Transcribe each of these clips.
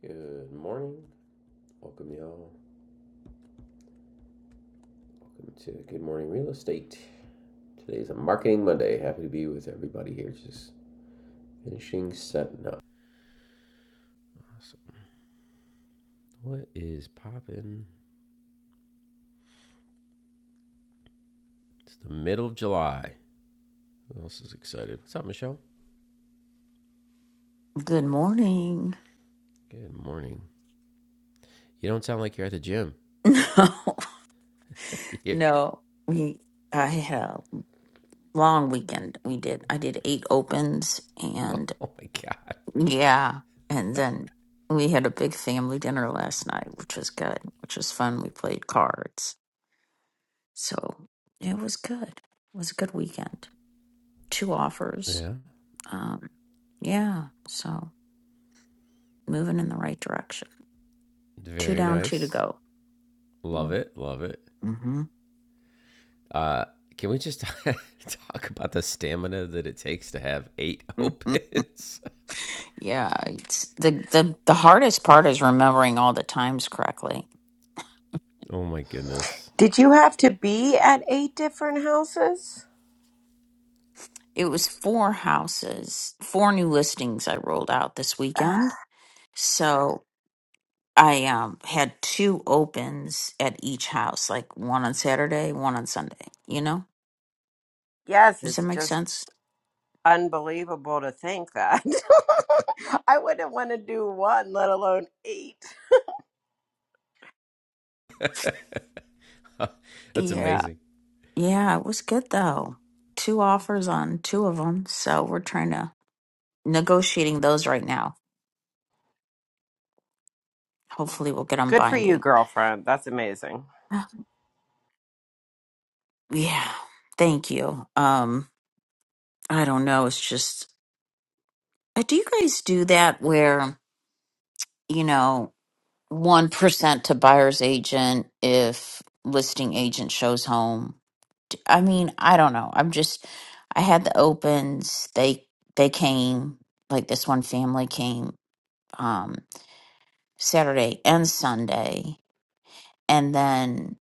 Good morning. Welcome, y'all. Welcome to Good Morning Real Estate. Today's a Marketing Monday. Happy to be with everybody here. Just finishing setting up. Awesome. What is popping? It's the middle of July. Who else is excited? What's up, Michelle? Good morning. Good morning. You don't sound like you're at the gym. No, yeah. no. We I had a long weekend. We did. I did eight opens and Oh my God. yeah, and then we had a big family dinner last night, which was good, which was fun. We played cards. So, it was good. It was a good weekend. Two offers. Yeah. Um yeah, so moving in the right direction. Two Very down, two to nice. go. Love it. Love it. Mhm. Uh, can we just talk about the stamina that it takes to have eight opens? Yeah, it's the the the hardest part is remembering all the times correctly. oh my goodness. Did you have to be at eight different houses? It was four houses, four new listings I rolled out this Uh, weekend. So I um had two opens at each house, like one on Saturday, one on Sunday, you know? Yes, Does that it's make just sense? unbelievable to think that. I wouldn't want to do one, let alone eight. That's Yeah. amazing. Yeah, it was good though. Two offers on two of them, so we're trying to negotiating those right now. Hopefully we'll get them Good for you, binding. girlfriend. That's amazing. Uh, Yeah. Thank you. Um I don't know. It's just, uh, do you guys do that where, you know, 1% to buyer's agent if listing agent shows home? D- I mean, I don't know. I'm just, I had the opens. They, they came, like this one family came um, Saturday and Sunday. And then,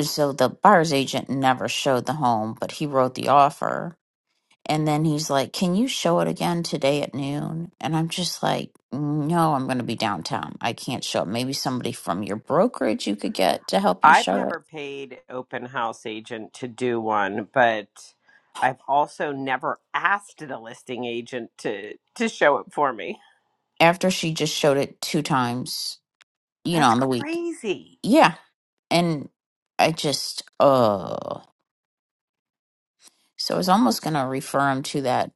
so the buyer's agent never showed the home, but he wrote the offer. And then he's like, Can you show it again today at noon? And I'm just like, No, I'm going to be downtown. I can't show it. Maybe somebody from your brokerage you could get to help you I've show it. never paid open house agent to do one, but I've also never asked the listing agent to to show it for me. After she just showed it two times, you know, That's on the week. crazy. Yeah. And I just, oh, so I was almost going to refer him to that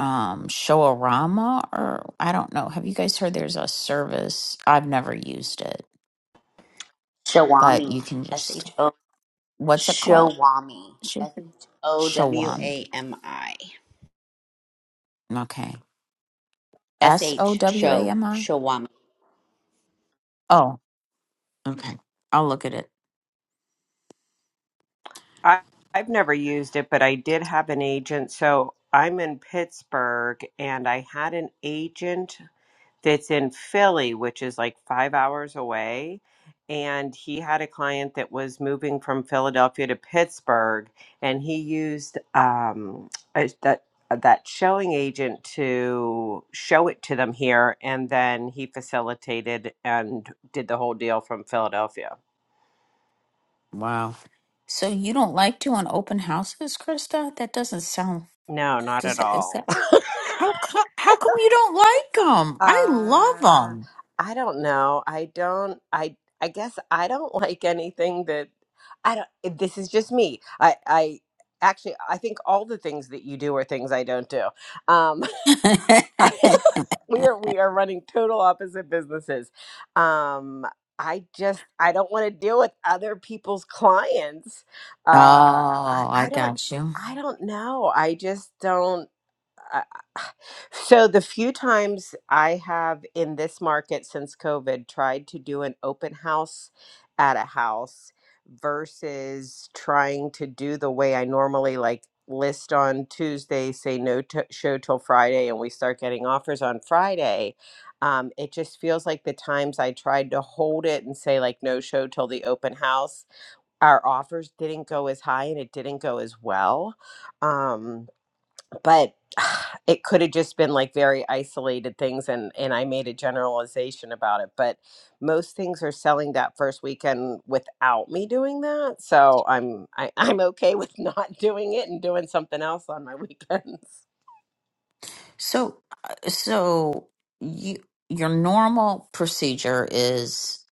um Showarama or I don't know. Have you guys heard there's a service? I've never used it, but Shawami. you can S just, H O what's it called? Shawami. Sure. S H O W Shawami A M I. Okay. S S O H W A Show M I? Shawami. Oh, okay. I'll look at it. I, I've never used it, but I did have an agent. So I'm in Pittsburgh, and I had an agent that's in Philly, which is like five hours away. And he had a client that was moving from Philadelphia to Pittsburgh, and he used um, a- that that showing agent to show it to them here, and then he facilitated and did the whole deal from Philadelphia. Wow. So you don't like doing open houses, Krista? That doesn't sound. No, not Does at that? Is all. that how? co- How come you don't like them? I love Uh, them. I don't know. I don't. I I guess I don't like anything that I don't. eh, This is just me. I I actually I think all the things that you do are things I don't do. Um, I, we are we are running total opposite businesses. Um, I just I don't want to deal with other people's clients. Uh, I oh, I I don't got you. I don't know. I just don't. I- I- So the few times I have in this market since COVID tried to do an open house at a house versus trying to do the way I normally like list on Tuesday, say no to show till Friday, and we start getting offers on Friday. Um, it just feels like the times I tried to hold it and say like no show till the open house, our offers didn't go as high and it didn't go as well. Um, but it could have just been like very isolated things and and I made a generalization about it but most things are selling that first weekend without me doing that so I'm I, I'm okay with not doing it and doing something else on my weekends So, uh, so you your normal procedure is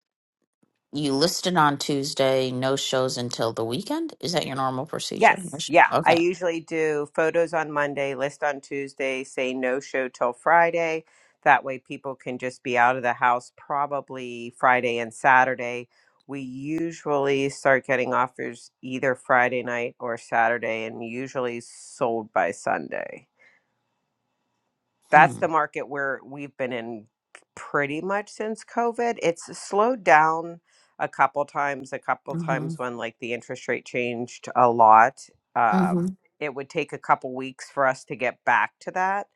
you listed on Tuesday, no shows until the weekend. Is that your normal procedure? Yes. No sh- Yeah. I Okay. usually do photos on Monday, list on Tuesday, say no show till Friday. That way people can just be out of the house probably Friday and Saturday. We usually start getting offers either Friday night or Saturday and usually sold by Sunday. That's Hmm. the market where we've been in pretty much since COVID. It's slowed down a couple times, a couple mm-hmm. times when like the interest rate changed a lot. Uh, Mhm. it would take a couple weeks for us to get back to that.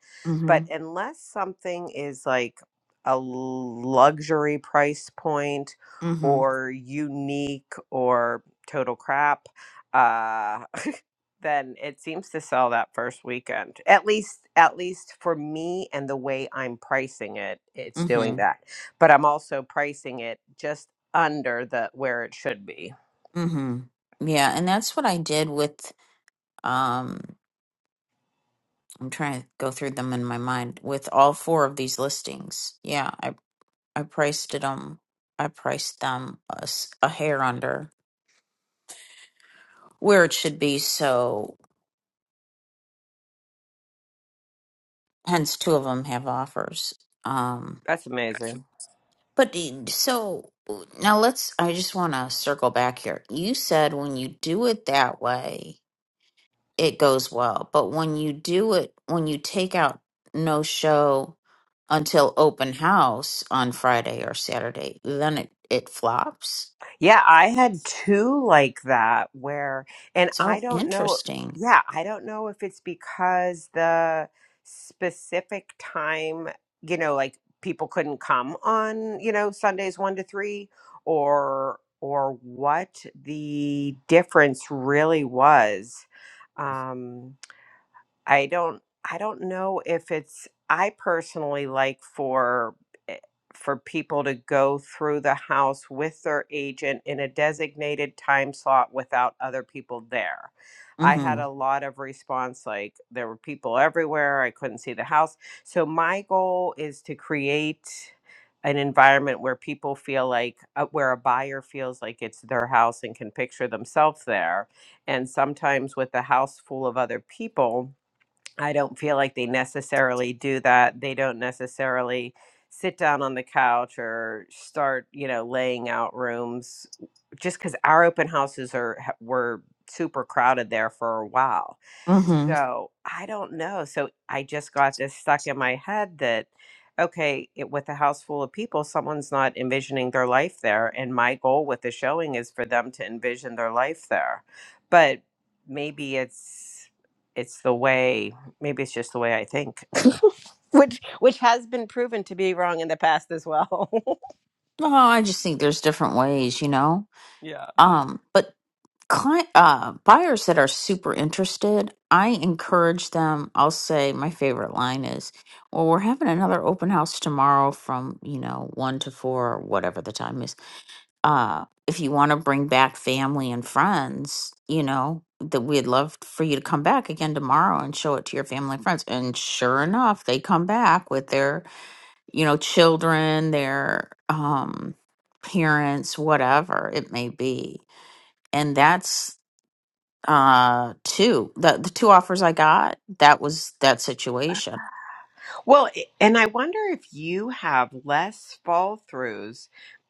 But Mhm. unless something is like a l- luxury price point Mhm. or unique or total crap, uh, then it seems to sell that first weekend. At least at least for me and the way I'm pricing it, it's doing Mhm. that. But I'm also pricing it just under the where it should be. Mhm. Yeah, and that's what I did with um I'm trying to go through them in my mind with all four of these listings. Yeah, I I priced it um I priced them a, s- a hair under where it should be, so hence two of them have offers. Um That's amazing. but e- so now let's I just want to circle back here. You said when you do it that way it goes well. But when you do it, when you take out no show until open house on Friday or Saturday, then it, it flops. Yeah, I had two like that where, and I So don't know. interesting. Yeah, I don't know if it's because the specific time, you know, like people couldn't come on, you know, Sundays one to three, or or what the difference really was. Um, I don't I don't know if it's I personally like for eh, for people to go through the house with their agent in a designated time slot without other people there. I had Mm-hmm. a lot of response like there were people everywhere, I couldn't see the house. So my goal is to create an environment where people feel like uh, where a buyer feels like it's their house and can picture themselves there. And sometimes with the house full of other people, I don't feel like they necessarily do that. They don't necessarily sit down on the couch or start, you know, laying out rooms just because our open houses are ha- were super crowded there for a while. Mm-hmm. So I don't know. So I just got this stuck in my head that okay, it, with a house full of people, someone's not envisioning their life there, and my goal with the showing is for them to envision their life there. But maybe it's it's the way maybe it's just the way I think, which which has been proven to be wrong in the past as well. Oh, I just think there's different ways, you know? Yeah. Um, but cli uh, buyers that are super interested, I encourage them. I'll say my favorite line is, well, we're having another open house tomorrow from, you know, one to four or whatever the time is uh if you want to bring back family and friends you know that we'd love for you to come back again tomorrow and show it to your family and friends and sure enough they come back with their you know children their um parents whatever it may be and that's uh two the, the two offers i got that was that situation Well, i- and I wonder if you have less fall throughs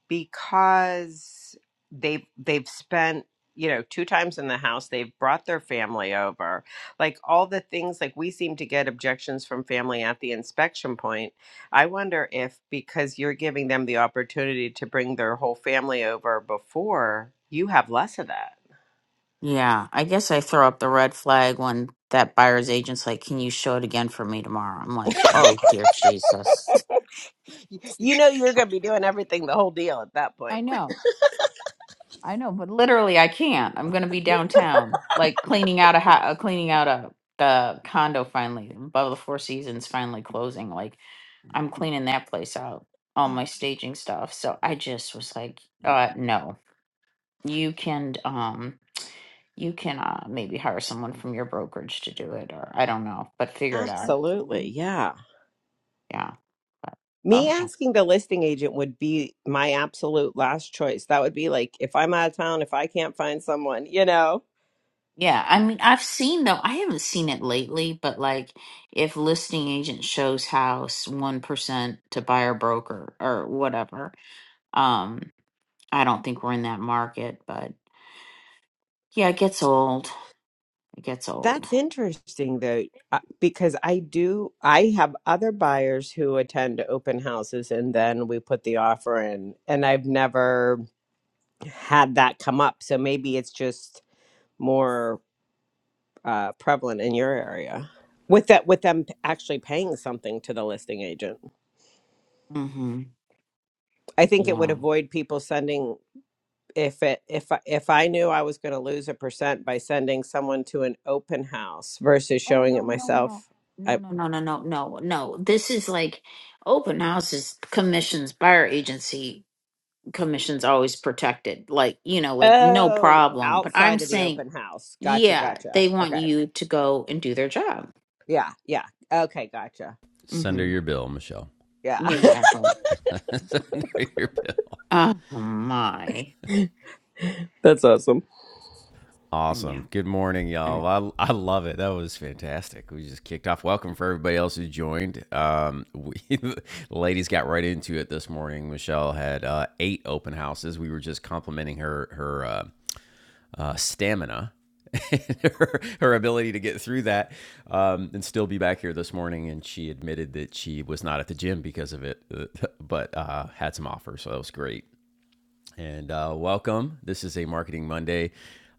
because they've they've spent you know two times in the house they've brought their family over like all the things like we seem to get objections from family at the inspection point i wonder if because you're giving them the opportunity to bring their whole family over before you have less of that yeah i guess i throw up the red flag when that buyer's agent's like can you show it again for me tomorrow i'm like oh dear jesus You know you're going to be doing everything the whole deal at that I point. know. I know, but literally I can't. I'm gonna be downtown, like cleaning out a ha- uh, cleaning out a the condo finally above the Four Seasons finally closing. Like I'm cleaning that place out, all my staging stuff. So I just was like, uh, no, you can um you can uh maybe hire someone from your brokerage to do it, or I don't know, but figure it out. Absolutely. Mhm. Yeah. Yeah. but- Me Okay. asking the listing agent would be my absolute last choice. That would be like if I'm out of town, if I can't find someone, you know. Yeah, I mean, I've seen though, I haven't seen it lately, but like if listing agent shows house 1% to buyer broker or whatever, um, I don't think we're in that market, but yeah, it gets old. It gets old. That's interesting though, uh, because I do, I have other buyers who attend open houses and then we put the offer in, and I've never had that come up. So maybe it's just more. uh, prevalent in your area with that with them actually paying something to the listing agent Mm-hmm. i think it would Yeah. avoid people sending if it if I- if i knew i was going to lose a percent by sending someone to an open house versus Oh, showing it no, no, no. myself No, i no, no, no, no, no, no. This is like open houses, commissions, buyer agency commissions always protected. Like, you know, like no oh problem. But I'm outside of the saying open house gotcha Yeah, gotcha they want okay you to go and do their job. yeah yeah okay gotcha Send her hmm your bill, Michelle. yeah Exactly. Send her your bill. Oh my. that's awesome Yeah. Awesome. Good morning, I know. y'all. I, I love it. That was fantastic. We just kicked off. Welcome for everybody else who joined. Um, we, the ladies got right into it this morning. Michelle had uh, eight open houses. We were just complimenting her her uh, uh, stamina and her, her ability to get through that um, and still be back here this morning. And she admitted that she was not at the gym because of it, uh, but uh, had some offers. So that was great. And uh, welcome. This is a Marketing Monday.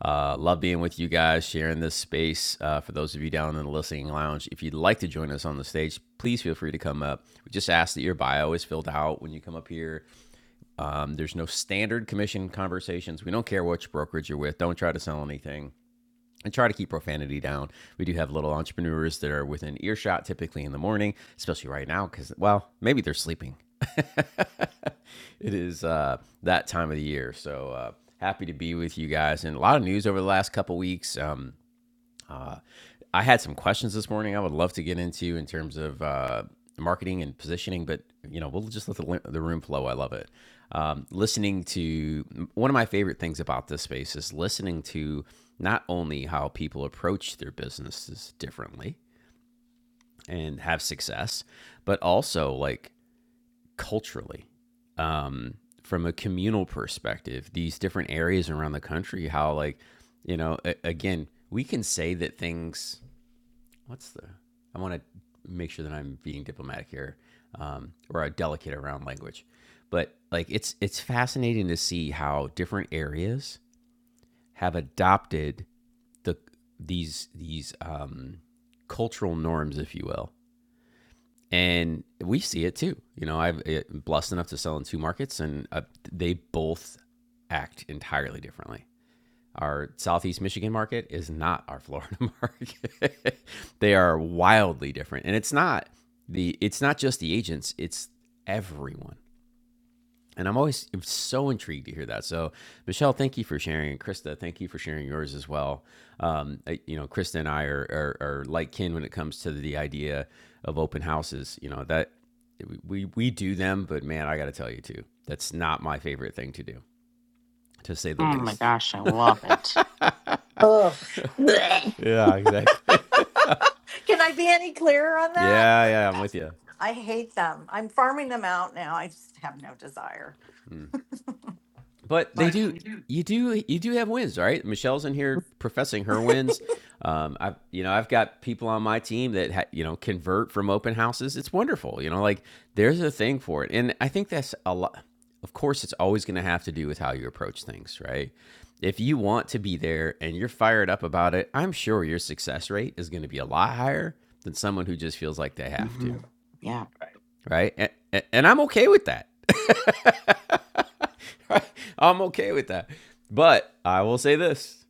Uh, love being with you guys, sharing this space. Uh, for those of you down in the listening lounge, if you'd like to join us on the stage, please feel free to come up. We just ask that your bio is filled out when you come up here. Um, there's no standard commission conversations. We don't care which brokerage you're with. Don't try to sell anything and try to keep profanity down. We do have little entrepreneurs that are within earshot typically in the morning, especially right now because well, maybe they're sleeping. it is uh, that time of the year, so uh, happy to be with you guys. And a lot of news over the last couple weeks. Um, I had some questions this morning. I would love to get into in terms of uh, marketing and positioning, but you know, we'll just let the, the room flow. I love it. Um, listening to one of my favorite things about this space is listening to not only how people approach their businesses differently and have success, but also like culturally um, from a communal perspective, these different areas around the country, how like, you know, a- again, we can say that things what's the I want to make sure that I'm being diplomatic here um, or delicate around language, but like it's it's fascinating to see how different areas have adopted the these these um, cultural norms, if you will, and we see it too. You know, I've uh, blessed enough to sell in two markets, and uh, they both act entirely differently. Our Southeast Michigan market is not our Florida market. they are wildly different. And it's not the it's not just the agents, it's everyone. And I'm always I'm so intrigued to hear that. So, Michelle, thank you for sharing. And Krista, thank you for sharing yours as well. Um, you know, Krista and I are, are, are like kin when it comes to the idea of open houses. You know, that we, we do them, but man, I got to tell you too, that's not my favorite thing to do, to say the Oh my least. gosh, I love it. Ugh. Blech. Yeah, exactly. Can I be any clearer on that? Yeah, yeah, I'm with you. I hate them. I'm farming them out now. I just have no desire. But they Like, do, you do, you do have wins, right? Michelle's in here professing her wins. Um, I've, you know, I've got people on my team that ha- you know convert from open houses. It's wonderful, you know. Like there's a thing for it, and I think that's a lot. Of course, it's always going to have to do with how you approach things, right? If you want to be there and you're fired up about it, I'm sure your success rate is going to be a lot higher than someone who just feels like they have to. hmm yeah. right? And, and and I'm okay with that. I'm okay with that. But I will say this,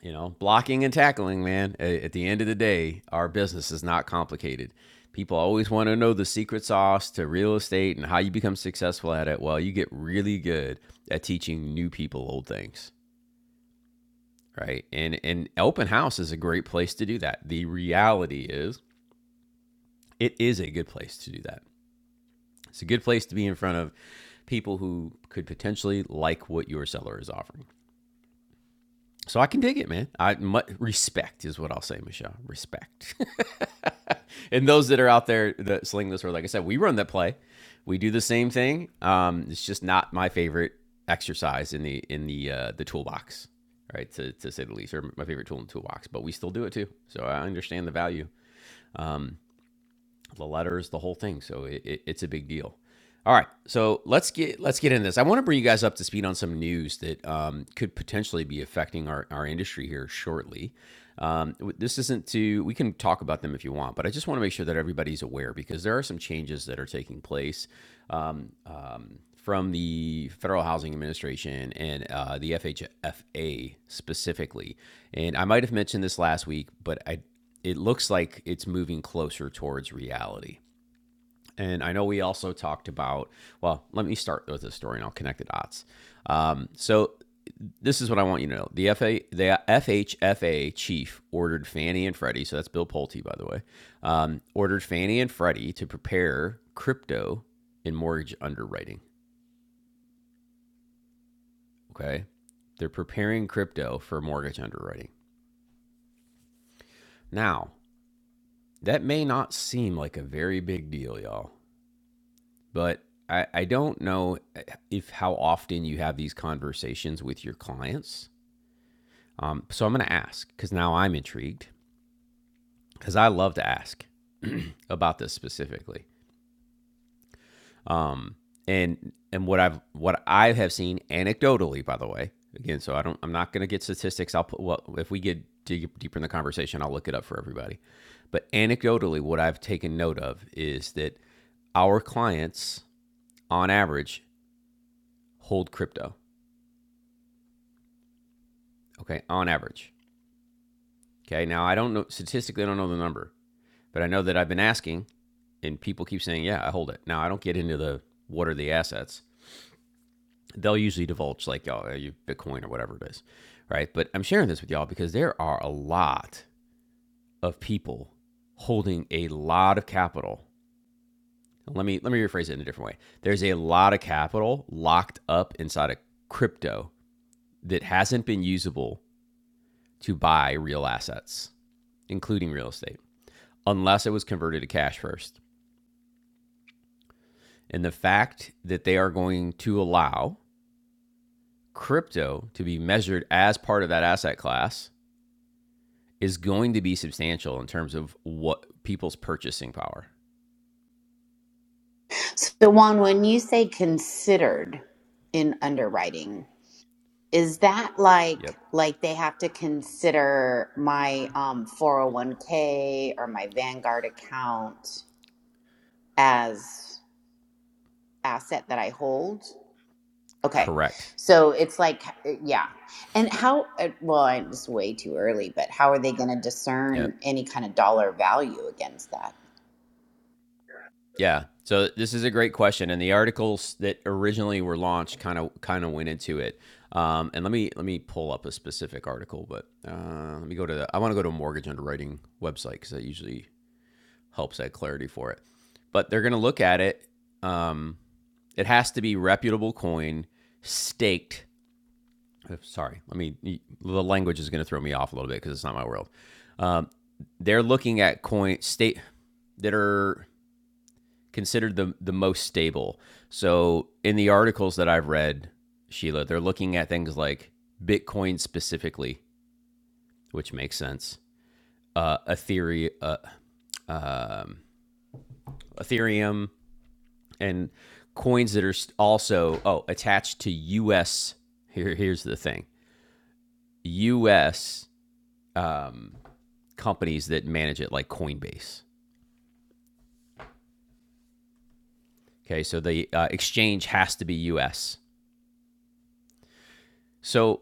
you know, blocking and tackling, man, at the end of the day, our business is not complicated. People always want to know the secret sauce to real estate and how you become successful at it. Well, you get really good at teaching new people old things, right? And and open house is a great place to do that. The reality is, it is a good place to do that. It's a good place to be in front of people who could potentially like what your seller is offering. So I can dig it, man. I mu- respect is what I'll say, Michelle. Respect. and those that are out there that sling this word, like I said, we run that play. We do the same thing. Um, it's just not my favorite exercise in the in the uh, the toolbox, right? To to say the least, or my favorite tool in the toolbox. But we still do it too. So I understand the value the letters, the whole thing. So it, it, it's a big deal. All right, so let's get let's get into this. I want to bring you guys up to speed on some news that um, could potentially be affecting our, our industry here shortly. Um, this isn't to we can talk about them if you want, but I just want to make sure that everybody's aware because there are some changes that are taking place um, um, from the Federal Housing Administration and uh, the FHFA specifically. And I might have mentioned this last week, but I it looks like it's moving closer towards reality. And I know we also talked about, well, let me start with this story and I'll connect the dots. Um, so this is what I want you to know. The FHFA chief ordered Fannie and Freddie, so that's Bill Pulte, by the way, um, ordered Fannie and Freddie to prepare crypto in mortgage underwriting. Okay. They're preparing crypto for mortgage underwriting. Now, that may not seem like a very big deal, y'all, but I, I don't know eh, if how often you have these conversations with your clients. Um, so I'm going to ask because now I'm intrigued because I love to ask about this specifically. Um, and and what I've what I have seen anecdotally, by the way, again, so I don't I'm not going to get statistics. I'll put well if we get dig- deeper in the conversation, I'll look it up for everybody. But anecdotally, what I've taken note of is that our clients, on average, hold crypto. Okay, on average, Okay. Now I don't know statistically. I don't know the number, but I know that I've been asking, and people keep saying, "Yeah, I hold it." Now I don't get into the what are the assets. They'll usually divulge like, "Oh, are you Bitcoin or whatever it is," right? But I'm sharing this with y'all because there are a lot of people holding a lot of capital. Let me let me rephrase it in a different way. There's a lot of capital locked up inside of crypto that hasn't been usable to buy real assets, including real estate, unless it was converted to cash first. And the fact that they are going to allow crypto to be measured as part of that asset class is going to be substantial in terms of what people's purchasing power. So Juan, when you say considered in underwriting, is that like Yep. like they have to consider my um 401k or my Vanguard account as asset that I hold? Okay. Correct. So it's like, eh, yeah. And how, uh, well, it's way too early, but how are they going to Yep. discern any kind of dollar value against that? Yeah. So this is a great question, and the articles that originally were launched kind of kind of went into it. Um, and let me let me pull up a specific article, but uh, let me go to the. I want to go to a mortgage underwriting website because that usually helps add clarity for it. But they're going to look at it um, It has to be reputable coin, staked. uh, Sorry, I mean the language is going to throw me off a little bit because it's not my world. Um, they're looking at coin state that are considered the the most stable. So in the articles that I've read, Sheila, they're looking at things like Bitcoin specifically, which makes sense. Uh, Ethereum, uh, um, Ethereum, and coins that are also oh attached to U.S. Here, here's the thing: U.S. Um, companies that manage it, like Coinbase. Okay, so the uh, exchange has to be U.S. So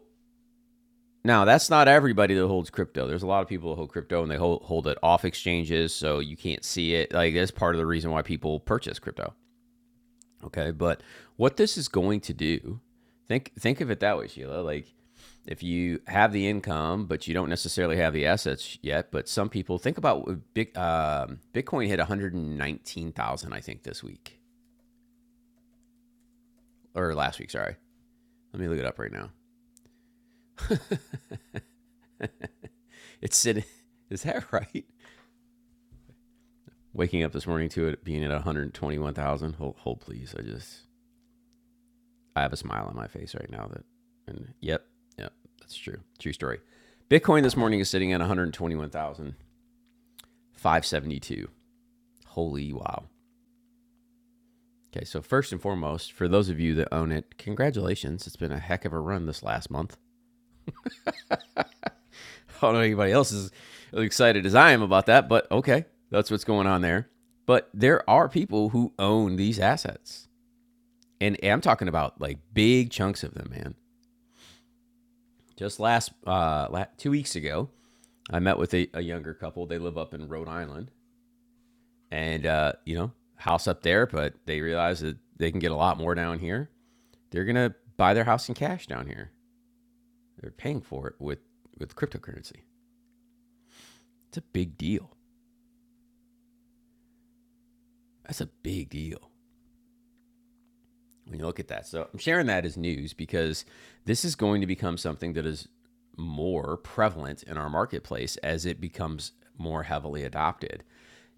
now that's not everybody that holds crypto. There's a lot of people that hold crypto and they hold, hold it off exchanges, so you can't see it. Like that's part of the reason why people purchase crypto. Okay, but what this is going to do, think think of it that way, Sheila. Like if you have the income, but you don't necessarily have the assets yet, but some people think about big um, Bitcoin hit one hundred and nineteen thousand, I think, this week or last week. Sorry, let me look it up right now. It's sitting. Is that right? Waking up this morning to it being at one hundred twenty-one thousand. Hold, hold, please. I just I have a smile on my face right now. That and yep, yep, that's true. True story. Bitcoin this morning is sitting at one hundred twenty-one thousand. 572. Holy wow. Okay, so first and foremost, for those of you that own it, congratulations. It's been a heck of a run this last month. I don't know anybody else is as excited as I am about that, but okay, that's what's going on there. But there are people who own these assets. And I'm talking about like big chunks of them, man. Just last uh 2 weeks ago, I met with a, a younger couple. They live up in Rhode Island and uh, you know, house up there, but they realize that they can get a lot more down here They're gonna buy their house in cash down here. They're paying for it with with cryptocurrency. It's a big deal. That's a big deal when you look at that. So I'm sharing that as news because this is going to become something that is more prevalent in our marketplace as it becomes more heavily adopted.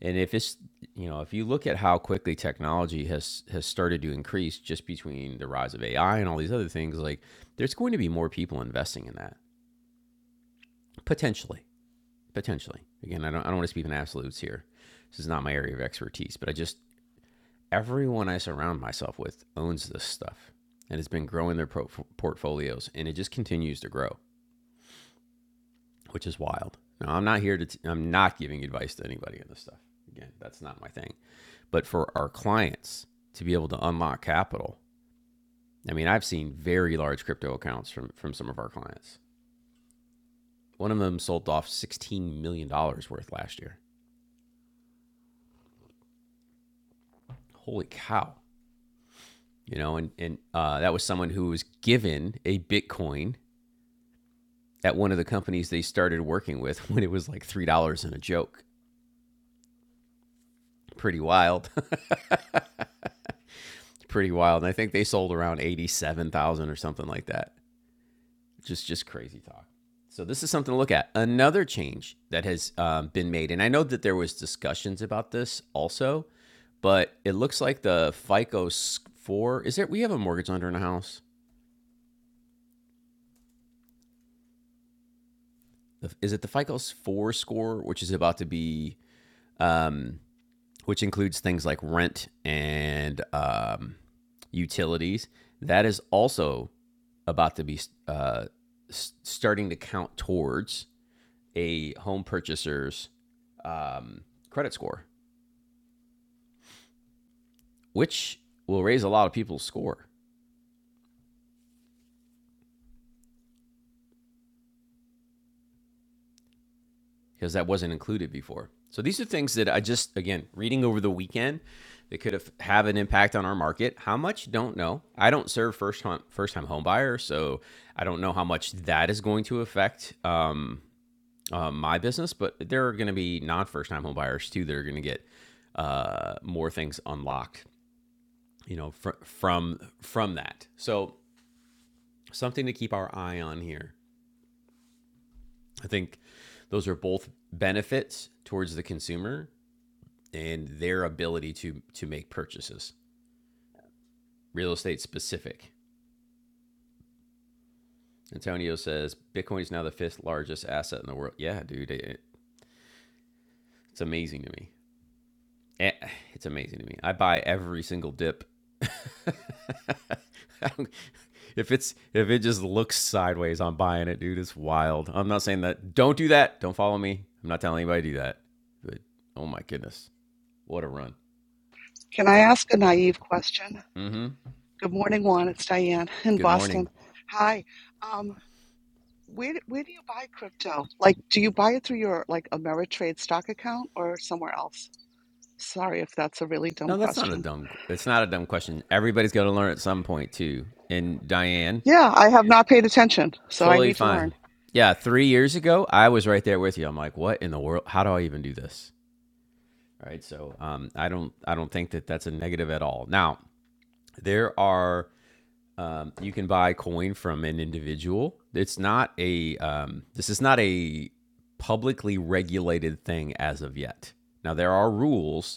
And if it's you know, if you look at how quickly technology has has started to increase just between the rise of AI and all these other things, like there's going to be more people investing in that potentially. potentially. Again, I don't I don't want to speak in absolutes here. This is not my area of expertise, but I just everyone I surround myself with owns this stuff and has been growing their pro- portfolios and it just continues to grow, which is wild. Now, I'm not here to t- I'm not giving advice to anybody on this stuff. Again, that's not my thing. But for our clients to be able to unlock capital, I mean, I've seen very large crypto accounts from from some of our clients. One of them sold off 16 million dollars worth last year. Holy cow. you know, and and uh, that was someone who was given a Bitcoin at one of the companies they started working with when it was like three dollars and a joke. Pretty wild, pretty wild. And I think they sold around eighty-seven thousand or something like that. Just just crazy talk. So this is something to look at. Another change that has um, been made, and I know that there was discussions about this also, but it looks like the FICO four is it? We have a mortgage lender in the house. Is it the FICO four score, which is about to be um, which includes things like rent and um, utilities. That is also about to be uh, starting to count towards a home purchaser's um, credit score, which will raise a lot of people's score. because that wasn't included before. So these are things that I just again reading over the weekend that could have have an impact on our market. How much? Don't know. I don't serve first time first time home buyers, so I don't know how much that is going to affect um, uh, my business. But there are going to be non first time home buyers too that are going to get uh, more things unlocked. You know, fr- from from that. So something to keep our eye on here. I think those are both benefits towards the consumer and their ability to to make purchases. Real estate specific. Antonio says Bitcoin is now the fifth largest asset in the world. Yeah, dude, it, it's amazing to me. Eh, It's amazing to me. I buy every single dip. if it's if it just looks sideways, I'm buying it, dude. It's wild. I'm not saying that. Don't do that. Don't follow me. I'm not telling anybody to do that. But oh my goodness, what a run. Can I ask a naive question? Mm-hmm. Good morning, Juan. It's Diane in Good morning. Boston. Hi. Um, where where do you buy crypto? Like, do you buy it through your like Ameritrade stock account or somewhere else? Sorry if that's a really dumb No, that's not a question. dumb. It's not a dumb question. Everybody's going to learn at some point too. And Diane, Yeah, I have not paid attention, so I totally need to learn. fine. Yeah, three years ago, I was right there with you. I'm like, what in the world? How do I even do this? All right. So, um, I don't, I don't think that that's a negative at all. Now, there are, um, you can buy coin from an individual. It's not a, um, this is not a publicly regulated thing as of yet. Now, there are rules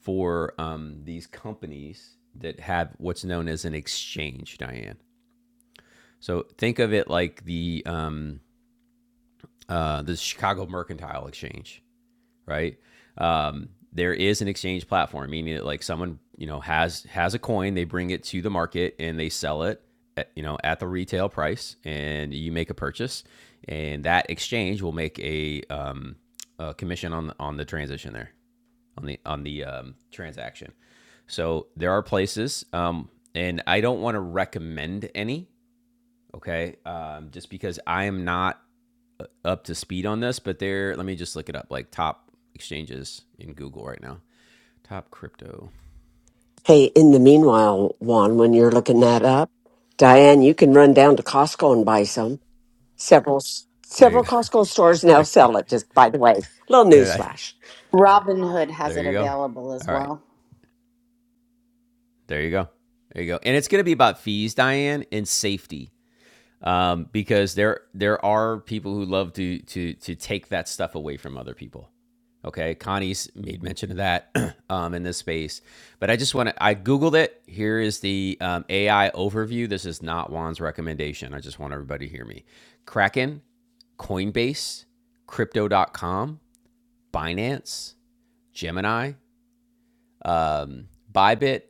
for um, these companies that have what's known as an exchange, Diane. So think of it like the um, uh, the Chicago Mercantile Exchange, right? Um, there is an exchange platform, meaning that like someone you know has has a coin, they bring it to the market and they sell it, at, you know, at the retail price, and you make a purchase, and that exchange will make a, um, a commission on on the transition there on the on the um, transaction. So there are places, um, and I don't want to recommend any, okay? Um, just because I am not uh, up to speed on this, but there, let me just look it up like top exchanges in Google right now. Top crypto. Hey, in the meanwhile, Juan, when you're looking that up, Diane, you can run down to Costco and buy some. Several There you several go. Costco stores now There you, sell it, just by the way. Little there, I- newsflash. Robinhood has there it you go. available as All right. well. There you go. There you go. And it's going to be about fees, Diane, and safety. um, because there there are people who love to to to take that stuff away from other people. Okay, Connie's made mention of that um, in this space, but I just want to. I googled it. Here is the um, AI overview. This is not Juan's recommendation. I just want everybody to hear me. Kraken, Coinbase, Crypto.com, Binance, Gemini, um, Bybit,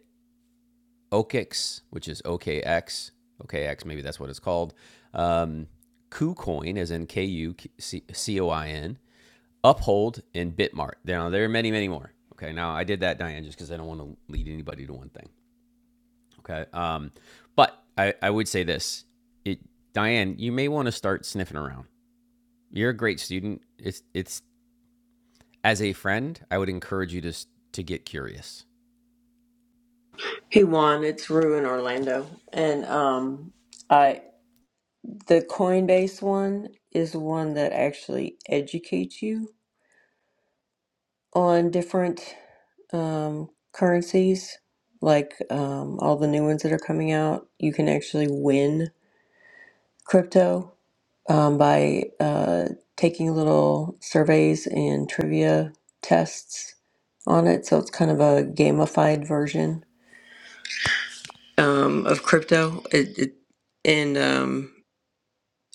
OKX, which is OKX, OKX, maybe that's what it's called. Um, KuCoin, as in K U C O I N, Uphold, and Bitmart. Now, there are many, many more. Okay, now I did that, Diane, just because I don't want to lead anybody to one thing. Okay, um, but I, I would say this it, Diane, you may want to start sniffing around. You're a great student. It's, it's as a friend, I would encourage you to, to get curious. He won. It's Rue in Orlando, and um, I the Coinbase one is one that actually educates you on different um, currencies, like um, all the new ones that are coming out. You can actually win crypto um, by uh, taking little surveys and trivia tests on it. So it's kind of a gamified version um, of crypto. It, it and um,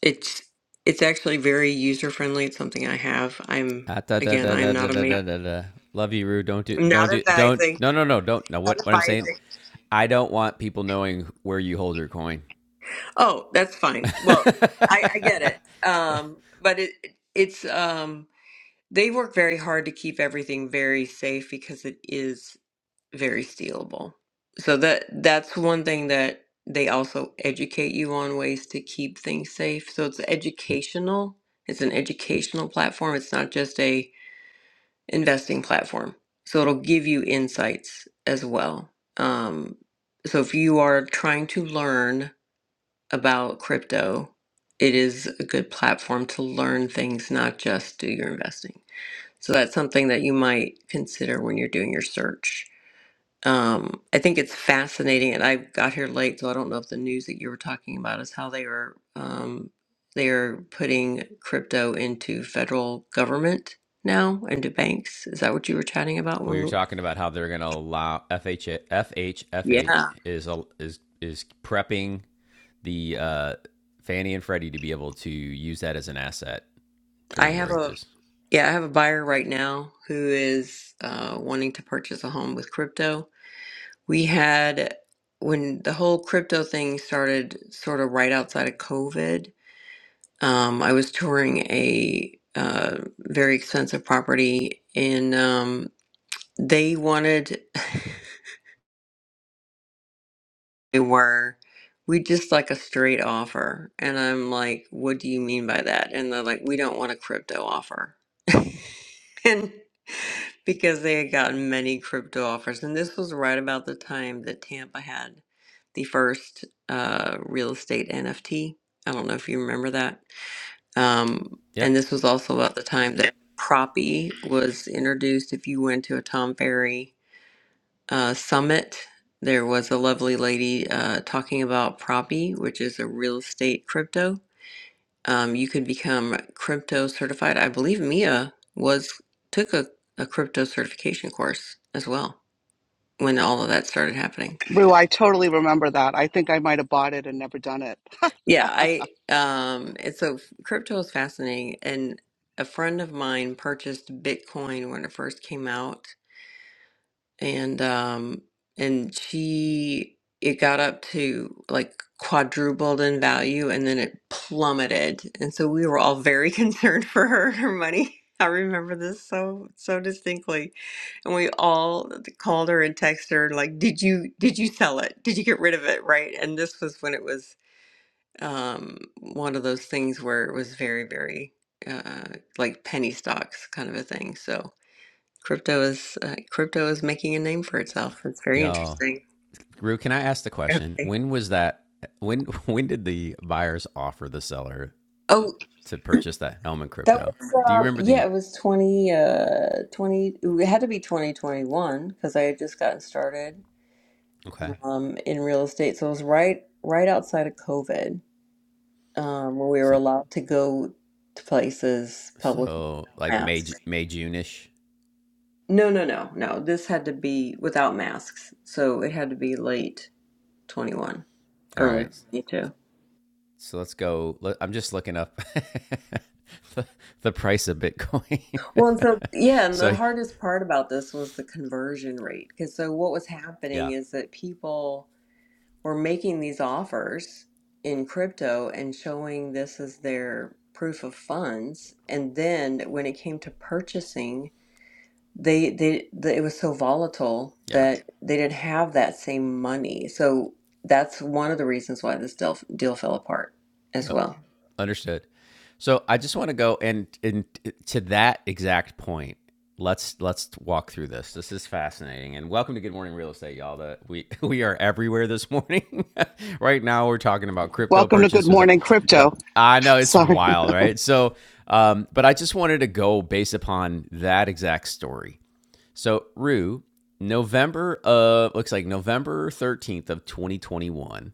It's it's actually very user friendly. It's something I have. I'm Ah, da, da, again, da, da, I'm da, not a da, major, da, da, Love you, Rue. Don't do, I'm not don't do, don't. advising, No, no, no, don't. No, not what, what I'm saying, advising. I don't want people knowing where you hold your coin. Oh, that's fine. Well, I, I get it. Um, but it it's um they work very hard to keep everything very safe because it is very stealable. So that that's one thing that they also educate you on ways to keep things safe. So it's educational. It's an educational platform. It's not just a investing platform. So it'll give you insights as well. Um, so if you are trying to learn about crypto, it is a good platform to learn things, not just do your investing. So that's something that you might consider when you're doing your search. Um, I think it's fascinating, and I got here late, so I don't know if the news that you were talking about is how they are um, they are putting crypto into federal government now into banks. Is that what you were chatting about? we were When talking about how they're going to allow FH, FHFA yeah, is is is prepping the uh, Fannie and Freddie to be able to use that as an asset I during have a mortgages. yeah, I have a buyer right now who is uh, wanting to purchase a home with crypto. We had when the whole crypto thing started, sort of right outside of COVID. Um, I was touring a uh, very expensive property, and um, they wanted, they were, we just like a straight offer. And I'm like, what do you mean by that? And they're like, we don't want a crypto offer. and because they had gotten many crypto offers. And this was right about the time that Tampa had the first uh, real estate NFT. I don't know if you remember that. Um, Yep. and this was also about the time that Proppy was introduced. If you went to a Tom Ferry uh, summit, there was a lovely lady uh, talking about Proppy, which is a real estate crypto. Um, you can become crypto certified. I believe Mia was took a, a crypto certification course as well when all of that started happening. Rue, I totally remember that. I think I might have bought it and never done it. Yeah, I um, and so crypto is fascinating, and a friend of mine purchased Bitcoin when it first came out and um and she it got up to like quadrupled in value and then it plummeted and so we were all very concerned for her and her money i remember this so so distinctly and we all called her and texted her like did you did you sell it did you get rid of it right and this was when it was um one of those things where it was very very uh like penny stocks kind of a thing so Crypto is uh, crypto is making a name for itself. It's very Y'all. interesting. Rue, can I ask the question? Okay. When was that? When when did the buyers offer the seller Oh, to purchase that Hellman that crypto. was Do you uh, remember yeah. the It was twenty uh twenty. It had to be twenty twenty one because I had just gotten started okay? um in real estate. So it was right right outside of COVID um when we were So allowed to go to places public with so like May masks. May June ish. No, no, no, no. This had to be without masks. So it had to be late twenty one, All early right. twenty two. So let's go. I'm just looking up the, the price of Bitcoin. Well, and so yeah, and the so hardest part about this was the conversion rate. Because so what was happening yeah, is that people were making these offers in crypto and showing this as their proof of funds, and then when it came to purchasing, they they, they it was so volatile yeah. that they didn't have that same money. So that's one of the reasons why this deal deal fell apart as Yep. well. Understood. So I just want to go and, and to that exact point. Let's let's walk through this. This is fascinating. And welcome to Good Morning Real Estate, y'all. That we we are everywhere this morning. right now we're talking about crypto Welcome to Good purchase with Morning that. Crypto. I know it's Sorry. wild, right? So um, but I just wanted to go based upon that exact story. So Rue, November of looks like November 13th of 2021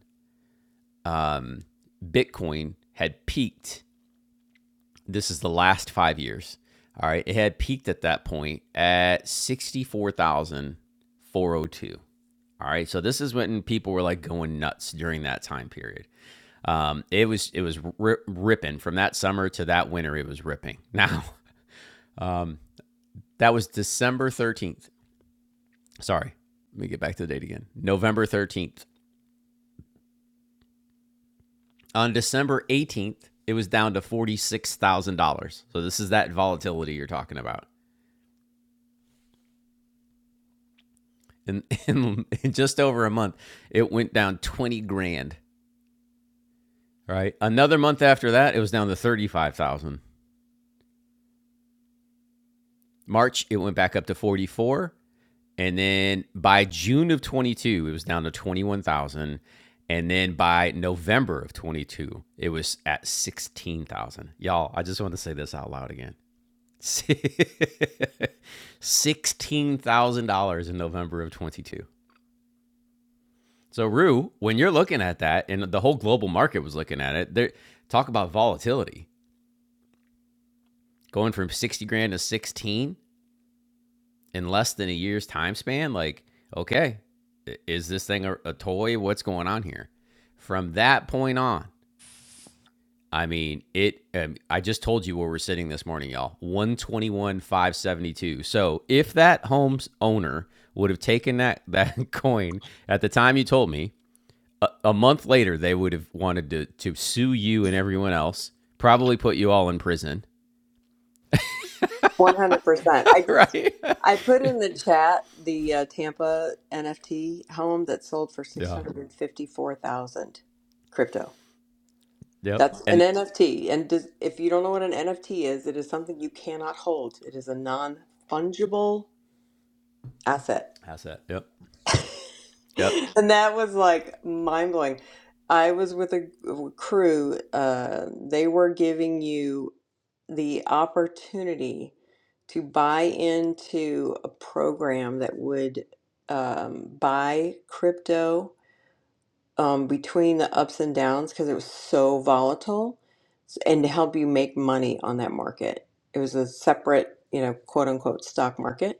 um, Bitcoin had peaked. This is the last five years. All right, it had peaked at that point at sixty-four thousand four hundred two. All right, so this is when people were like going nuts during that time period. Um, it was it was ri- ripping from that summer to that winter. It was ripping. Now, um, that was December thirteenth. Sorry, let me get back to the date again. November thirteenth. On December 18th, it was down to $46,000. So this is that volatility you're talking about. In, in, in just over a month, it went down 20 grand, right? Another month after that, it was down to 35,000. March, it went back up to 44. And then by June of 22, it was down to 21,000. And then by November of 22, it was at 16,000. Y'all, I just want to say this out loud again. $16,000 in November of 22. So, Rue, when you're looking at that, and the whole global market was looking at it, there talk about volatility going from 60 grand to 16 in less than a year's time span. Like, okay, is this thing a, a toy? What's going on here? From that point on, I mean, it. Um, I just told you where we're sitting this morning, y'all. One twenty one five seventy two. So if that home's owner would have taken that that coin at the time you told me, a, a month later they would have wanted to to sue you and everyone else. Probably put you all in prison, One hundred percent. I just right? I put in the chat the uh, Tampa NFT home that sold for six yeah. hundred and fifty four thousand crypto. Yep. That's an And NFT, and does, if you don't know what an NFT is, it is something you cannot hold. It is a non fungible asset. how's that? Yep. Yep. And that was like mind blowing. I was with a g- crew, uh, they were giving you the opportunity to buy into a program that would um, buy crypto um, between the ups and downs because it was so volatile s- and to help you make money on that market. It was a separate, you know, quote unquote stock market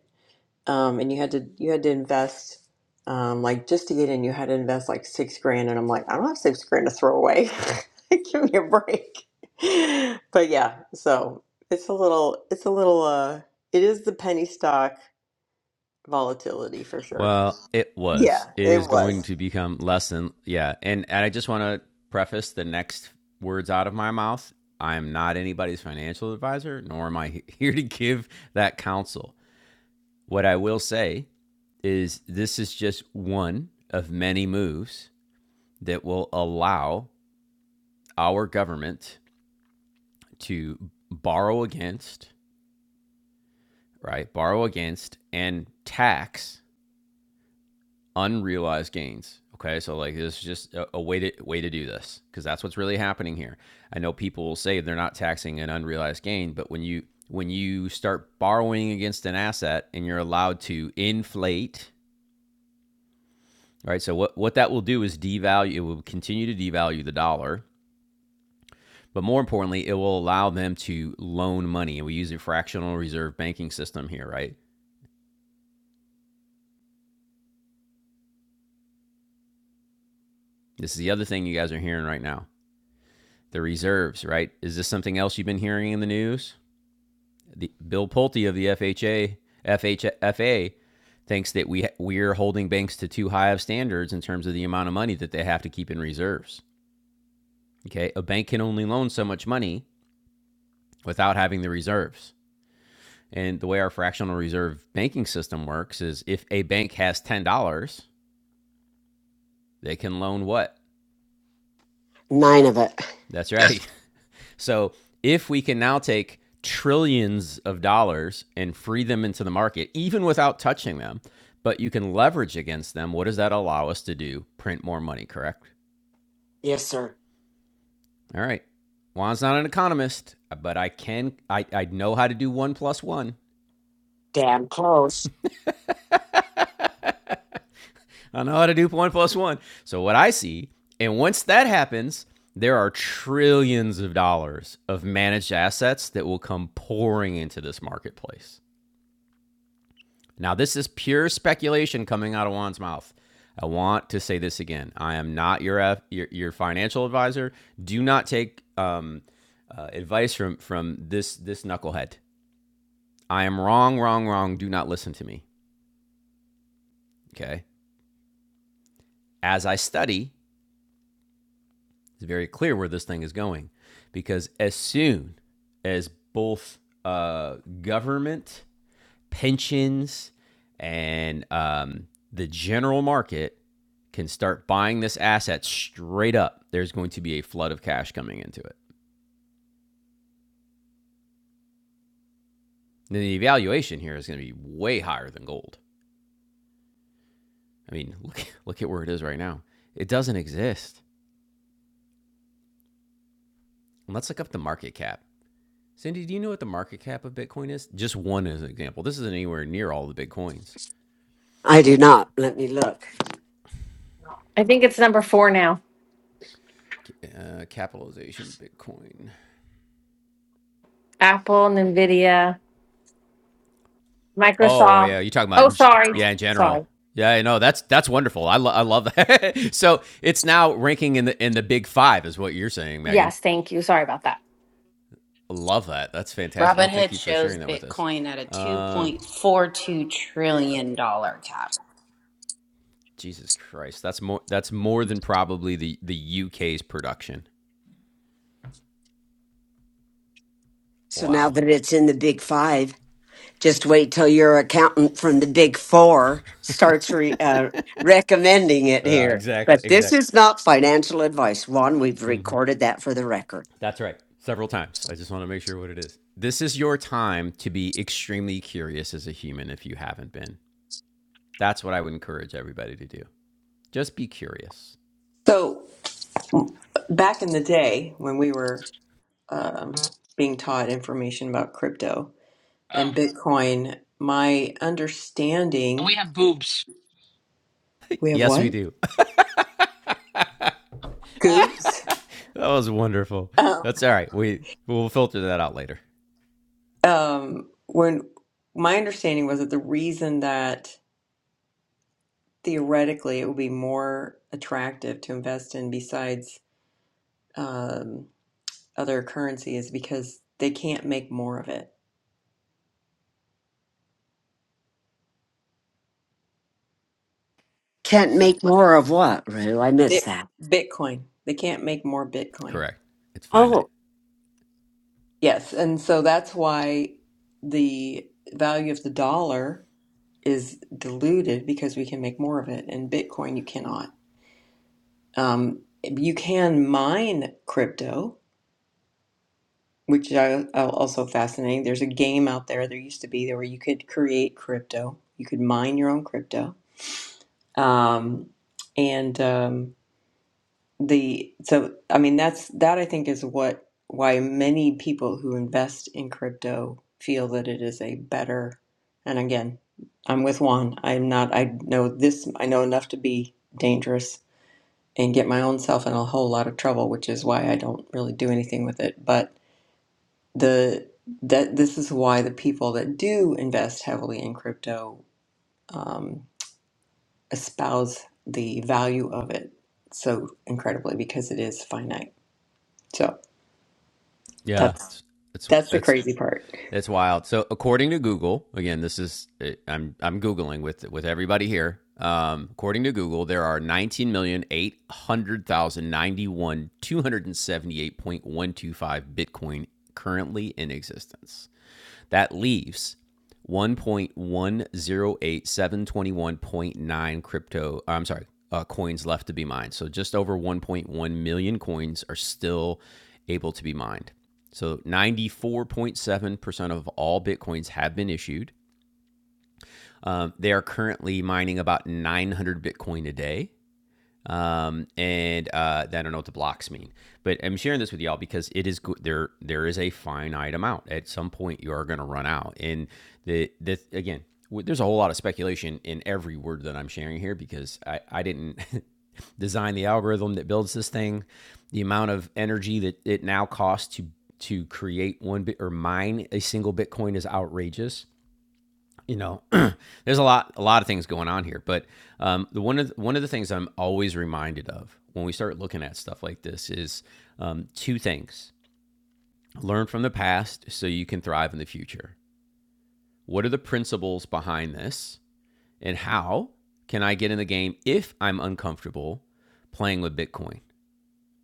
um, and you had to you had to invest um, like just to get in you had to invest like six grand and i'm like i don't have six grand to throw away give me a break but yeah so it's a little it's a little uh it is the penny stock volatility for sure Well, it was. yeah It it is going was to become less than yeah. And and I just want to preface the next words out of my mouth. I am not anybody's financial advisor, nor am I here to give that counsel. What I will say is this is just one of many moves that will allow our government to borrow against, right? Borrow against and tax unrealized gains. Okay, so like this is just a, a way to way to do this because that's what's really happening here. I know people will say they're not taxing an unrealized gain, but when you when you start borrowing against an asset and you're allowed to inflate, right? So what what that will do is devalue. It will continue to devalue the dollar, but more importantly, it will allow them to loan money, and we use a fractional reserve banking system here, right? This is the other thing you guys are hearing right now. The reserves, right? Is this something else you've been hearing in the news? The Bill Pulte of the FHA FHFA thinks that we we're holding banks to too high of standards in terms of the amount of money that they have to keep in reserves. Okay, a bank can only loan so much money without having the reserves. And the way our fractional reserve banking system works is if a bank has $10, they can loan what? Nine of it. That's Yes. right, So if we can now take trillions of dollars and free them into the market, even without touching them, but you can leverage against them, what does that allow us to do? Print more money, correct? Yes, sir. All right. Juan's not an economist, but I can I, I know how to do one plus one. Damn close. I know how to do one plus one. So what I see, and once that happens, there are trillions of dollars of managed assets that will come pouring into this marketplace. Now, this is pure speculation coming out of Juan's mouth. I want to say this again. I am not your F, your, your financial advisor. Do not take um, uh, advice from from this this knucklehead. I am wrong, wrong, wrong. Do not listen to me. Okay. As I study, it's very clear where this thing is going, because as soon as both uh, government pensions and um, the general market can start buying this asset straight up, there's going to be a flood of cash coming into it. And the evaluation here is going to be way higher than gold. I mean, look look at where it is right now. It doesn't exist. And let's look up the market cap. Cindy, do you know what the market cap of Bitcoin is? Just one as an example. This isn't anywhere near all the Bitcoins. I do not. Let me look. I think it's number four now. Uh, capitalization Bitcoin. Apple, Nvidia, Oh, oh Microsoft. yeah, you are talking about Oh, in g- sorry. yeah in general. Sorry. Yeah, I know that's that's wonderful. I, lo- I love that. so it's now ranking in the in the big five is what you're saying, Megan. Yes, thank you. Sorry about that. Love that. That's fantastic. No, thank Robinhood you for shows sharing that with us. Bitcoin at a Uh, $2.42 trillion dollar cap. Jesus Christ, that's more that's more than probably the the UK's production. So now Wow. that it's in the big five, just wait till your accountant from the big four starts re- uh, recommending it Yeah, here. exactly, But this exactly. is not financial advice. Juan, we've hmm recorded that for the record. That's right. Several times. I just want to make sure what it is. This is your time to be extremely curious as a human if you haven't been. That's what I would encourage everybody to do. Just be curious. so back in the day when we were um, being taught information about crypto Oh, and bitcoin my we understanding have boobs. we have Yes, we what do. that goops was wonderful. That's all right. We we'll filter that out later. um, when my understanding was that the reason that theoretically it would be more attractive to invest in besides um, other currency is because they can't make more of it. Can't make more of what, Rue? I missed Bit- that. Bitcoin. They can't make more Bitcoin. Correct. It's finite. Oh, Yes, and so that's why the value of the dollar is diluted because we can make more of it. And Bitcoin, you cannot. Um, you can mine crypto, which are are also fascinating. There's a game out there. There used to be there where you could create crypto. You could mine your own crypto. Um, and um, the so I mean that's that I think is what why many people who invest in crypto feel that it is a better. And again, I'm with Juan. I'm not. I know this. I know enough to be dangerous and get my own self in a whole lot of trouble, which is why I don't really do anything with it. But the that this is why the people that do invest heavily in crypto um, espouse the value of it so incredibly because it is finite. So Yeah. that's It's it's that's the it's crazy part. it's wild. So according to Google, again, this is I'm I'm googling with with everybody here. Um, according to Google, there are 19,800,091,278.125 Bitcoin currently in existence. That leaves 1.108721.9 crypto. I'm sorry, uh, coins left to be mined. So just over 1.1 million coins are still able to be mined. So 94.7% of all Bitcoins have been issued. Um, they are currently mining about 900 Bitcoin a day um, and uh, I don't know what the blocks mean. But I'm sharing this with y'all because it is go- there. There is a finite amount. At some point, you are going to run out. And the the again, w- there's a whole lot of speculation in every word that I'm sharing here because I I didn't design the algorithm that builds this thing. The amount of energy that it now costs to to create one bit or mine a single Bitcoin is outrageous you know, there's a lot a lot of things going on here, but um, the one of the, one of the things I'm always reminded of when we start looking at stuff like this is um, two things: learn from the past so you can thrive in the future. What are the principles behind this, and how can I get in the game if I'm uncomfortable playing with Bitcoin?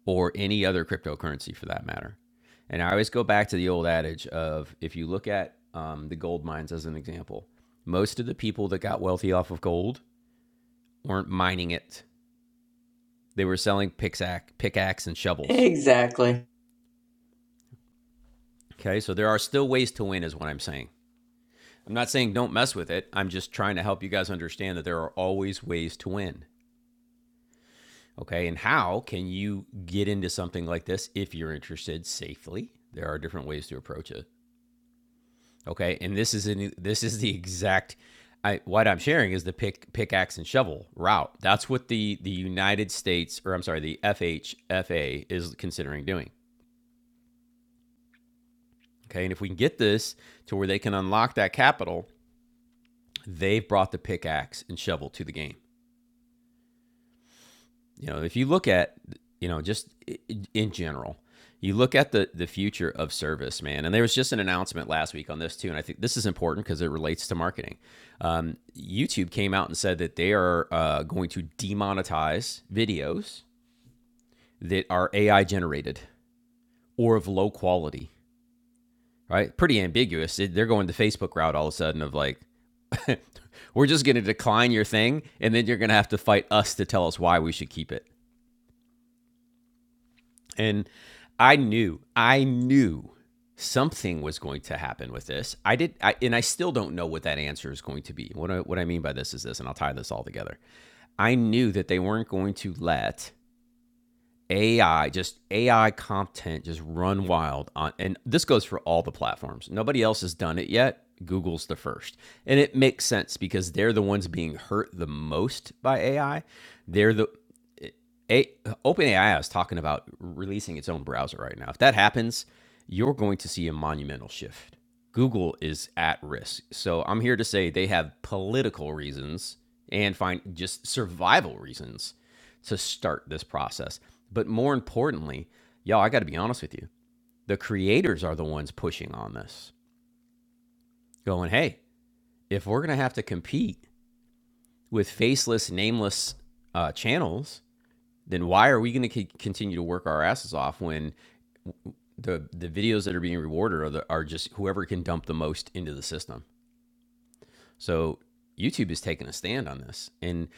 or any other cryptocurrency for that matter. And I always go back to the old adage of if you look at um, the gold mines as an example, most of the people that got wealthy off of gold weren't mining it, they were selling pickaxe, pickaxe and shovels. Exactly. Okay, so there are still ways to win, is what I'm saying. I'm not saying don't mess with it. I'm just trying to help you guys understand that there are always ways to win. Okay, and how can you get into something like this if you're interested safely? There are different ways to approach it. Okay, and this is an, this is the exact. I, what I'm sharing is the pick pickaxe and shovel route. That's what the the United States, or I'm sorry, the FHFA is considering doing. Okay, and if we can get this to where they can unlock that capital, they've brought the pickaxe and shovel to the game. You know, if you look at, you know, just in general, you look at the the future of service, man. And there was just an announcement last week on this too, and I think this is important because it relates to marketing. Um, YouTube came out and said that they are uh, going to demonetize videos that are AI generated or of low quality. Right? Pretty ambiguous. It- they're going the Facebook route all of a sudden of like. We're just going to decline your thing, and then you're going to have to fight us to tell us why we should keep it. And I knew, I knew something was going to happen with this. I did, I, and I still don't know what that answer is going to be. What I, what I mean by this is this, and I'll tie this all together. I knew that they weren't going to let AI, just AI content, just run wild on, and this goes for all the platforms. Nobody else has done it yet. Google's the first. And it makes sense because they're the ones being hurt the most by AI. They're the a- OpenAI is talking about releasing its own browser right now. If that happens, you're going to see a monumental shift. Google is at risk. So I'm here to say they have political reasons and find just survival reasons to start this process. But more importantly, y'all, I got to be honest with you. The creators are the ones pushing on this, going, hey, if we're going to have to compete with faceless, nameless uh, channels, then why are we going to c- continue to work our asses off when the the videos that are being rewarded are the, are just whoever can dump the most into the system. So YouTube is taking a stand on this, and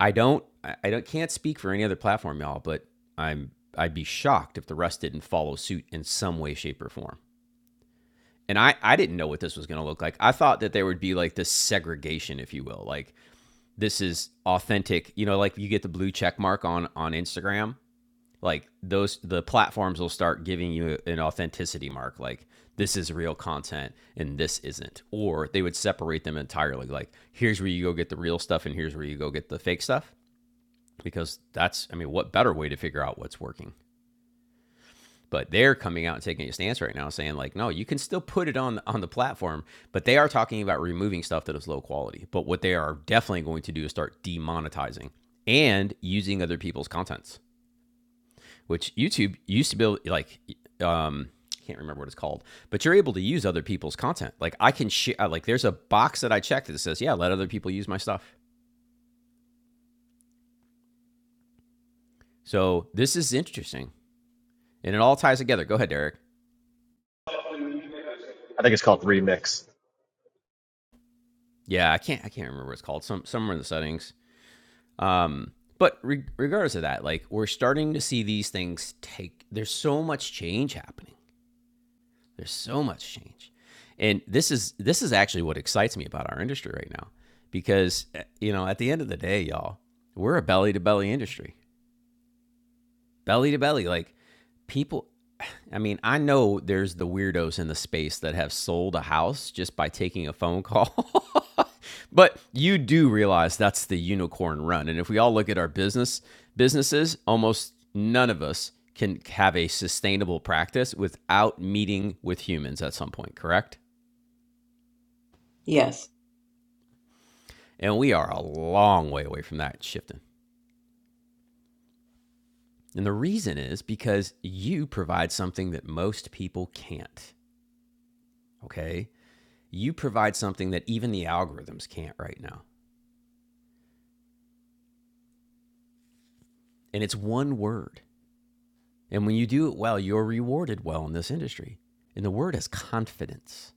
I don't I I don't can't speak for any other platform, y'all, but I'm I'd be shocked if the rest didn't follow suit in some way, shape, or form. And I I didn't know what this was going to look like. I thought that there would be like this segregation, if you will, like this is authentic. You know, like you get the blue check mark on on Instagram like those the platforms will start giving you an authenticity mark like this is real content and this isn't or they would separate them entirely like here's where you go get the real stuff and here's where you go get the fake stuff because that's i mean what better way to figure out what's working but they're coming out and taking a stance right now saying like no you can still put it on on the platform but they are talking about removing stuff that is low quality but what they are definitely going to do is start demonetizing and using other people's contents which YouTube used to be able- like um can't remember what it's called, but you're able to use other people's content. Like I can share uh, like there's a box that I checked that says, "Yeah, let other people use my stuff." So, this is interesting. And it all ties together. Go ahead, Derek. I think it's called Remix. Yeah, I can't I can't remember what it's called. Some somewhere in the settings. Um but re- regardless of that, like we're starting to see these things take there's so much change happening. There's so much change. And this is this is actually what excites me about our industry right now because eh, you know, at the end of the day, y'all, we're a belly to belly industry belly to belly like people i mean i know there's the weirdos in the space that have sold a house just by taking a phone call but you do realize that's the unicorn run and if we all look at our business businesses almost none of us can have a sustainable practice without meeting with humans at some point correct Yes. and we are a long way away from that shifting and the reason is because you provide something that most people can't okay you provide something that even the algorithms can't right now. And it's one word. And when you do it well, you're rewarded well in this industry. And the word is confidence,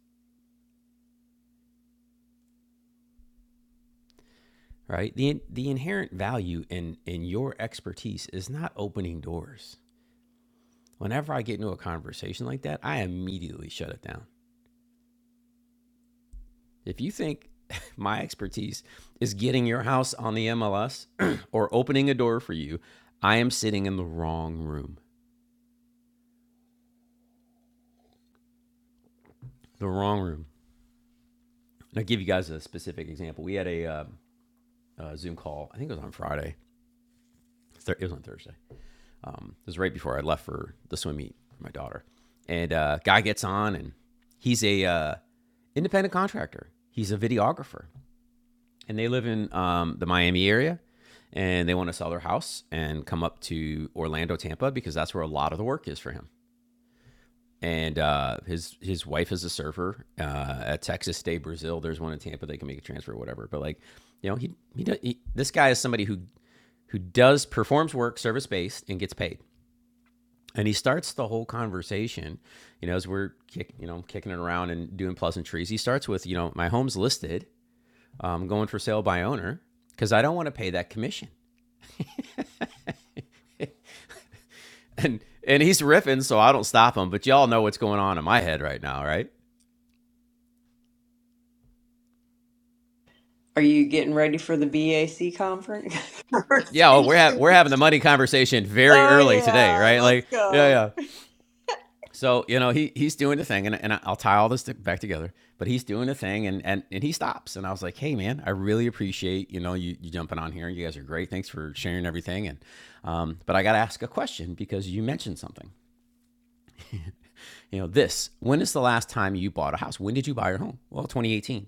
right? The, the inherent value in, in your expertise is not opening doors. Whenever I get into a conversation like that, I immediately shut it down. If you think my expertise is getting your house on the MLS or opening a door for you, I am sitting in the wrong room. The wrong room. And I'll give you guys a specific example. We had a, uh, a Zoom call. I think it was on Friday. It was on Thursday. Um, it was right before I left for the swim meet for my daughter. And a uh, guy gets on, and he's a uh, independent contractor. He's a videographer, and they live in um, the Miami area. And they want to sell their house and come up to Orlando, Tampa, because that's where a lot of the work is for him. and uh, his his wife is a surfer uh, at Texas State Brazil. There's one in Tampa. They can make a transfer, or whatever. But like, you know, he he, does, he this guy is somebody who who does performs work service based and gets paid. And he starts the whole conversation, you know, as we're kick, you know kicking it around and doing pleasantries. He starts with, you know, my home's listed, um, going for sale by owner, because I don't want to pay that commission. And and he's riffing, so I don't stop him. But y'all know what's going on in my head right now, right? Are you getting ready for the BAC conference? yeah, oh, we're ha- Conversation. we're having the money conversation very oh early today, yeah, right? let's Like, yeah, go. yeah. So you know, he he's doing the thing, and, and I'll tie all this back together. But he's doing the thing, and and and he stops, and I was like, hey man, I really appreciate you know you, you jumping on here. You guys are great. Thanks for sharing everything. And um, but I got to ask a question because you mentioned something. You know, this. When is the last time you bought a house? When did you buy your home? Well, 2018.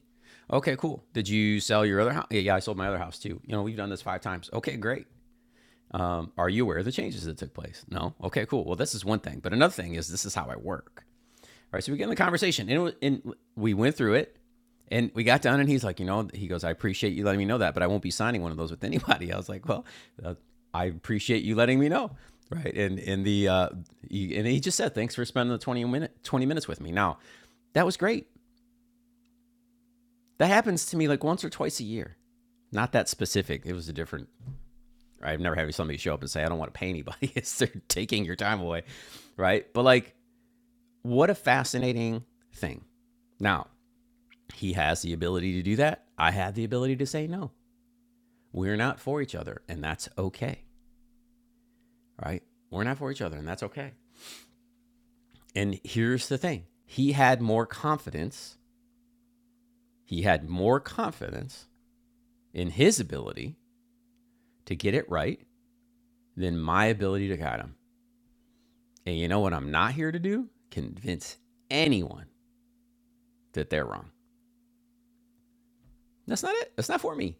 Okay, cool. Did you sell your other house? Yeah, yeah, I sold my other house too. You know, we've done this five times. Okay, great. Are you aware of the changes that took place? No. Okay, cool. Well, this is one thing. But another thing is this is how I work. All right. So we get in the conversation and, and we went through it and we got done and he's like, you know, he goes, I appreciate you letting me know that, but I won't be signing one of those with anybody. I was like, well, uh, I appreciate you letting me know. Right. And, and the, uh, he, and he just said, thanks for spending the 20 minute, 20 minutes with me. Now that was great. That happens to me like once or twice a year. Not that specific. It was a different right? I've never had somebody show up and say, I don't want to pay anybody. it's they're taking your time away, right? But like, what a fascinating thing. Now, he has the ability to do that. I have the ability to say no. We're not for each other, and that's okay, right? We're not for each other, and that's okay. And here's the thing he had more confidence. He had more confidence in his ability to get it right than my ability to guide him. And you know what I'm not here to do? Convince anyone that they're wrong. That's not it. That's not for me.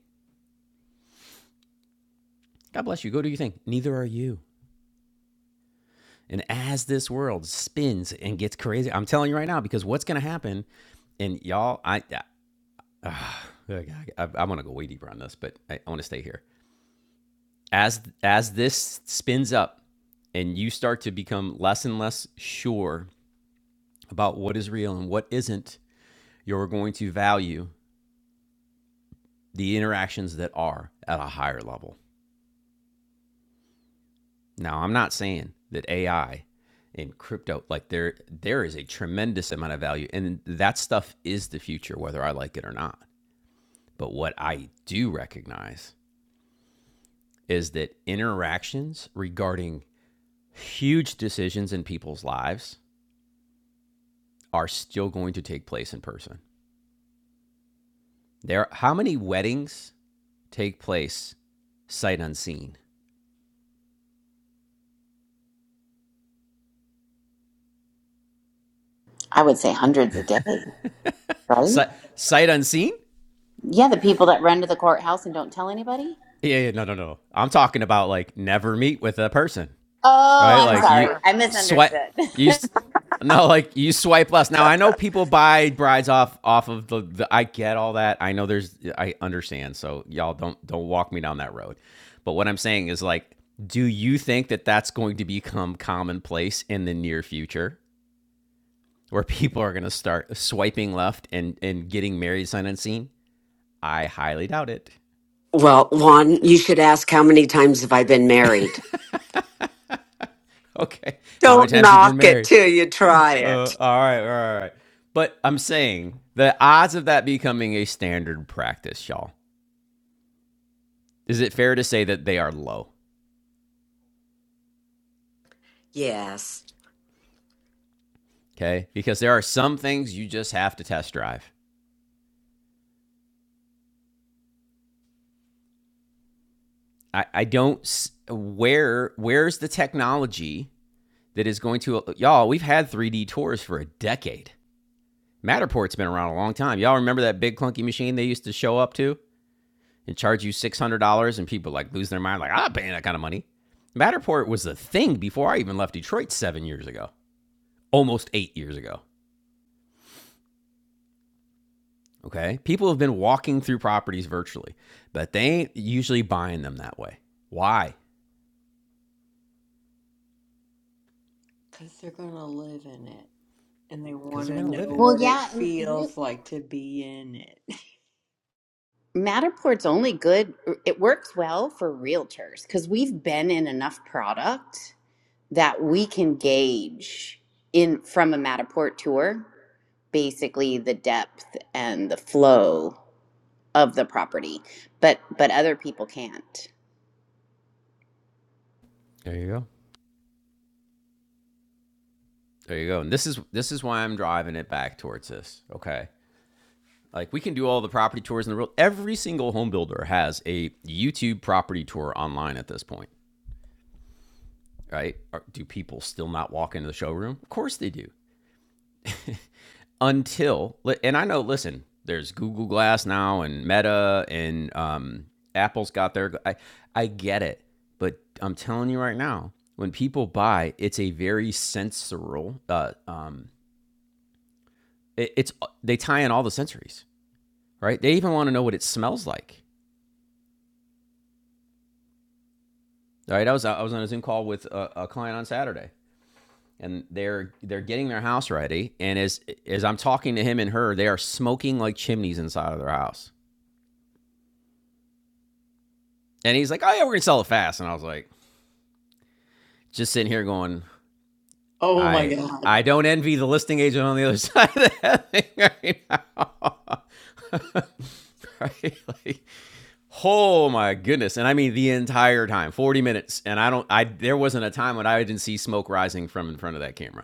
God bless you. Go do your thing. Neither are you. And as this world spins and gets crazy, I'm telling you right now, because what's going to happen, and y'all, I, uh, I, uh, I, I want to go way deeper on this, but I, I want to stay here. As as this spins up, and you start to become less and less sure about what is real and what isn't, you're going to value the interactions that are at a higher level. Now, I'm not saying that AI and crypto, like there, there is a tremendous amount of value, and that stuff is the future, whether I like it or not. But what I do recognize is that interactions regarding huge decisions in people's lives are still going to take place in person. There, how many weddings take place sight unseen? I would say hundreds a day, right? Si- sight unseen? Yeah, the people that run to the courthouse and don't tell anybody. Yeah, yeah, no, no, no. I'm talking about like never meet with a person. Oh, right? It's I'm Like time you sorry. for. I swipe, misunderstood. you no, like you swipe left. Now I know people buy brides off off of the, the. I get all that. I know there's. I understand. So y'all don't don't walk me down that road. But what I'm saying is like, do you think that that's going to become commonplace in the near future, where people are going to start swiping left and and getting married sight unseen? I highly doubt it. well, Juan, you should ask how many times have I been married? Okay, how many Don't times have you been knock it married? till you try Uh, it. all right, all right, all right. But I'm saying the odds of that becoming a standard practice, y'all, is it fair to say that they are low? Yes. Okay, because there are some things you just have to test drive. I, I don't s- where where's the technology that is going to y'all? We've had 3D tours for a decade. Matterport's been around a long time. Y'all remember that big clunky machine they used to show up to? and charge you $600 and people like lose their mind like, I'm not paying that kind of money. Matterport was a thing before I even left Detroit 7 years ago, almost 8 years ago. Okay? People have been walking through properties virtually, but they ain't usually buying them that way. Why? Because they're gonna live in it and they Cuz want they're to going to live know in it. well, what it yeah. and you. re- feels like to be in it. Matterport's only good, er, it works well for realtors because we've been in enough product that we can gauge in from a Matterport tour basically the depth and the flow of the property. But but other people can't. There you go. There you go. And this is this is why I'm driving it back towards this. Okay. Like we can do all the property tours in the world. Every single home builder has a YouTube property tour online at this point. right? Are, do people still not walk into the showroom? Of course they do. Until and I know, listen, there's Google Glass now and Meta and um, Apple's got their. I I get it, but I'm telling you right now, when people buy, it's a very sensorial. Uh, um, it, it's they tie in all the sensories, right? They even want to know what it smells like. Right? I was I was on a Zoom call with a, a client on Saturday, and they're they're getting their house ready and as as i'm talking to him and her they are smoking like chimneys inside of their house and he's like oh yeah we're gonna sell it fast and i was like just sitting here going Oh my i god. i don't envy the listing agent on the other side of that thing right now right like oh my goodness and i mean the entire time 40 minutes and i don't i there wasn't a time when i didn't see smoke rising from in front of that camera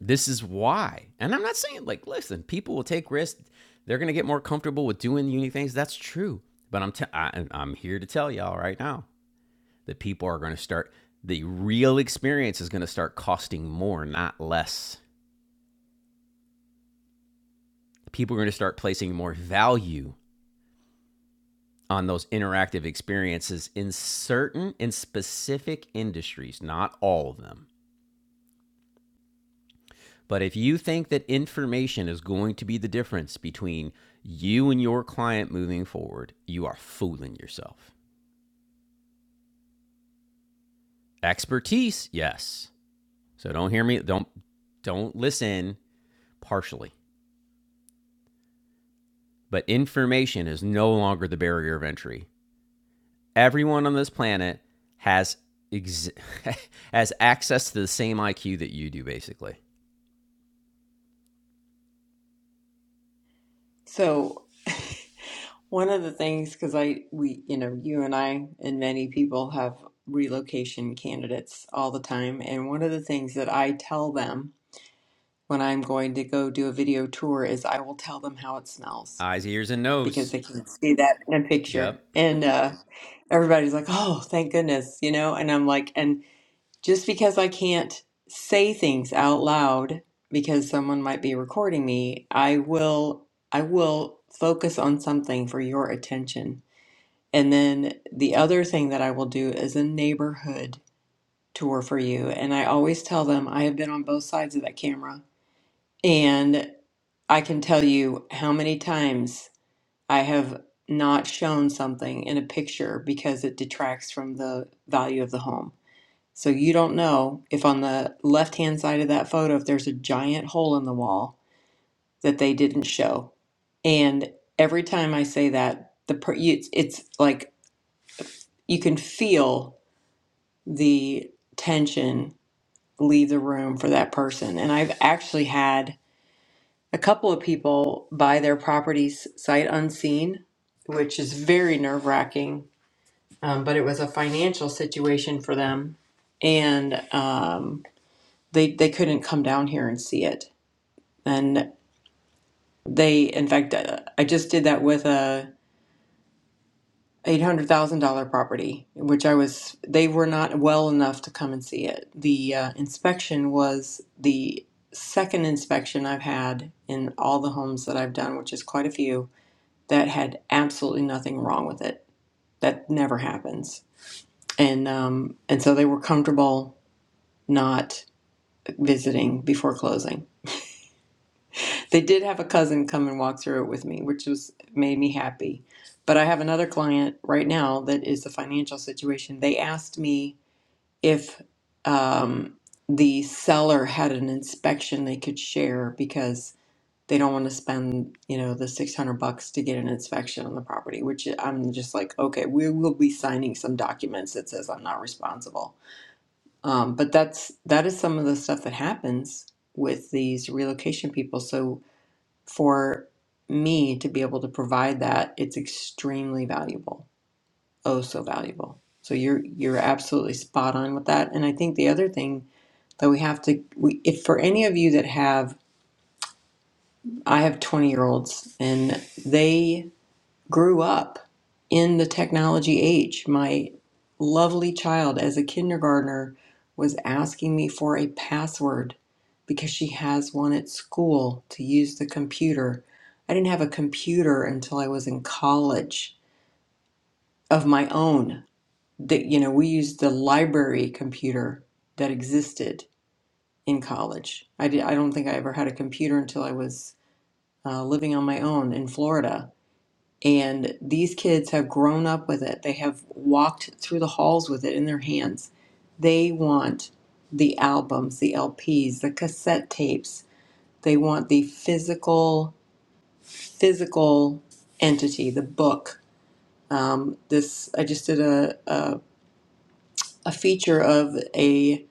this is why. And I'm not saying like, listen, people will take risks. They're gonna get more comfortable with doing unique things. That's true. But I'm t- I, am i am here to tell y'all right now that people are gonna start. The real experience is gonna start costing more, not less. People are gonna start placing more value on those interactive experiences in certain in specific industries, not all of them. But if you think that information is going to be the difference between you and your client moving forward, you are fooling yourself. Expertise, yes. So don't hear me don't don't listen partially. But information is no longer the barrier of entry. Everyone on this planet has ex- has access to the same IQ that you do basically. So one of the things, because I we you know you and I and many people have relocation candidates all the time, and one of the things that I tell them when I'm going to go do a video tour is I will tell them how it smells Eyes, ears and because nose. they can see that in a Yep. picture, and uh, everybody's like, "Oh, thank goodness," you know, and I'm like, and just because I can't say things out loud because someone might be recording me, I will I will focus on something for your attention. And then the other thing that I will do is a neighborhood tour for you. And I always tell them I have been on both sides of that camera. And I can tell you how many times I have not shown something in a picture because it detracts from the value of the home so you don't know if on the left hand side of that photo, if there's a giant hole in the wall that they didn't show. And every time I say that, the per- you, it's, it's like you can feel the tension leave the room for that person. And I've actually had a couple of people buy their properties sight unseen, which is very nerve wracking. Um, but it was a financial situation for them, and um, they they couldn't come down here and see it and they in fact uh, i just did that with a $800000 property which i was they were not well enough to come and see it the uh, inspection was the second inspection i've had in all the homes that i've done which is quite a few that had absolutely nothing wrong with it that never happens and um, and so they were comfortable not visiting before closing They did have a cousin come and walk through it with me, which was made me happy. But I have another client right now that is the financial situation. They asked me if um, the seller had an inspection they could share because they don't want to spend, you know, the six hundred bucks to get an inspection on the property. Which I'm just like, okay, we will be signing some documents that says I'm not responsible. Um, but that's that is some of the stuff that happens with these relocation people. So for me to be able to provide that, it's extremely valuable. Oh, so valuable. So you're you're absolutely spot on with that. And I think the other thing that we have to, we, if for any of you that have, I have 20 year olds and they grew up in the technology age. My lovely child, as a kindergartner, was asking me for a password because she has one at school to use the computer. I didn't have a computer until I was in college of my own. That you know, we used the library computer that existed in college. I did, I don't think I ever had a computer until I was uh, living on my own in Florida and these kids have grown up with it. They have walked through the halls with it in their hands. They want the albums, the LPs, the cassette tapes. They want the physical, physical entity, the book. Um, this I just did a, a a feature of a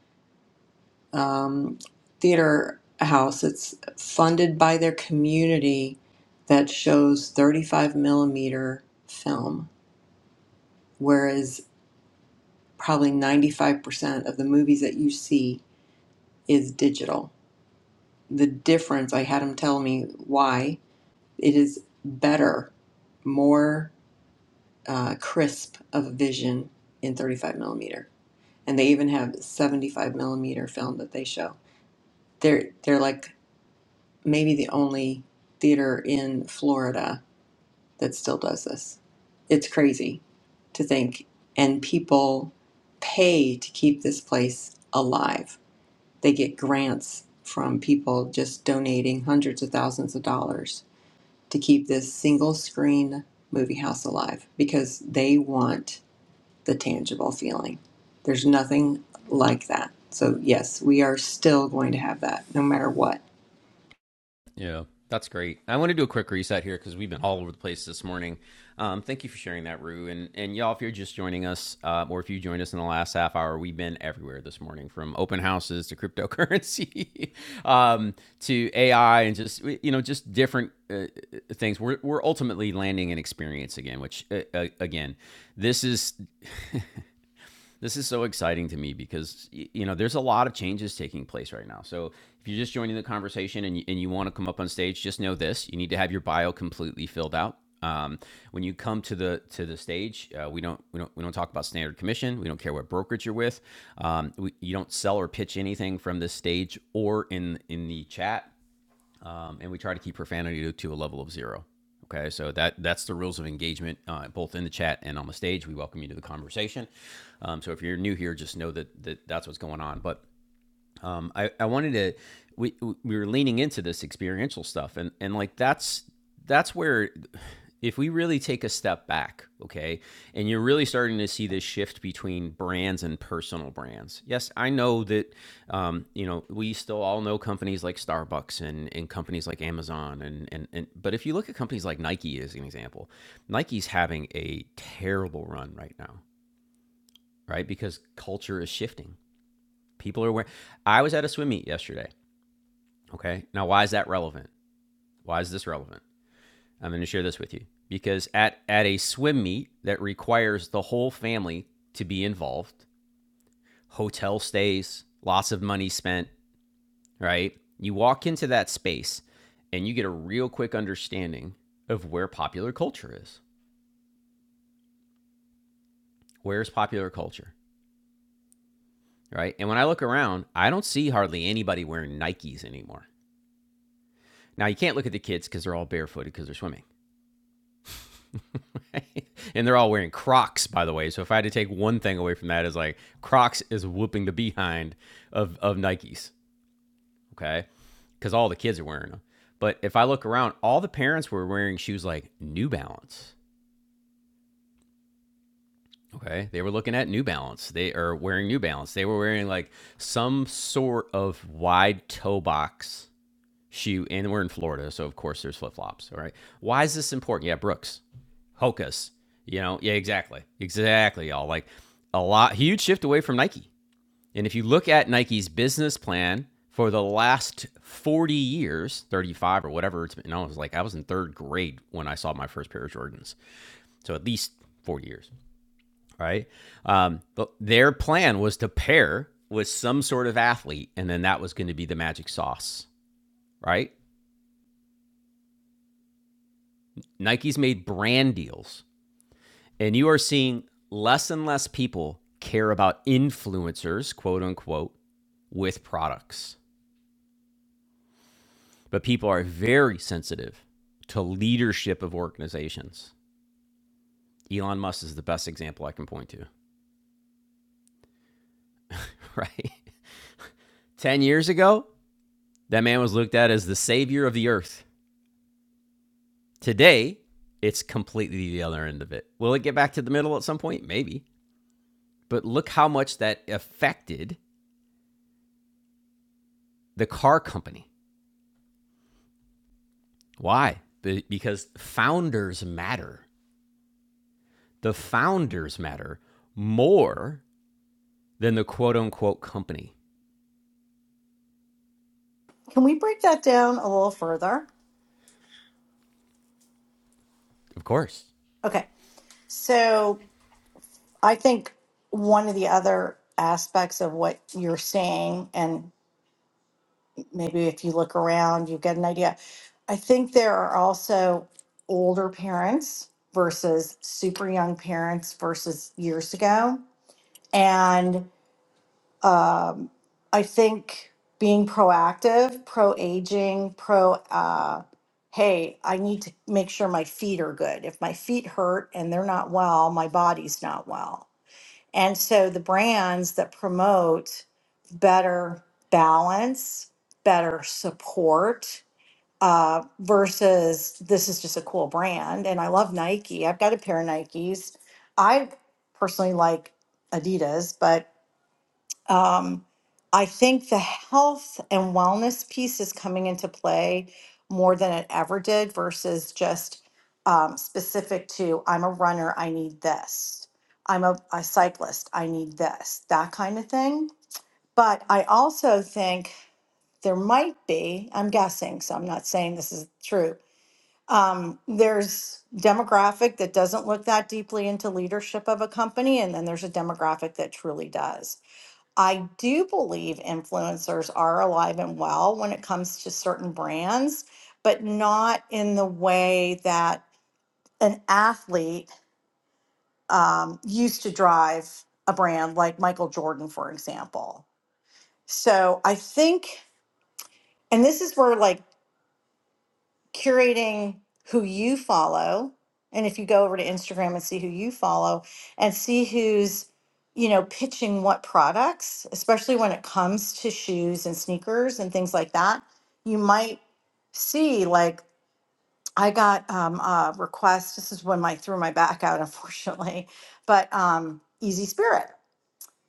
um, theater house. It's funded by their community that shows 35 millimeter film whereas. probably 95% of the movies that you see is digital. The difference, I had him tell me why it is better, more uh, crisp of vision in 35 millimeter. And they even have 75 millimeter film that they show. They're, they're like maybe the only theater in Florida that still does this. It's crazy to think. And people pay to keep this place alive They get grants from people just donating hundreds of thousands of dollars to keep this single screen movie house alive because they want the tangible feeling. There's nothing like that. So, yes, we are still going to have that no matter what. Yeah, that's great. I want to do a quick reset here because we've been all over the place this morning. Um, thank you for sharing that, Rue. And and y'all, if you're just joining us, uh, or if you joined us in the last half hour, we've been everywhere this morning, from open houses to cryptocurrency, um, to AI, and just you know, just different uh, uh, things. We're we're ultimately landing an experience again, which uh, uh, again, this is This is so exciting to me because you know there's a lot of changes taking place right now. So if you're just joining the conversation and you, and you want to come up on stage, just know this: you need to have your bio completely filled out. Um, when you come to the to the stage, uh, we don't we don't we don't talk about standard commission. We don't care what brokerage you're with. Um, we, you don't sell or pitch anything from this stage or in in the chat um, and we try to keep profanity to, to a level of zero. Okay, so that that's the rules of engagement, uh, both in the chat and on the stage. We welcome you to the conversation. Um, so if you're new here, just know that, that that's what's going on. But um, I, I wanted to we we were leaning into this experiential stuff and and like that's that's where if we really take a step back okay and you're really starting to see this shift between brands and personal brands yes i know that um, you know we still all know companies like starbucks and, and companies like amazon and, and, and but if you look at companies like nike as an example nike's having a terrible run right now right because culture is shifting people are wearing i was at a swim meet yesterday Okay. Now, why is that relevant? Why is this relevant? I'm going to share this with you because at, at a swim meet that requires the whole family to be involved, hotel stays, lots of money spent, right? You walk into that space and you get a real quick understanding of where popular culture is. Where's popular culture, right? And when I look around, I don't see hardly anybody wearing Nikes anymore. Now, you can't look at the kids because they're all barefooted because they're swimming. Right? and they're all wearing Crocs, by the way. So if I had to take one thing away from that, is like Crocs is whooping the behind of of Nikes, okay? Because all the kids are wearing them. But if I look around, all the parents were wearing shoes like New Balance. Okay, they were looking at New Balance. They are wearing New Balance. They were wearing like some sort of wide toe box shoe, and we're in Florida, so of course there's flip flops. All right, why is this important? Yeah, Brooks. Hocus. You know, yeah, exactly. Exactly, y'all. Like a lot huge shift away from Nike. And if you look at Nike's business plan for the last 40 years, 35 or whatever it's been, I was like, I was in third grade when I saw my first pair of Jordans. So at least 40 years, right? Um, but their plan was to pair with some sort of athlete, and then that was going to be the magic sauce, right? Nike's made brand deals And you are seeing less and less people care about influencers, quote unquote, with products. But people are very sensitive to leadership of organizations. Elon Musk is the best example I can point to, right? 10 years ago, that man was looked at as the savior of the earth. Today, it's completely the other end of it. Will it get back to the middle at some point? Maybe. But look how much that affected the car company Why? Because founders matter. The founders matter more than the quote unquote company. Can we break that down a little further? Of course. Okay. So I think one of the other aspects of what you're saying, and maybe if you look around, you get an idea. I think there are also older parents versus super young parents versus years ago. and. Um, I think being proactive, pro aging, pro, uh, hey, I need to make sure my feet are good. If my feet hurt and they're not well, my body's not well. And so the brands that promote better balance, better support, uh, versus this is just a cool brand. And I love Nike. I've got a pair of Nikes. I personally like Adidas, but um, I think the health and wellness piece is coming into play more than it ever did versus just um, specific to I'm a runner, I need this. I'm a, a cyclist, I need this, that kind of thing. But I also think there might be, I'm guessing, so I'm not saying this is true. Um, there's demographic that doesn't look that deeply into leadership of a company, and then there's a demographic that truly does. I do believe influencers are alive and well when it comes to certain brands, but not in the way that an athlete um, used to drive a brand like Michael Jordan, for example. So I think, and this is where like curating who you follow and if you go over to instagram and see who you follow and see who's you know pitching what products especially when it comes to shoes and sneakers and things like that you might see like i got um, a request this is when my threw my back out unfortunately but um, easy spirit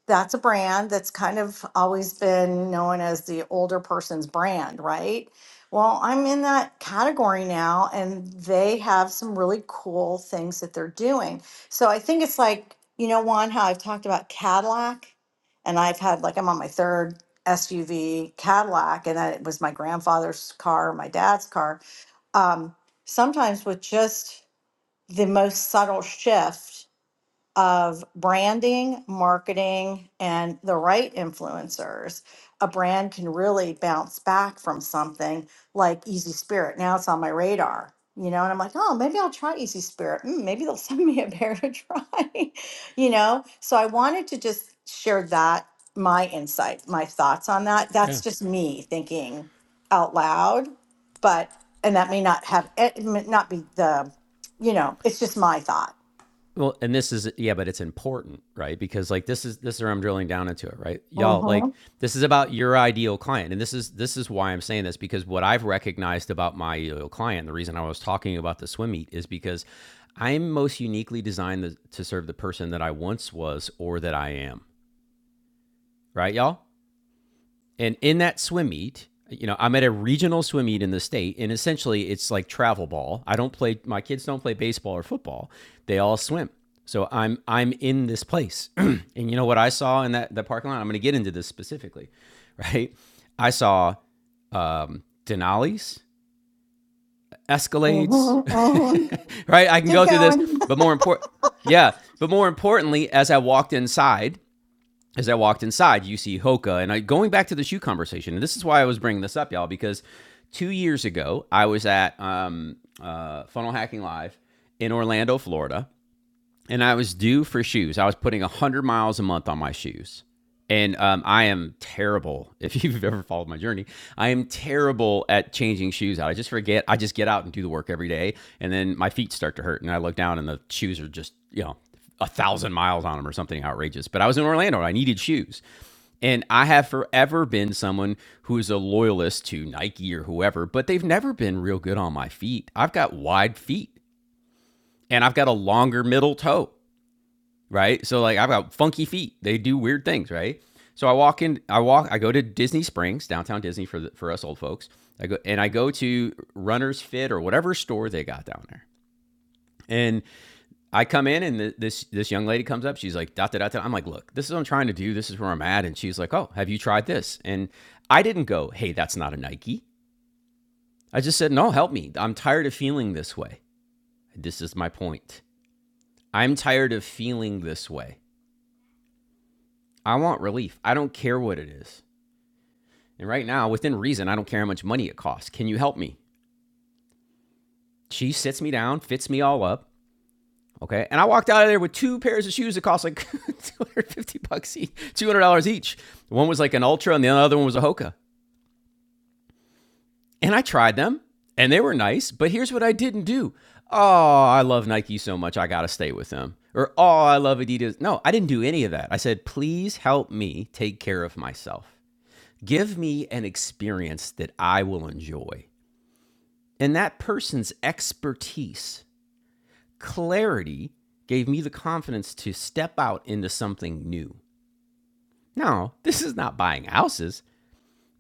that's a brand that's kind of always been known as the older person's brand, right? Well, I'm in that category now, and they have some really cool things that they're doing. So I think it's like, you know, Juan, how I've talked about Cadillac, and I've had like, I'm on my third SUV Cadillac, and that was my grandfather's car, my dad's car. Um, sometimes with just the most subtle shift, of branding, marketing, and the right influencers, a brand can really bounce back from something like Easy Spirit. Now it's on my radar, you know, and I'm like, oh, maybe I'll try Easy Spirit. Mm, maybe they'll send me a pair to try, you know? So I wanted to just share that, my insight, my thoughts on that. That's Yeah. just me thinking out loud, but, and that may not have, it may not be the, you know, it's just my thought. Well, and this is yeah, but it's important, right? Because like this is this is where I'm drilling down into it, right? Y'all, like this is about your ideal client, and this is this is why I'm saying this because what I've recognized about my ideal client, the reason I was talking about the swim meet is because I'm most uniquely designed to serve the person that I once was or that I am, right, y'all? And in that swim meet, you know, I'm at a regional swim meet in the state, and essentially it's like travel ball. I don't play my kids don't play baseball or football. They all swim. So I'm I'm in this place. and you know what I saw in that that parking lot? I'm gonna get into this specifically, right? I saw um Denali's, Escalades, hmm hmm right? I can Keep go through this, going. but more important yeah, but more importantly, as I walked inside, as I walked inside, you see Hoka. And I, going back to the shoe conversation, and this is why I was bringing this up, y'all, because two years ago, I was at um, uh, Funnel Hacking Live in Orlando, Florida and I was due for shoes. I was putting 100 miles a month on my shoes. And um, I am terrible. If you've ever followed my journey, I am terrible at changing shoes out. I just forget. I just get out and do the work every day. And then my feet start to hurt. And I look down and the shoes are just, you know, a thousand miles on them or something outrageous. But I was in Orlando and I needed shoes. And I have forever been someone who is a loyalist to Nike or whoever, but they've never been real good on my feet. I've got wide feet and I've got a longer middle toe right? So like I've got funky feet. They do weird things, right? So I walk in, I walk, I go to Disney Springs, downtown Disney for the, for us old folks. I go and I go to Runner's Fit or whatever store they got down there. And I come in and th this this young lady comes up. She's like, da da da da. I'm like, look, this is what I'm trying to do. This is where I'm at. And she's like, oh, have you tried this? And I didn't go, hey, that's not a Nike. I just said, no, help me. I'm tired of feeling this way. This is my point. I'm tired of feeling this way. I want relief. I don't care what it is. And right now, within reason, I don't care how much money it costs. Can you help me? She sits me down, fits me all up. Okay. And I walked out of there with two pairs of shoes that cost like 250 bucks each, $200 each. One was like an Ultra and the other one was a Hoka. And I tried them and they were nice, but here's what I didn't do. Oh, I love Nike so much. I got to stay with them. Or, oh, I love Adidas. No, I didn't do any of that. I said, please help me take care of myself. Give me an experience that I will enjoy. And that person's expertise, clarity, gave me the confidence to step out into something new. Now, this is not buying houses,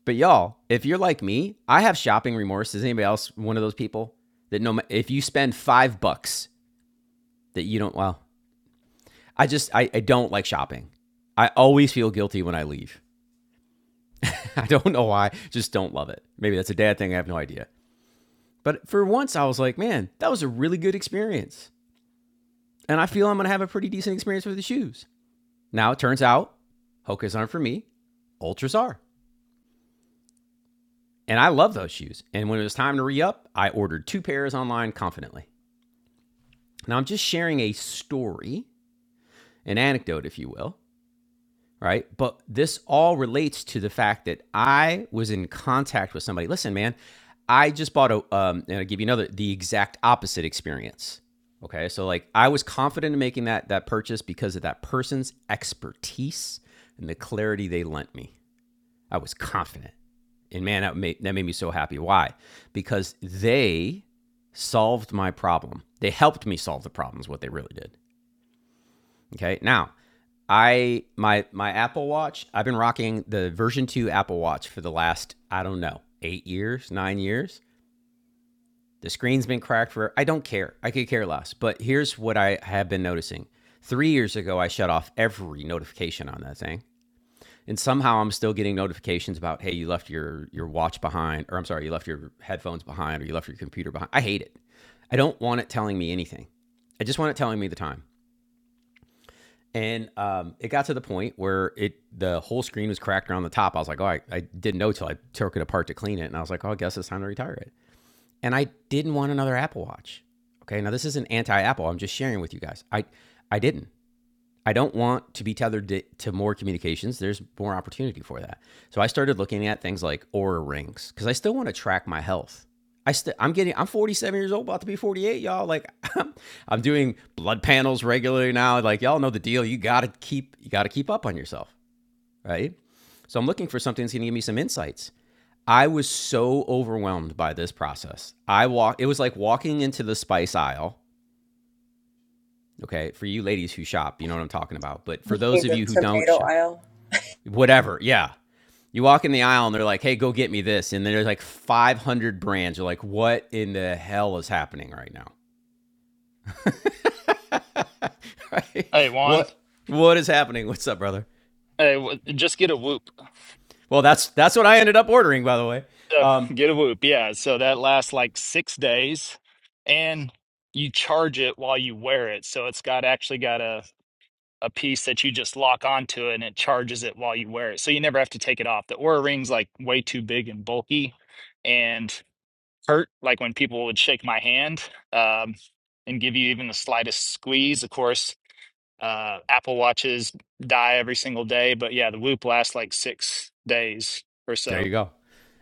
but y'all, if you're like me, I have shopping remorse. Is anybody else one of those people that no, if you spend five bucks that you don't, well, I just, I, I don't like shopping. I always feel guilty when I leave. I don't know why, just don't love it. Maybe that's a dad thing. I have no idea. But for once, I was like, man, that was a really good experience. and I feel I'm going to have a pretty decent experience with the shoes. Now it turns out Hokas aren't for me, Ultras are. And I love those shoes. And when it was time to re up, I ordered two pairs online confidently. Now I'm just sharing a story, an anecdote, if you will, right? But this all relates to the fact that I was in contact with somebody. Listen, man, I just bought a, um, and I'll give you another, the exact opposite experience. Okay. So, like, I was confident in making that, that purchase because of that person's expertise and the clarity they lent me. I was confident. And man, that made, that made me so happy. Why? Because they solved my problem. They helped me solve the problems, what they really did. Okay. Now, I my my Apple Watch. I've been rocking the version two Apple Watch for the last I don't know eight years, nine years. The screen's been cracked for. I don't care. I could care less. But here's what I have been noticing. Three years ago, I shut off every notification on that thing, and somehow I'm still getting notifications about hey, you left your your watch behind, or I'm sorry, you left your headphones behind, or you left your computer behind. I hate it. I don't want it telling me anything. I just want it telling me the time. And um, it got to the point where it the whole screen was cracked around the top. I was like, oh, I, I didn't know till I took it apart to clean it, and I was like, oh, I guess it's time to retire it. And I didn't want another Apple Watch. Okay, now this isn't anti-Apple. I'm just sharing with you guys. I I didn't. I don't want to be tethered to, to more communications. There's more opportunity for that. So I started looking at things like aura rings because I still want to track my health. I still I'm getting I'm 47 years old, about to be 48, y'all. Like I'm doing blood panels regularly now. Like y'all know the deal. You gotta keep you gotta keep up on yourself, right? So I'm looking for something that's gonna give me some insights. I was so overwhelmed by this process. I walk it was like walking into the spice aisle. Okay, for you ladies who shop, you know what I'm talking about. But for those In of the you who don't tomato shop, aisle. whatever. Yeah. You walk in the aisle and they're like, hey, go get me this. And then there's like 500 brands. You're like, what in the hell is happening right now? right? Hey Juan, What what is happening? What's up, brother? hey, w- just get a whoop. Well, that's that's what I ended up ordering, by the way. Uh, Um, get a whoop, yeah. So that lasts like six days, and you charge it while you wear it. So it's got actually got a a piece that you just lock onto it, and it charges it while you wear it. So you never have to take it off. The Oura Ring's like way too big and bulky, and hurt. Like when people would shake my hand, um, and give you even the slightest squeeze. Of course. Uh, Apple watches die every single day, but yeah, the Whoop lasts like six days or there you so, go.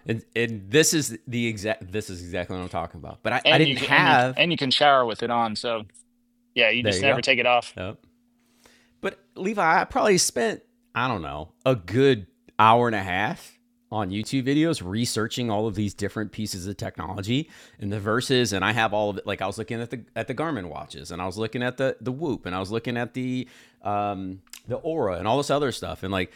And, and this is the exact this is exactly what I'm talking about. But I, I and you didn't can and you have and you can shower with it on. So yeah, you there just you never go. take it off. Yep. But Levi, I probably spent, I don't know, a good hour and a half on YouTube videos researching all of these different pieces of technology and the verses and I have all of it like I was looking at the at the Garmin watches and I was looking at the the Whoop and I was looking at the um the Aura and all this other stuff and like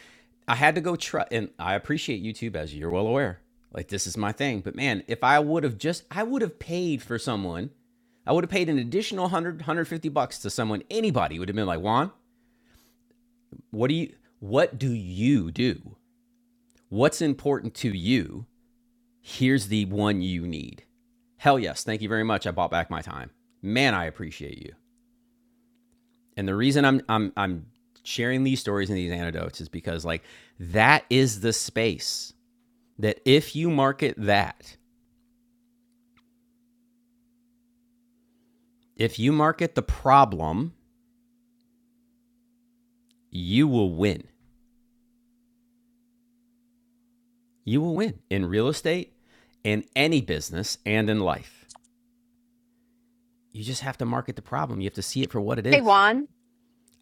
I had to go try and I appreciate YouTube as you're well aware like this is my thing but man if I would have just I would have paid for someone I would have paid an additional 100 bucks to someone anybody would have been like Juan what do you what do you do? What's important to you? Here's the one you need. Hell yes, thank you very much. I bought back my time. Man, I appreciate you. And the reason I'm I'm I'm sharing these stories and these anecdotes is because like that is the space that if you market that, if you market the problem, you will win. You will win in real estate, in any business, and in life. You just have to market the problem. You have to see it for what it Hey is. Juan.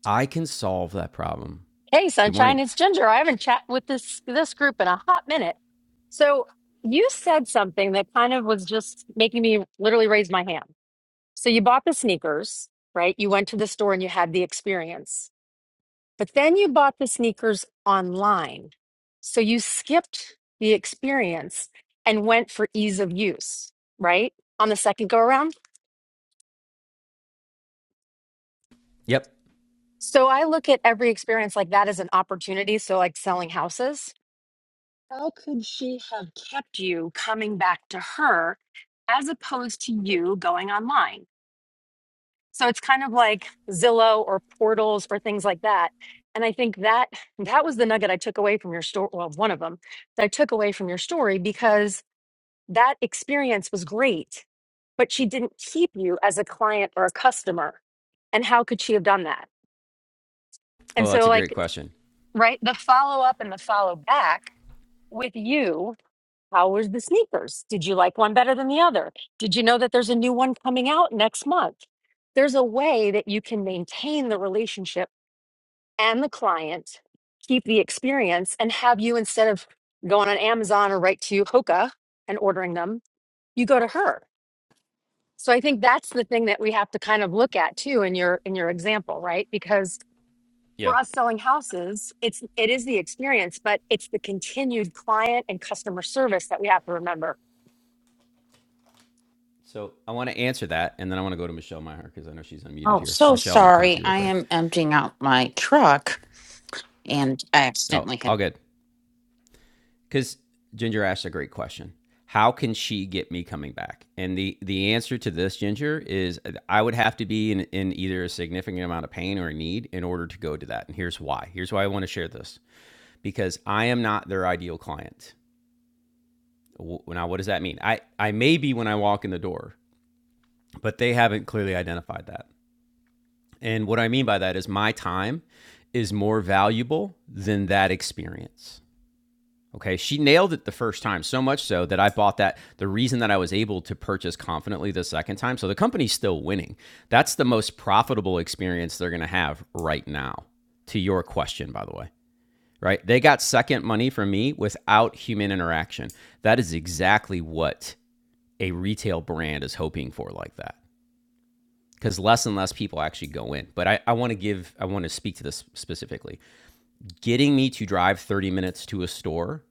I can solve that problem. Hey Good morning. Sunshine, it's Ginger. I haven't chat with this this group in a hot minute. So you said something that kind of was just making me literally raise my hand. So you bought the sneakers, right? You went to the store and you had the experience. But then you bought the sneakers online. So you skipped the experience and went for ease of use, right? On the second go around. Yep. So I look at every experience like that as an opportunity. So like selling houses How could she have kept you coming back to her as opposed to you going online? So it's kind of like Zillow or portals or things like that. And I think that that was the nugget I took away from your story. Well, one of them that I took away from your story because that experience was great, but she didn't keep you as a client or a customer. And how could she have done that? Oh, And that's so, a like, great question. right, the follow up and the follow back with you How were the sneakers? Did you like one better than the other? Did you know that there's a new one coming out next month? There's a way that you can maintain the relationship and the client, keep the experience, and have you instead of going on Amazon or right to Hoka and ordering them, you go to her. So I think that's the thing that we have to kind of look at too in your in your example, right? Because Yeah. for us selling houses, it's it is the experience, but it's the continued client and customer service that we have to remember So I want to answer that, and then I want to go to Michelle Meyer because I know she's unmuted Oh, here. so Michelle, I'm going to come to sorry. you real I quick. am emptying out my truck and I Oh, accidentally hit all good. Because Ginger asked a great question. How can she get me coming back? And the the answer to this, Ginger, is I would have to be in, in either a significant amount of pain or a need in order to go to that. And here's why. Here's why I want to share this because I am not their ideal client. Now, what does that mean? I I may be when I walk in the door, but they haven't clearly identified that. And what I mean by that is my time is more valuable than that experience. Okay, she nailed it the first time, so much so that I bought that. The reason that I was able to purchase confidently the second time, so the company's still winning. That's the most profitable experience they're gonna have right now, to your question, by the way, right? They got second money from me without human interaction. That is exactly what a retail brand is hoping for, like that. because less and less people actually go in. But I, I want to give, I want to speak to this specifically. Getting me to drive 30 minutes to a store,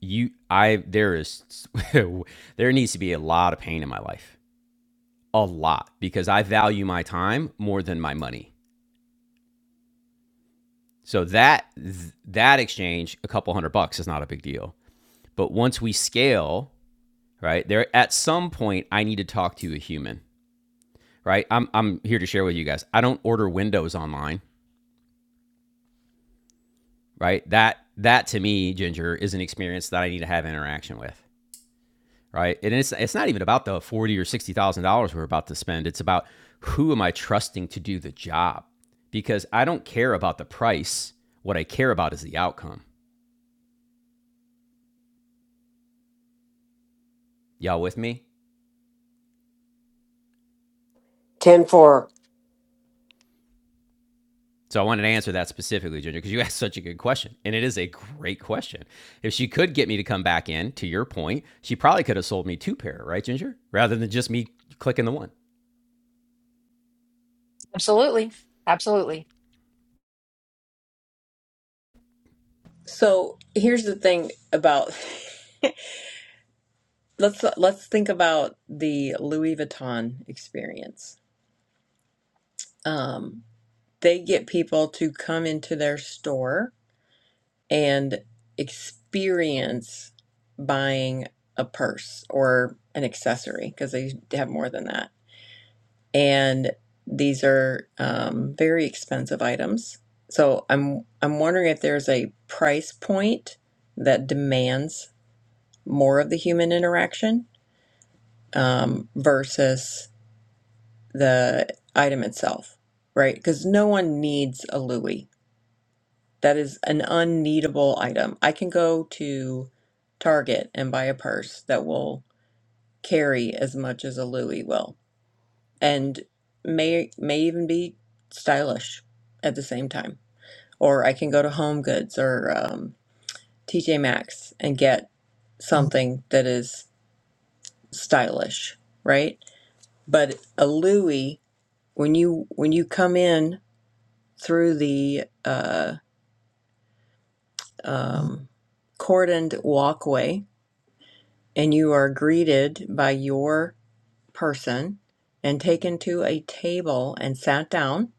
you, I, there is, there needs to be a lot of pain in my life, a lot, because I value my time more than my money. So that, that exchange, a couple hundred bucks is not a big deal. But once we scale, right there, at some point, I need to talk to a human, right? I'm, I'm here to share with you guys. I don't order windows online right? That that to me, Ginger, is an experience that I need to have interaction with, right? And it's it's not even about the forty thousand dollars or sixty thousand dollars we're about to spend. It's about who am I trusting to do the job? Because I don't care about the price. What I care about is the outcome. Y'all with me? 10 for So I wanted to answer that specifically, Ginger, because you asked such a good question. And it is a great question. If she could get me to come back in, to your point, she probably could have sold me two pair, right, Ginger? Rather than just me clicking the one. Absolutely. Absolutely. So here's the thing about let's let's think about the Louis Vuitton experience. Um, they get people to come into their store and experience buying a purse or an accessory because they have more than that. And these are um, very expensive items. So I'm I'm wondering if there's a price point that demands more of the human interaction um, versus the item itself, right? Because no one needs a Louis That is an unneedable item. I can go to Target and buy a purse that will carry as much as a Louis will and may may even be stylish at the same time. Or I can go to Home Goods or um, TJ Maxx and get something that is stylish, right? But a Louis, when you when you come in through the uh, um, cordoned walkway, and you are greeted by your person and taken to a table and sat down.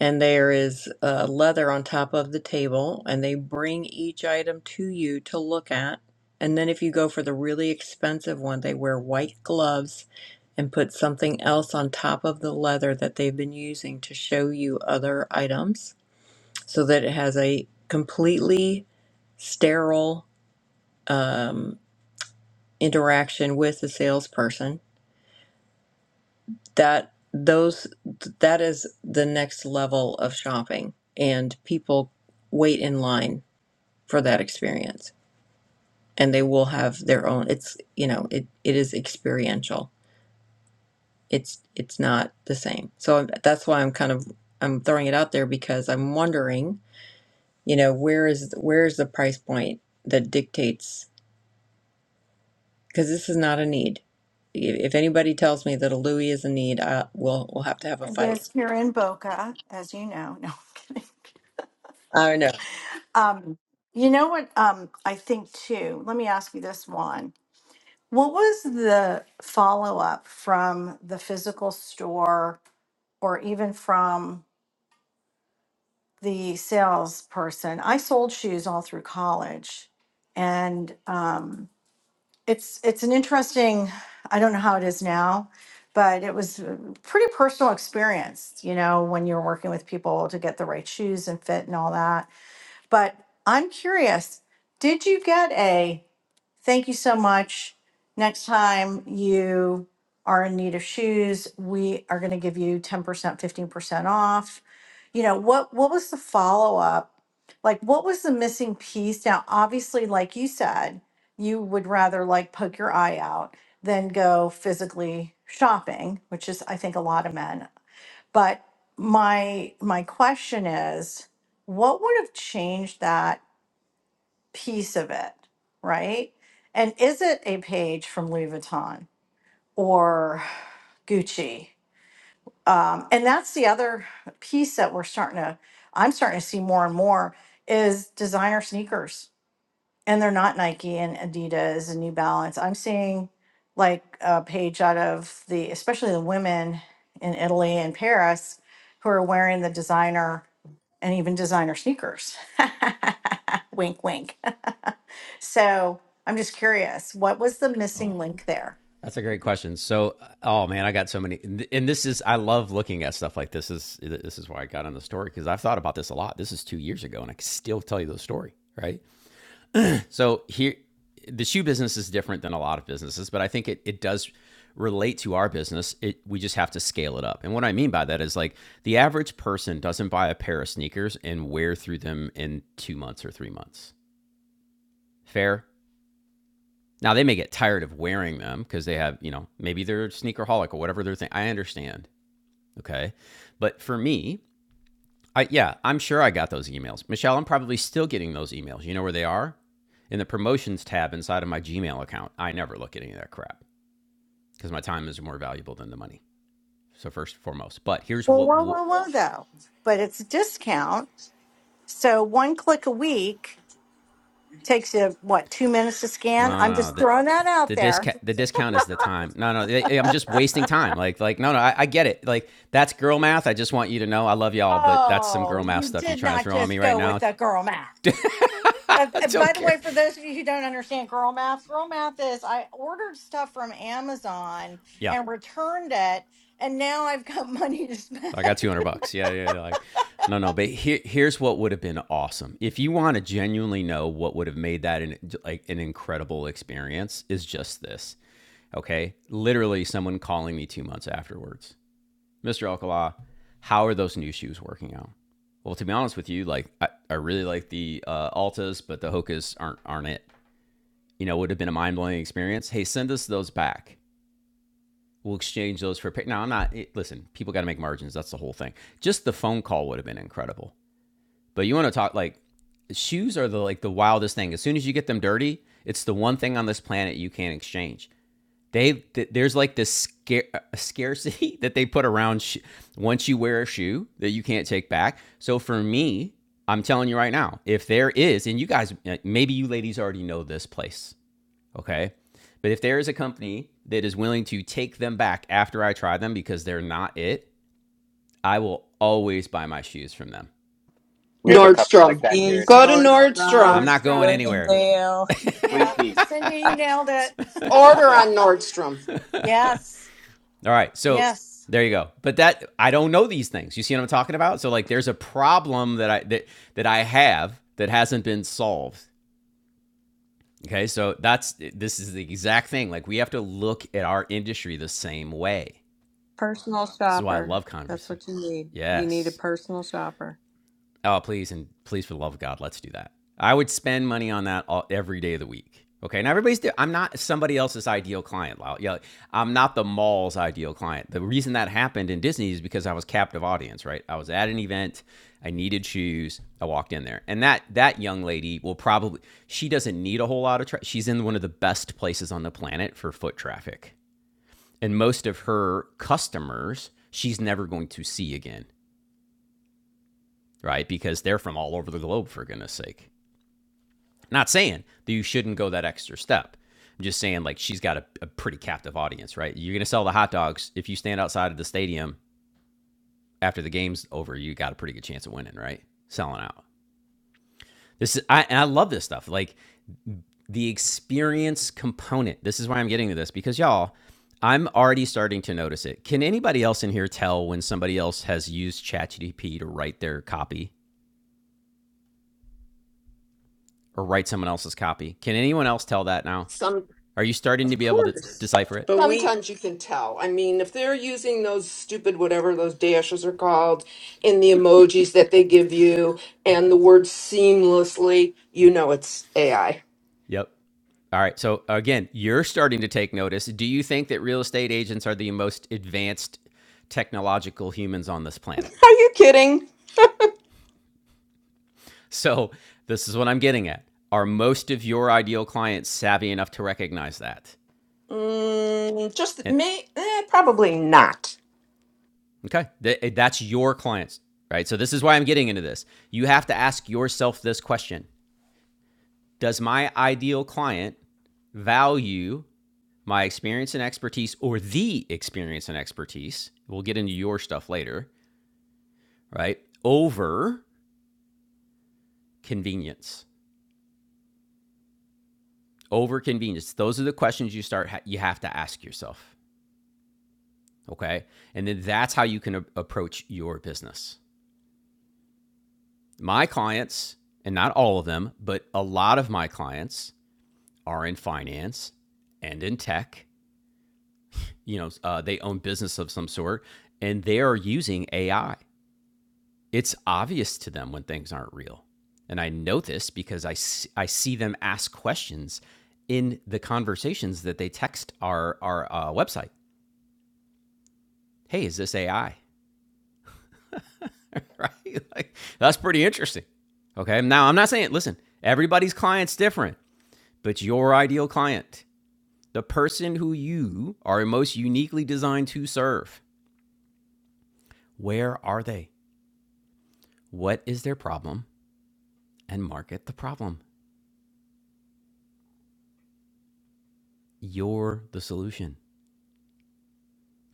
And there is uh, leather on top of the table, and they bring each item to you to look at. And then, if you go for the really expensive one, they wear white gloves and put something else on top of the leather that they've been using to show you other items so that it has a completely sterile um, interaction with the salesperson that those that is the next level of shopping and people wait in line for that experience and they will have their own it's you know it it is experiential it's it's not the same so I'm- that's why i'm kind of i'm throwing it out there because i'm wondering you know where is where is the price point that dictates because this is not a need if if anybody tells me that a louis is a need i will we'll we'll have to have a fight Yes, here in Boca, as you know. No, I'm kidding. i know Um, you know what? Um, I think too. Let me ask you this one. What was the follow up from the physical store or even from the salesperson? I sold shoes all through college. And um, it's it's an interesting i don't know how it is now but it was a pretty personal experience you know when you're working with people to get the right shoes and fit and all that but i'm curious did you get a Thank you so much. Next time you are in need of shoes, we are going to give you 10%, 15% off. You know, what what was the follow-up? Like what was the missing piece? Now, obviously, like you said, you would rather like poke your eye out than go physically shopping, which is I think a lot of men. But my my question is, what would have changed that piece of it, right? And is it a page from Louis Vuitton or Gucci? Um, and that's the other piece that we're starting to, I'm starting to see more and more is designer sneakers and they're not Nike and Adidas and New Balance. I'm seeing like a page out of the, especially the women in Italy and Paris who are wearing the designer and even designer sneakers. wink, wink. so I'm just curious, what was the missing link there? That's a great question. So, oh man, I got so many, and this is I love looking at stuff like this. this is This is why I got on the story because I've thought about this a lot. This is two years ago, and I can still tell you the story, right? So here, the shoe business is different than a lot of businesses, but I think it it does relate to our business. It we just have to scale it up, and what I mean by that is like the average person doesn't buy a pair of sneakers and wear through them in two months or three months. Fair? Now they may get tired of wearing them because they have, you know, maybe they're sneakerholic or whatever their thing. I understand. Okay. But for me, I yeah, I'm sure I got those emails. Michelle, I'm probably still getting those emails. You know where they are? In the promotions tab inside of my Gmail account. I never look at any of that crap because my time is more valuable than the money. So first and foremost. But here's Well, what whoa, w- whoa, whoa, though. But it's a discount. So one click a week takes you, what, two minutes to No, scan? I'm no, no. just The, throwing that out the there. discount the discount is the time. No, no. they- I'm just wasting time. Like, like no, no. I, I get it. Like that's girl math. I just want you to know I love y'all, but that's some Oh, girl math you stuff you're did trying to not throw on me just right go with now. the girl math. Uh, I uh, by don't the way, care. for those of you who don't understand girl math, girl math is I ordered stuff from Amazon Yeah, and returned it, and now I've got money to spend. I got 200 bucks. Yeah, yeah. Like, no, no. But here, here's what would have been awesome. If you want to genuinely know what would have made that an like an incredible experience, is just this. Okay, literally someone calling me two months afterwards Mr. Alcala, how are those new shoes working out? Well, to be honest with you, like I, I really like the uh, Altas, but the Hokas aren't aren't it. You know, would have been a mind blowing experience. Hey, send us those back. We'll exchange those for. a pair." Now I'm not. It, listen, people got to make margins. That's the whole thing. Just the phone call would have been incredible. But you want to talk like shoes are the like the wildest thing. As soon as you get them dirty, it's the one thing on this planet you can't exchange. They th- there's like this scare, scarcity that they put around sh- once you wear a shoe that you can't take back. So for me, I'm telling you right now, if there is, and you guys, uh, maybe you ladies already know this place, okay? But if there is a company that is willing to take them back after I try them because they're not it, I will always buy my shoes from them. We have a company like Nordstrom. that here in Macy's, Go to Houston, I'm Nordstrom. Nordstrom, not going Nordstrom. anywhere. Bloomingdale. Of Yeah. Fleet Feet. Cindy, you nailed it. Order on Nordstrom. yes. All right. So Yes. there you go. But that I don't know these things. You see what I'm talking about? So like there's a problem that I that that I have that hasn't been solved. Okay? So that's this is the exact thing. Like we have to look at our industry the same way. This is why I love Converse. Yes. Oh, please and please for the love of God, let's do that. I would spend money on that all, every day of the week. Okay, now everybody's. di- I'm not somebody else's ideal client. Well, Yeah, I'm not the mall's ideal client. The reason that happened in Disney is because I was captive audience. Right, I was at an event. I needed shoes. I walked in there, and that that young lady will probably. She doesn't need a whole lot of. Tra- She's in one of the best places on the planet for foot traffic, and most of her customers she's never going to see again. Right, because they're from all over the globe. For goodness sake Not saying that you shouldn't go that extra step. I'm just saying, like, she's got a, a pretty captive audience, right? You're going to sell the hot dogs. If you stand outside of the stadium after the game's over, you got a pretty good chance of winning, right? Selling out. This is, I, and I love this stuff. Like, the experience component. This is why I'm getting to this because, y'all, I'm already starting to notice it. Can anybody else in here tell when somebody else has used ChatGPT to write their copy or write someone else's copy? Can anyone else tell that now? Some Are you starting to be able to course. decipher it? We, sometimes you can tell. I mean, if they're using those stupid whatever those dashes are called in the emojis that they give you and the word seamlessly, you know it's AI. Yep. All right. So again, you're starting to take notice. Do you think that real estate agents are the most advanced technological humans on this planet? Are you kidding? So this is what I'm getting at. Are most of your ideal clients savvy enough to recognize that? Mm, just And me? Eh, probably not. okay, th- eh, that's your clients, right? So this is why I'm getting into this. You have to ask yourself this question. Does my ideal client value my experience and expertise or the experience and expertise? We'll get into your stuff later right? Over convenience. Over convenience. Those are the questions you start ha- you have to ask yourself, okay? And then that's how you can a- approach your business. My clients, and not all of them, but a lot of my clients are in finance and in tech. You know, uh, they own business of some sort, and they are using AI it's obvious to them when things aren't real. And I know this because I I see them ask questions in the conversations that they text our, our uh, website. Hey, is this AI? Right? like, that's pretty interesting. Okay. Now, I'm not saying, listen, everybody's client's different, but your ideal client, the person who you are most uniquely designed to serve, where are they? What is their problem? And market the problem. You're the solution.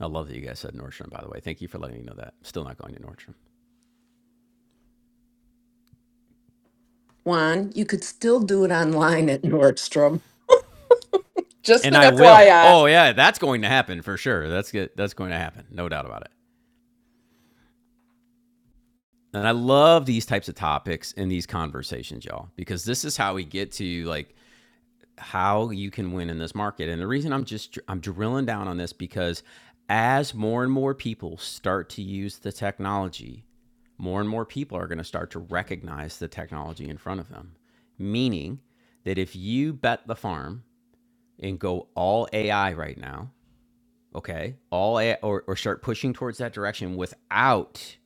I love that you guys said Nordstrom, by the way. Thank you for letting me know that. Still not going to Nordstrom. Juan, you could still do it online at Nordstrom. Just And an I will. FYI. Oh yeah, that's going to happen for sure. That's good. That's going to happen. No doubt about it. And I love these types of topics and these conversations, y'all, because this is how we get to like how you can win in this market. And the reason I'm just I'm drilling down on this because as more and more people start to use the technology, more and more people are going to start to recognize the technology in front of them. Meaning that if you bet the farm and go all AI right now, okay? All AI, or or start pushing towards that direction without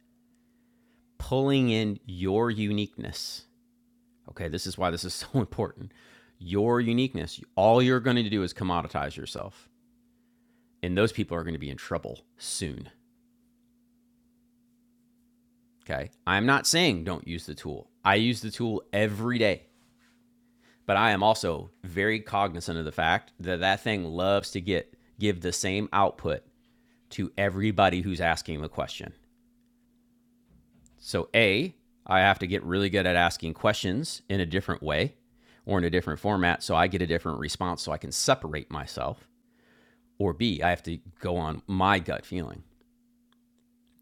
pulling in your uniqueness. Okay, this is why this is so important. Your uniqueness. All you're going to do is commoditize yourself, and those people are going to be in trouble soon. Okay? I'm not saying don't use the tool. I use the tool every day, but I am also very cognizant of the fact that that thing loves to get give the same output to everybody who's asking the question. So, A, I have to get really good at asking questions in a different way or in a different format so I get a different response so I can separate myself. Or B, I have to go on my gut feeling.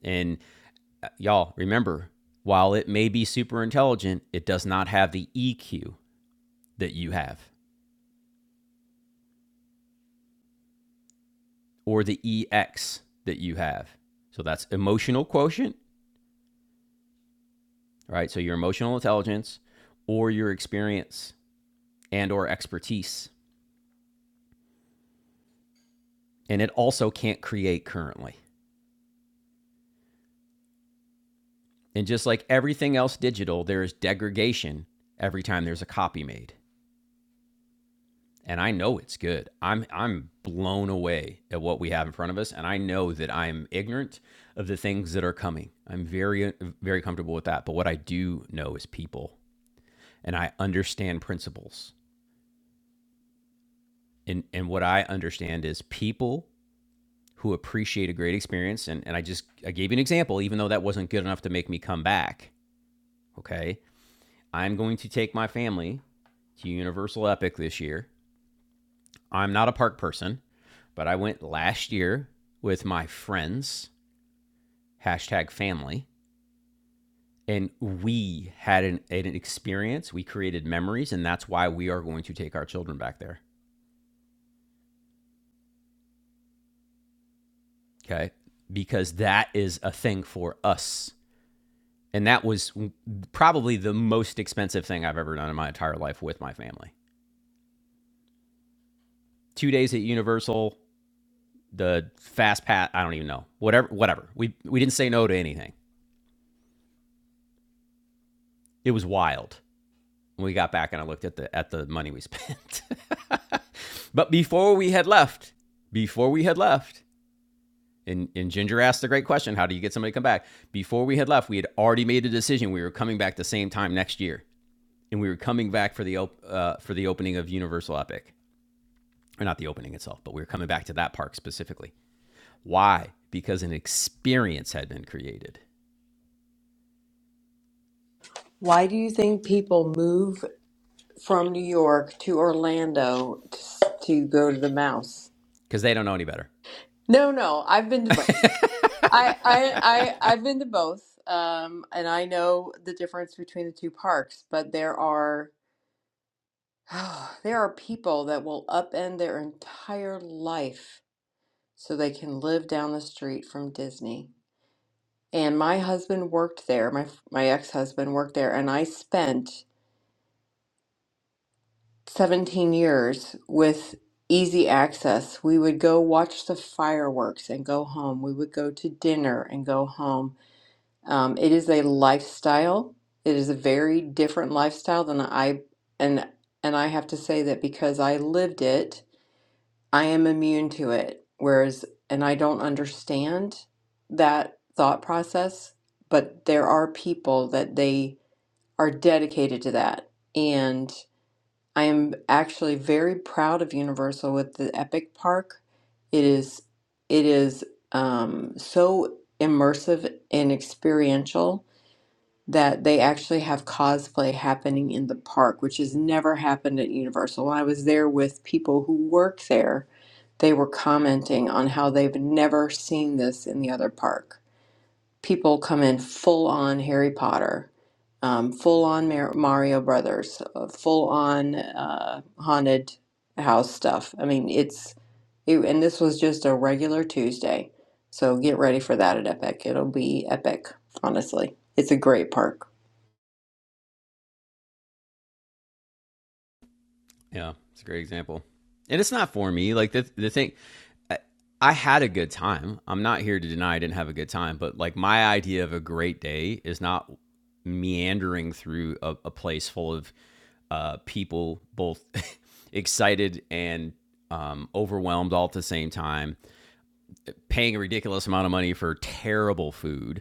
And uh, y'all, remember, while it may be super intelligent, it does not have the EQ that you have or the EX that you have. So that's emotional quotient, right? So your emotional intelligence or your experience and or expertise. And it also can't create currently. And just like everything else digital, there is degradation every time there's a copy made. And I know it's good. I'm I'm blown away at what we have in front of us and I know that I'm ignorant of the things that are coming. I'm very uh, very comfortable with that, but what I do know is people and I understand principles. And and what I understand is people who appreciate a great experience and and I just I gave you an example even though that wasn't good enough to make me come back, okay? I'm going to take my family to Universal Epic this year. I'm not a park person, but I went last year with my friends, hashtag family, and we had an, an experience. We created memories, and that's why we are going to take our children back there. Okay. Because that is a thing for us. And that was probably the most expensive thing I've ever done in my entire life with my family. Two days at Universal, the fast pass, I don't even know. Whatever, whatever. We, we didn't say no to anything. It was wild. When we got back and I looked at the at the money we spent. but before we had left, before we had left, and, and Ginger asked the great question, how do you get somebody to come back? Before we had left, we had already made a decision. We were coming back the same time next year, and we were coming back for the op- uh, for the opening of Universal Epic, or not the opening itself, but we were coming back to that park specifically. Why? Because an experience had been created. why do you think people move from New York to Orlando to, s- to go to the mouse? Because they don't know any better. No, no, I've been to both. I, I, I, I've been to both, um, and I know the difference between the two parks. But there are there are people that will upend their entire life so they can live down the street from Disney. and my husband worked there. My my ex-husband worked there, and I spent 17 years with easy access. We would go watch the fireworks and go home. We would go to dinner and go home. Um, it is a lifestyle. It is a very different lifestyle than I and and I have to say that because I lived it, I am immune to it. Whereas, and I don't understand that thought process, but there are people that they are dedicated to that. And I am actually very proud of Universal with the Epic Park. It is it is um, so immersive and experiential that they actually have cosplay happening in the park, which has never happened at Universal. When I was there with people who work there, they were commenting on how they've never seen this in the other park people come in full on Harry Potter, um, full on Mar- Mario Brothers, uh, full on uh, haunted house stuff. I mean, it's it, and this was just a regular Tuesday, so get ready for that at Epic. It'll be epic, honestly. It's a great park, Yeah, it's a great example. And it's not for me. Like the the thing I, I had a good time. I'm not here to deny I didn't have a good time, but like my idea of a great day is not meandering through a, a place full of uh, people both excited and um, overwhelmed all at the same time, paying a ridiculous amount of money for terrible food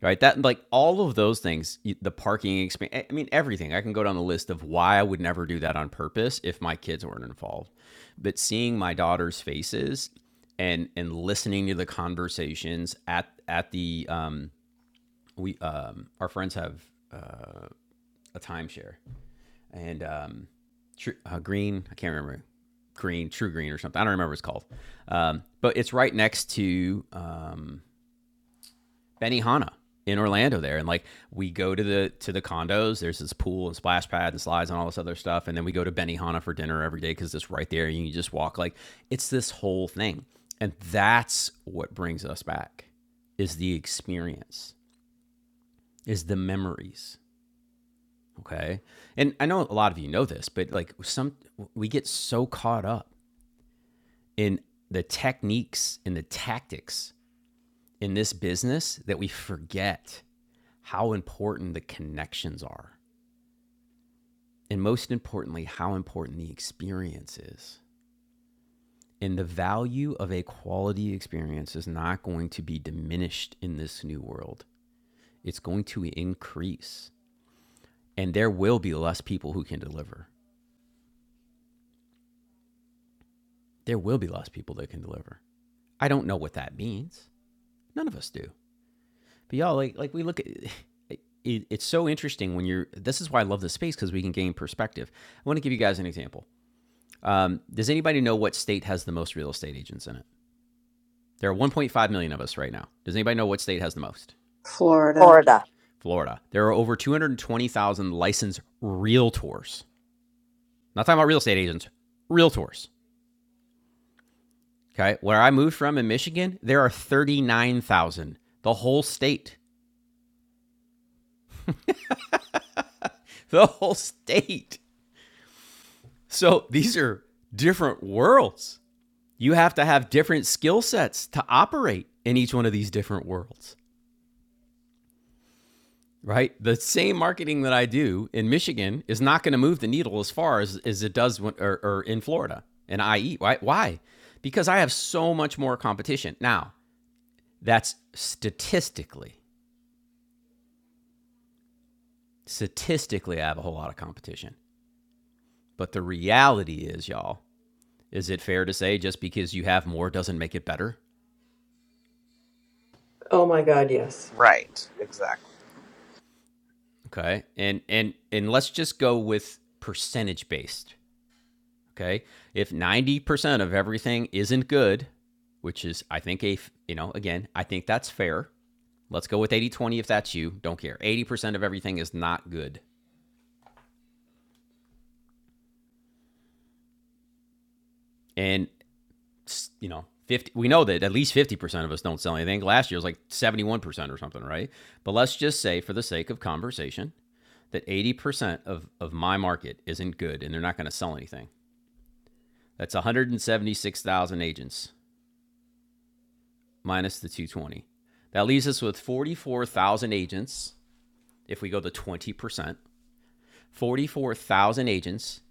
right? That like all of those things, the parking experience. I mean, everything. I can go down the list of why I would never do that on purpose if my kids weren't involved. But seeing my daughter's faces and and listening to the conversations at at the um we um our friends have uh, a timeshare and um tr- uh, green I can't remember green true green or something I don't remember what it's called um but it's right next to um Benihana in Orlando there, and like we go to the to the condos. There's this pool and splash pad and slides and all this other stuff, and then we go to Benihana for dinner every day because it's right there. And you just walk like it's this whole thing, and that's what brings us back is the experience, is the memories. Okay, and I know a lot of you know this, but like some we get so caught up in the techniques and the tactics in this business that we forget how important the connections are, and most importantly, how important the experience is. And the value of a quality experience is not going to be diminished in this new world. It's going to increase. And there will be less people who can deliver. There will be less people that can deliver. I don't know what that means. None of us do. But y'all, like, like we look at it, it, it's so interesting when you're. This is why I love this space because we can gain perspective. I want to give you guys an example. Um, does anybody know what state has the most real estate agents in it? There are 1.5 million of us right now. Does anybody know what state has the most? Florida. Florida. Florida. There are over 220,000 licensed realtors. Not talking about real estate agents, realtors. Okay. Where I moved from in Michigan, there are 39,000. The whole state. The whole state. So these are different worlds. You have to have different skill sets to operate in each one of these different worlds. right? The same marketing that I do in Michigan is not going to move the needle as far as, as it does when, or, or in Florida and IE. Why? Why? Because I have so much more competition. Now, that's statistically, statistically, I have a whole lot of competition. But the reality is, y'all, is it fair to say just because you have more doesn't make it better? Oh my God, yes. Right. Exactly. Okay. And, and, and let's just go with percentage based Okay. If 90% of everything isn't good, which is, I think, a, you know, again, I think that's fair. Let's go with 80 20. if that's you. Don't care. 80% of everything is not good. And, you know, 50, we know that at least 50% of us don't sell anything. Last year was like 71% or something, right? But let's just say, for the sake of conversation, that 80% of, of my market isn't good and they're not going to sell anything. That's 176,000 agents. minus the 220. That leaves us with 44,000 agents if we go to 20%. 44,000 agents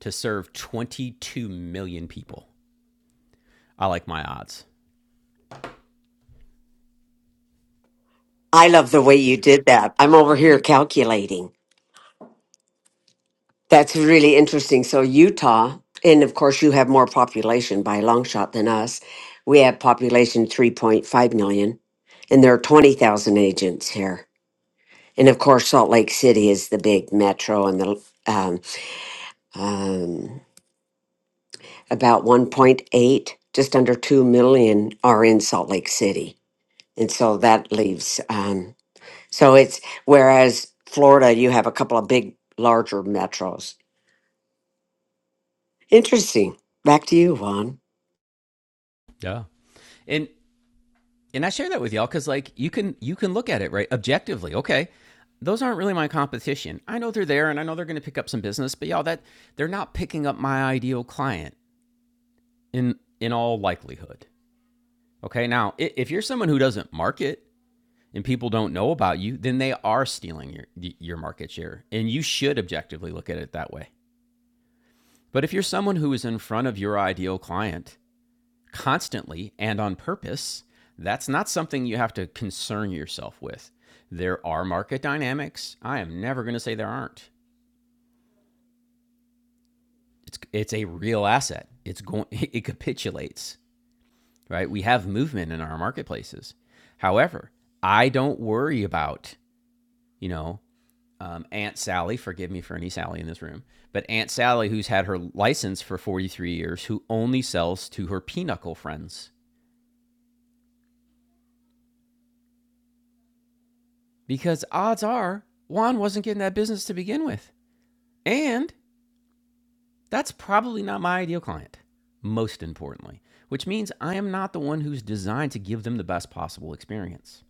to serve 22 million people. I like my odds. I love the way you did that. I'm over here calculating. That's really interesting. So, Utah, and of course, you have more population by a long shot than us. We have population 3.5 million, and there are 20,000 agents here. And of course, Salt Lake City is the big metro and the um, Um, about 1.8, just under 2 million are in Salt Lake City. And so that leaves, um, so it's whereas Florida, you have a couple of big, larger metros. Interesting. Back to you, Juan. Yeah. And and I share that with y'all cuz like you can you can look at it right objectively. Okay. Those aren't really my competition. I know they're there and I know they're going to pick up some business, but y'all that they're not picking up my ideal client in in all likelihood. Okay? Now, if you're someone who doesn't market and people don't know about you, then they are stealing your your market share. And you should objectively look at it that way. But if you're someone who is in front of your ideal client constantly and on purpose, that's not something you have to concern yourself with. There are market dynamics. I am never going to say there aren't. It's it's a real asset. It's going it capitulates, right? We have movement in our marketplaces. However, I don't worry about, you know, um, Aunt Sally, forgive me for any Sally in this room, but Aunt Sally, who's had her license for 43 years, who only sells to her pinochle friends. Because odds are, Juan wasn't getting that business to begin with. And that's probably not my ideal client, most importantly, which means I am not the one who's designed to give them the best possible experience.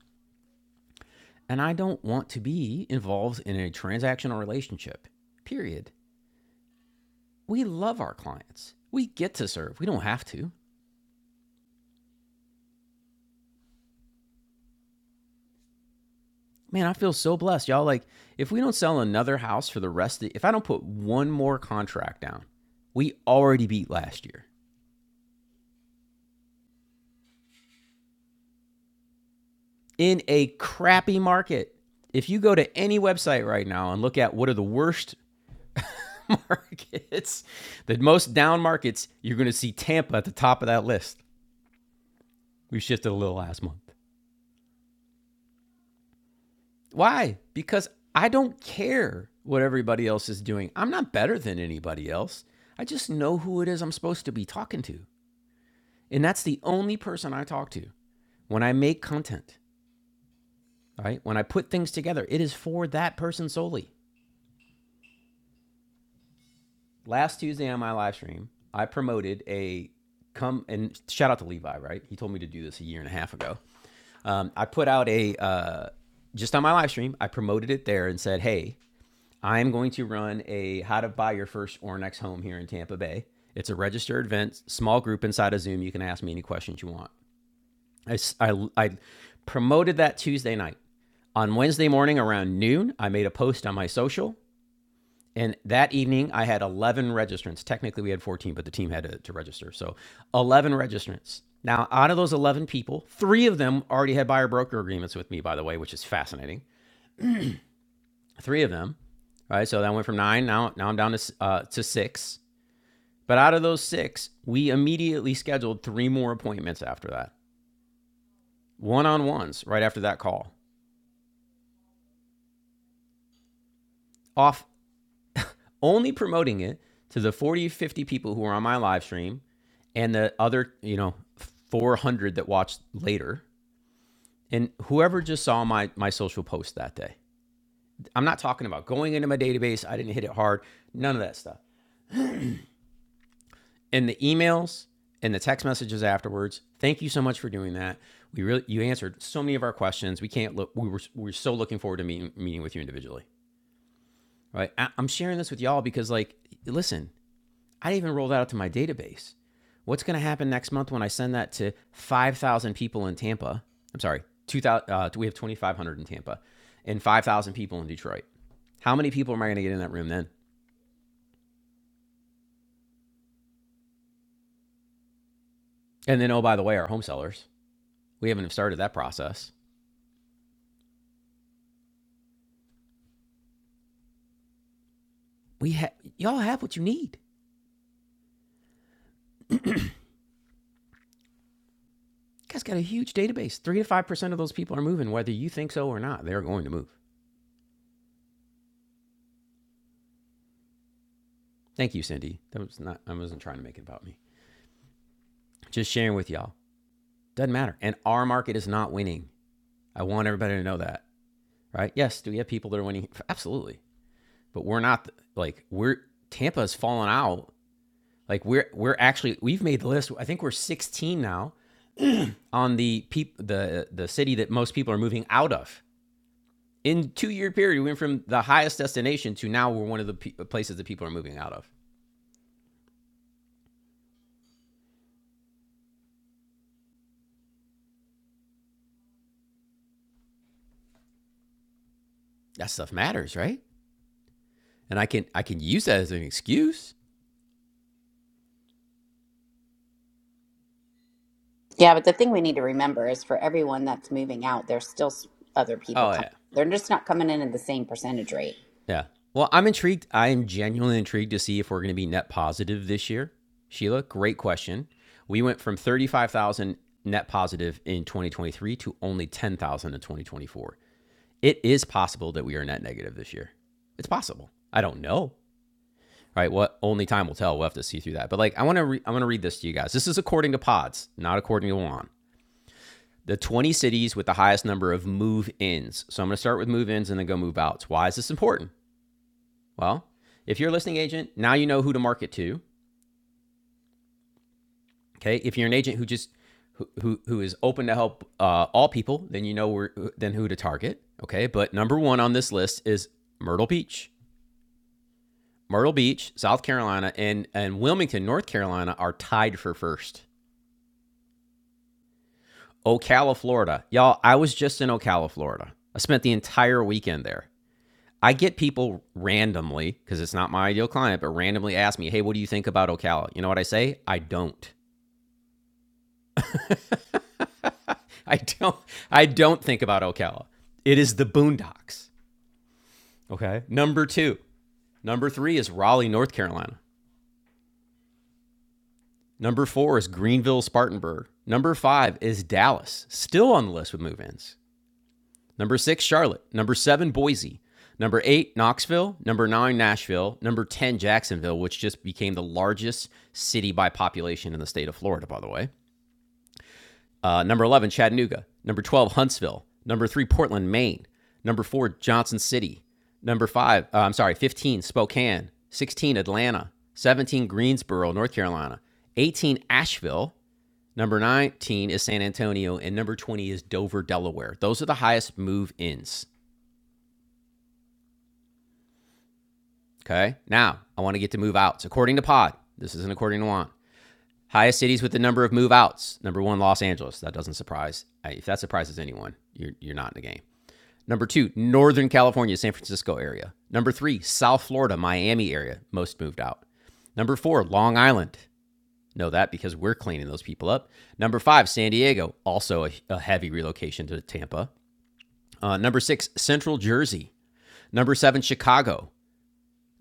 And I don't want to be involved in a transactional relationship, period. We love our clients. We get to serve, we don't have to. man, I feel so blessed, y'all. Like, if we don't sell another house for the rest of, the, if I don't put one more contract down, we already beat last year in a crappy market. If you go to any website right now and look at what are the worst markets, the most down markets, you're going to see Tampa at the top of that list. We shifted a little last month. Why? Because I don't care what everybody else is doing. I'm not better than anybody else. I just know who it is I'm supposed to be talking to. And that's the only person I talk to when I make content, right? When I put things together, it is for that person solely. Last Tuesday on my live stream, I promoted a come and shout out to Levi, right? He told me to do this a year and a half ago. Um, I put out a uh, just on my live stream, I promoted it there and said, hey, I'm going to run a how to buy your first or next home here in Tampa Bay. It's a registered event, small group inside of Zoom. You can ask me any questions you want. I I I promoted that Tuesday night. On Wednesday morning around noon, I made a post on my social. And that evening, I had 11 registrants. Technically, we had 14, but the team had to, to register. So 11 registrants. Now, out of those 11 people, three of them already had buyer broker agreements with me, by the way, which is fascinating. Three of them, right? So that went from nine. Now, now I'm down to, uh, to six. But out of those six, we immediately scheduled three more appointments after that, one on ones right after that call. Off only promoting it to the 40, 50 people who were on my live stream and the other, you know, 400 that watched later and whoever just saw my my social post that day. I'm not talking about going into my database, I didn't hit it hard, none of that stuff. And the emails and the text messages afterwards. Thank you so much for doing that. We really you answered so many of our questions. We can't look we were we we're so looking forward to meeting meeting with you individually. Right? I, I'm sharing this with y'all because like listen, I didn't even roll that out to my database. What's going to happen next month when I send that to 5,000 people in Tampa? I'm sorry, 2,000, uh, we have 2,500 in Tampa and 5,000 people in Detroit. How many people am I going to get in that room then? And then, oh, by the way, our home sellers, we haven't started that process. We ha- Y'all have what you need. You guys got a huge database. Three to 5% of those people are moving, whether you think so or not. They're going to move. Thank you, Cindy. That was not, I wasn't trying to make it about me. Just sharing with y'all. Doesn't matter. And our market is not winning. I want everybody to know that, right? Yes, do we have people that are winning? Absolutely, but we're not like we're Tampa's fallen out. Like we're we're actually we've made the list. I think we're 16 now on the peop, the the city that most people are moving out of. In two year period, we went from the highest destination to now we're one of the pe- places that people are moving out of. That stuff matters, right? And I can I can use that as an excuse. Yeah, but the thing we need to remember is for everyone that's moving out, there's still s- other people Oh coming. yeah, They're just not coming in at the same percentage rate. Yeah. Well, I'm intrigued. I am genuinely intrigued to see if we're going to be net positive this year. Sheila, great question. We went from 35,000 net positive in 2023 to only 10,000 in 2024. It is possible that we are net negative this year. It's possible. I don't know. All Right? What only time will tell. We'll have to see through that. But like, I want to re- I want to read this to you guys. This is according to Pods, not according to Juan. The 20 cities with the highest number of move ins. So I'm going to start with move ins and then go move outs. Why is this important? Well, if you're a listing agent, now you know who to market to. Okay. If you're an agent who just who who, who is open to help uh, all people, then you know where, then who to target. Okay. But number one on this list is Myrtle Beach. Myrtle Beach, South Carolina, and and Wilmington, North Carolina are tied for first. Ocala, Florida. Y'all, I was just in Ocala, Florida. I spent the entire weekend there. I get people randomly, because it's not my ideal client, but randomly ask me, hey, what do you think about Ocala? You know what I say? I don't. I don't I don't think about Ocala. It is the Boondocks. Okay. Number 2. Number 3 is Raleigh, North Carolina. Number 4 is Greenville, Spartanburg. Number 5 is Dallas, still on the list with move-ins. Number 6 Charlotte, number 7 Boise, number 8 Knoxville, number 9 Nashville, number 10 Jacksonville, which just became the largest city by population in the state of Florida by the way. Uh, number 11, Chattanooga. Number 12, Huntsville. Number 3, Portland, Maine. Number 4, Johnson City. Number 5, uh, I'm sorry, 15, Spokane. 16, Atlanta. 17, Greensboro, North Carolina. 18, Asheville. Number 19 is San Antonio. And number 20 is Dover, Delaware. Those are the highest move ins. Okay. Now, I want to get to move outs. According to Pod, this isn't according to Juan. Highest cities with the number of move outs. Number one, Los Angeles. That doesn't surprise. If that surprises anyone, you're, you're not in the game. Number two, Northern California, San Francisco area. Number three, South Florida, Miami area. Most moved out. Number four, Long Island. Know that because we're cleaning those people up. Number five, San Diego. Also a, a heavy relocation to Tampa. Uh, number six, Central Jersey. Number seven, Chicago.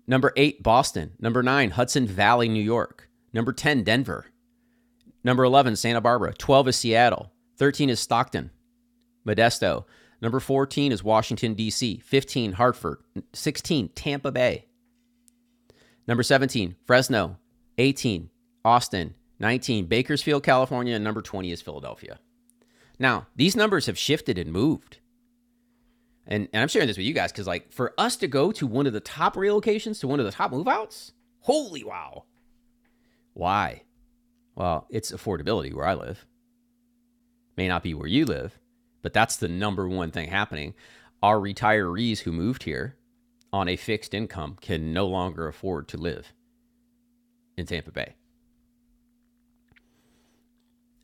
Number eight, Boston. Number nine, Hudson Valley, New York. Number 10, Denver. Number 11, Santa Barbara. 12 is Seattle. 13 is Stockton. Modesto. Number 14 is Washington, D.C. 15, Hartford. 16, Tampa Bay. Number 17, Fresno. 18, Austin. 19, Bakersfield, California. And number 20 is Philadelphia. Now, these numbers have shifted and moved. And, and I'm sharing this with you guys because, like, for us to go to one of the top relocations to one of the top move outs, holy wow. Why? Well, it's affordability where I live. may not be where you live, but that's the number one thing happening. Our retirees who moved here on a fixed income can no longer afford to live in Tampa Bay.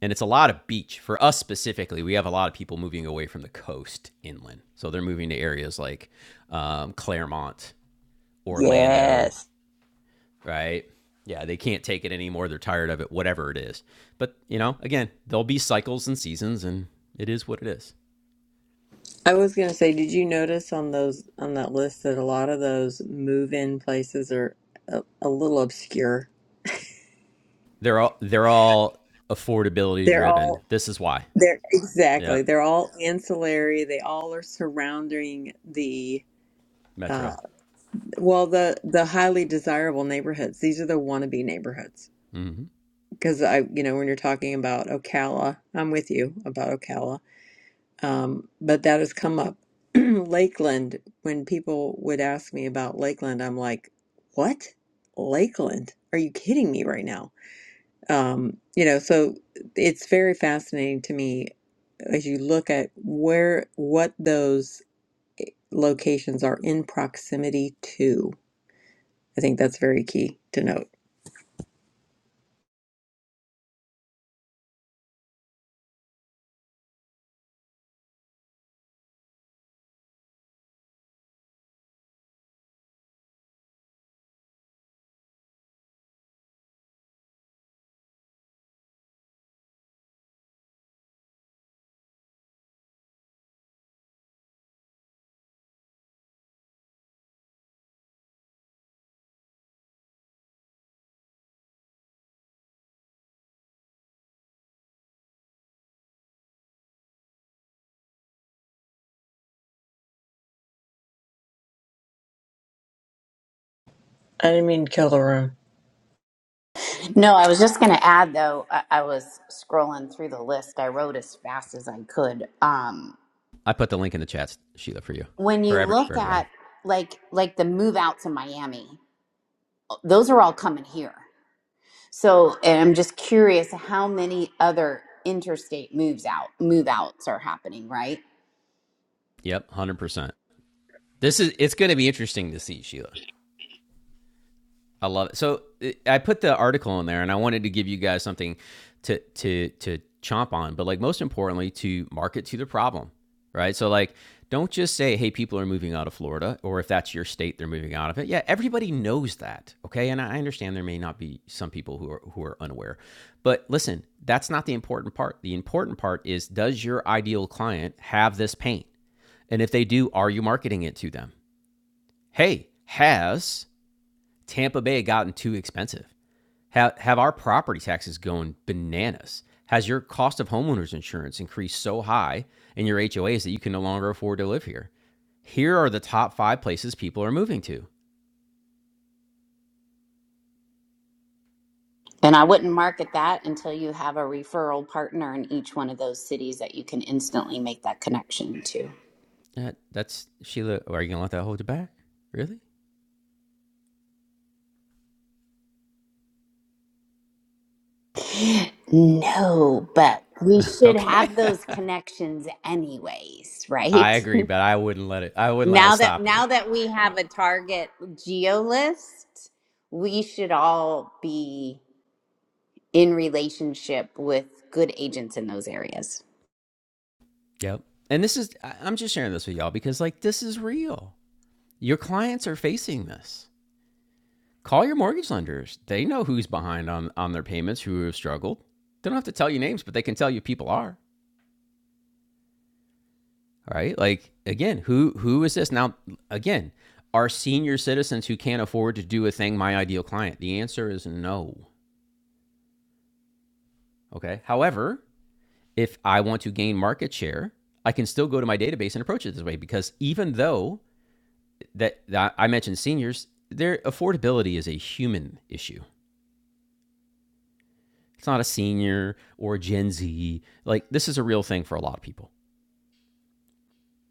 And it's a lot of beach. For us specifically, we have a lot of people moving away from the coast inland. So they're moving to areas like um, Claremont, Orlando, right? Yeah, they can't take it anymore. They're tired of it, whatever it is. But, you know, again, there'll be cycles and seasons, and it is what it is. I was gonna say, did you notice on those on that list that a lot of those move-in places are a, a little obscure? They're all they're all affordability They're all driven. This is why. They're Yeah, exactly. They're all ancillary. They all are surrounding the uh Metro. well the the highly desirable neighborhoods. These are the wannabe neighborhoods. hmm Because I, you know, when you're talking about Ocala, I'm with you about Ocala. Um, but that has come up. Lakeland, when people would ask me about Lakeland, I'm like, "What? Lakeland? Are you kidding me right now?" Um, you know, so it's very fascinating to me as you look at where what those locations are in proximity to. I think that's very key to note. I didn't mean to kill the room. No, I was just going to add though, I, I was scrolling through the list. I wrote as fast as I could. Um, I put the link in the chat, Sheila, for you, when for you every for look everybody. at like like the move out to Miami, those are all coming here. So, and I'm just curious how many other interstate moves out move outs are happening, right? Yep, one hundred percent. This is it's going to be interesting to see Sheila. I love it. So it, I put the article in there, and I wanted to give you guys something to to to chomp on, but like most importantly, to market to the problem, right? So like, don't just say, "Hey, people are moving out of Florida," or if that's your state, they're moving out of it. Yeah, everybody knows that, okay? And I understand there may not be some people who are who are unaware, but listen, that's not the important part. The important part is, does your ideal client have this paint? And if they do, are you marketing it to them? Hey, has Tampa Bay gotten too expensive? Have, have our property taxes going bananas? Has your cost of homeowners insurance increased so high in your HOAs that you can no longer afford to live here? Here are the top five places people are moving to. And I wouldn't market that until you have a referral partner in each one of those cities that you can instantly make that connection to. That, that's Sheila. Are you gonna let that hold you back? Really? No, but we should Okay. have those connections anyways, I right? agree, but I wouldn't let it. I wouldn't let it now that stop you. now that we have a target geo list, we should all be in relationship with good agents in those areas. Yep. And this is. I'm just sharing this with y'all because like this is real. Your clients are facing this. Call your mortgage lenders. They know who's behind on, on their payments, who have struggled. They don't have to tell you names, but they can tell you people are. Right? Like again, who who is this? Now again, are senior citizens who can't afford to do a thing my ideal client? The answer is no. Okay. However, if I want to gain market share, I can still go to my database and approach it this way because even though that, that I mentioned seniors, their affordability is a human issue. It's not a senior or Gen Z. Like this is a real thing for a lot of people.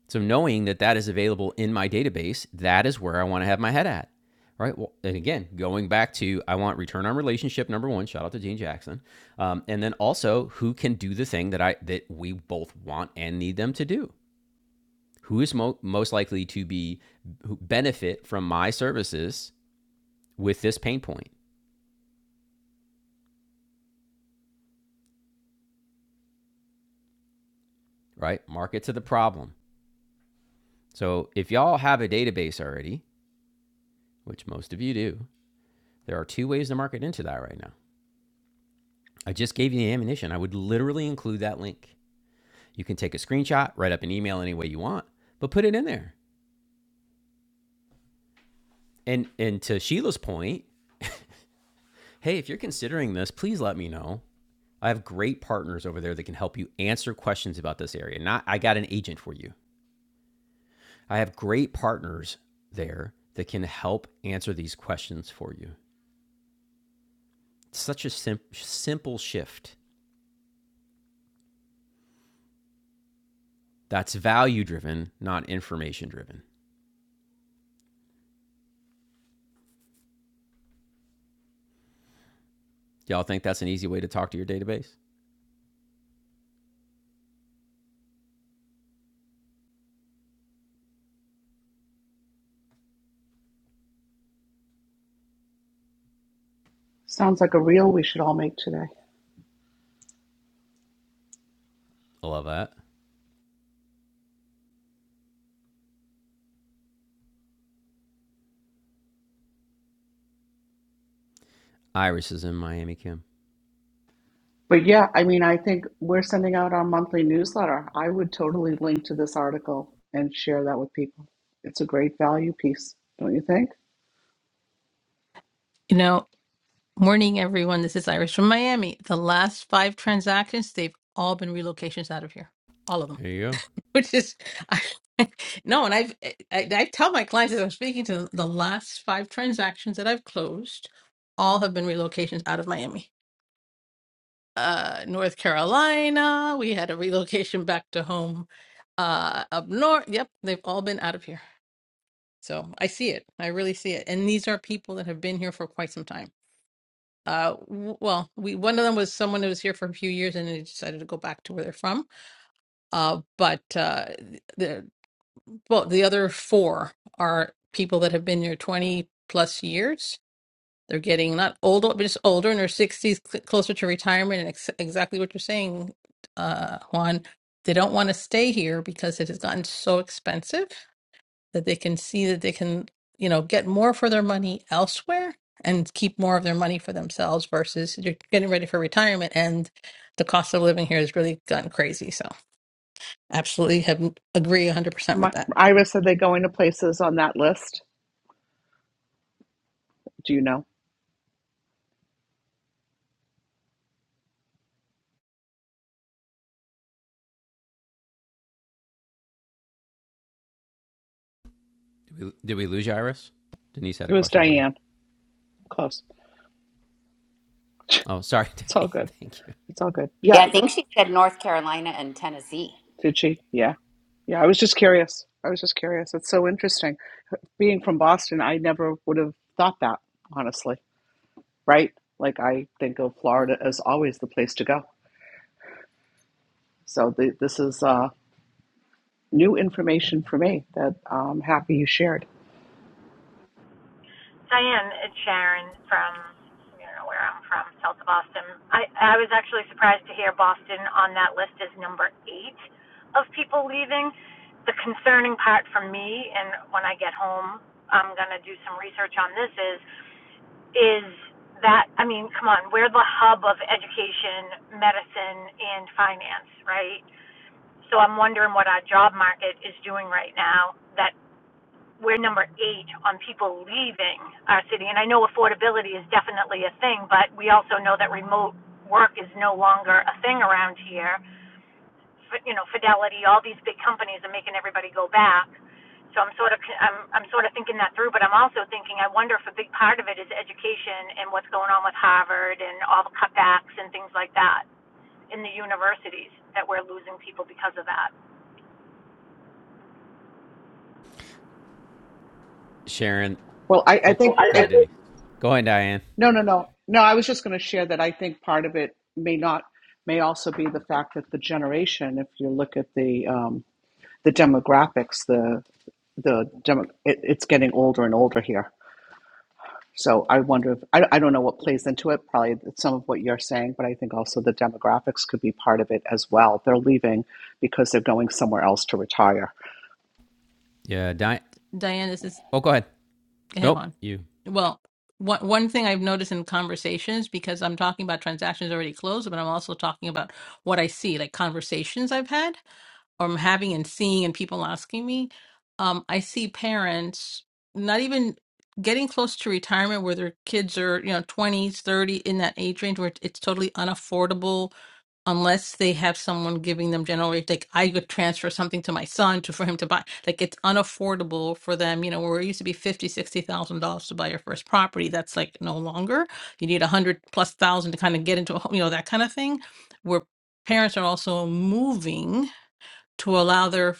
So knowing that that is available in my database, that is where I want to have my head at. Right. Well, and again, going back to I want return on relationship number one. Shout out to Gene Jackson, um, and then also who can do the thing that I that we both want and need them to do. Who is mo- most likely to be who benefit from my services with this pain point? Right. Market to the problem. So if y'all have a database already, which most of you do, There are two ways to market into that right now. I just gave you the ammunition. I would literally include that link. You can take a screenshot, write up an email any way you want, but put it in there. And and to Sheila's point, hey, if you're considering this, please let me know. I have great partners over there that can help you answer questions about this area. Not I got an agent for you. I have great partners there that can help answer these questions for you. It's such a sim- simple shift. That's value driven, not information driven. Y'all think that's an easy way to talk to your database? Sounds like a reel we should all make today. I love that. Iris is in Miami, Kim. But yeah, I mean, I think we're sending out our monthly newsletter. I would totally link to this article and share that with people. It's a great value piece, don't you think? You know, morning everyone. This is Iris from Miami. The last five transactions, they've all been relocations out of here, all of them. There you go. Which is, I, no, and I've I, I tell my clients as I'm speaking to them, the last five transactions that I've closed, all have been relocations out of Miami. Uh, North Carolina. We had a relocation back to home. Uh, up north. Yep, they've all been out of here. So I see it. I really see it. And these are people that have been here for quite some time. Uh, w- well, we one of them was someone who was here for a few years and they decided to go back to where they're from. Uh, but uh, the well, the other four are people that have been here twenty plus years. They're getting not old, but just older in their sixties, cl- closer to retirement. And ex- exactly what you're saying, uh, Juan. They don't want to stay here because it has gotten so expensive that they can see that they can, you know, get more for their money elsewhere and keep more of their money for themselves versus you're getting ready for retirement and the cost of living here has really gone crazy. So absolutely have mm, agree 100% with My, that. Ira said they go into places on that list. Do you know? Did we, did we lose you, Iris? Denise had It a was question for you. Diane. Close. Oh, sorry, It's all Diane. good. Thank you. It's all good. Yeah, Yeah. I think she said North Carolina and Tennessee. Did she? Yeah. Yeah. I was just curious. I was just curious. It's so interesting. Being from Boston, I never would have thought that, honestly. Right? Like, I think of Florida as always the place to go. So the, this is uh, new information for me that I'm happy you shared. Diane, it's Sharon from, I don't know where I'm from, south of Boston. I, I was actually surprised to hear Boston on that list is number eight of people leaving. The concerning part for me, and when I get home, I'm going to do some research on this, is, is that, I mean, come on, we're the hub of education, medicine, and finance, right? So I'm wondering what our job market is doing right now that we're number eight on people leaving our city. And I know affordability is definitely a thing, but we also know that remote work is no longer a thing around here. You know, Fidelity, all these big companies are making everybody go back. So I'm sort of I'm I'm sort of thinking that through, but I'm also thinking I wonder if a big part of it is education and what's going on with Harvard and all the cutbacks and things like that in the universities that we're losing people because of that. Sharon. Well, I, I Oh, Well, think I, go I, it, ahead, think Denise. Go ahead, Diane. no, no, no, no. I was just going to share that I think part of it may not may also be the fact that the generation, if you look at the um, the demographics, the the demo, it, it's getting older and older here. So I wonder if I, I don't know what plays into it. Probably some of what you're saying, but I think also the demographics could be part of it as well. They're leaving because they're going somewhere else to retire. Yeah, Diane. Diane, is this Oh, go ahead. Head Nope, on. you. Well, one one thing I've noticed in conversations because I'm talking about transactions already closed, but I'm also talking about what I see, like conversations I've had or I'm having and seeing and people asking me. Um, I see parents not even getting close to retirement where their kids are, you know, 20s, 30 in that age range where it's totally unaffordable unless they have someone giving them general rate like i would transfer something to my son to for him to buy like it's unaffordable for them you know where it used to be fifty, sixty thousand dollars to buy your first property that's like no longer you need a hundred plus thousand to kind of get into a home you know that kind of thing where parents are also moving to allow their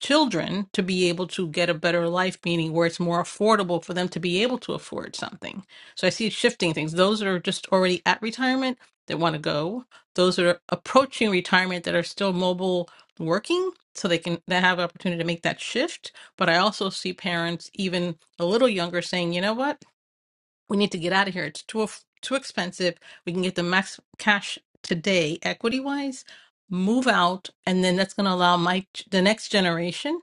children to be able to get a better life, meaning where it's more affordable for them to be able to afford something. So I see it shifting things. Those that are just already at retirement that want to go, those that are approaching retirement that are still mobile working so they can they have an opportunity to make that shift but i also see parents even a little younger saying you know what we need to get out of here. It's too eff- too expensive. We can get the max cash today, equity wise. Move out, and then that's going to allow my the next generation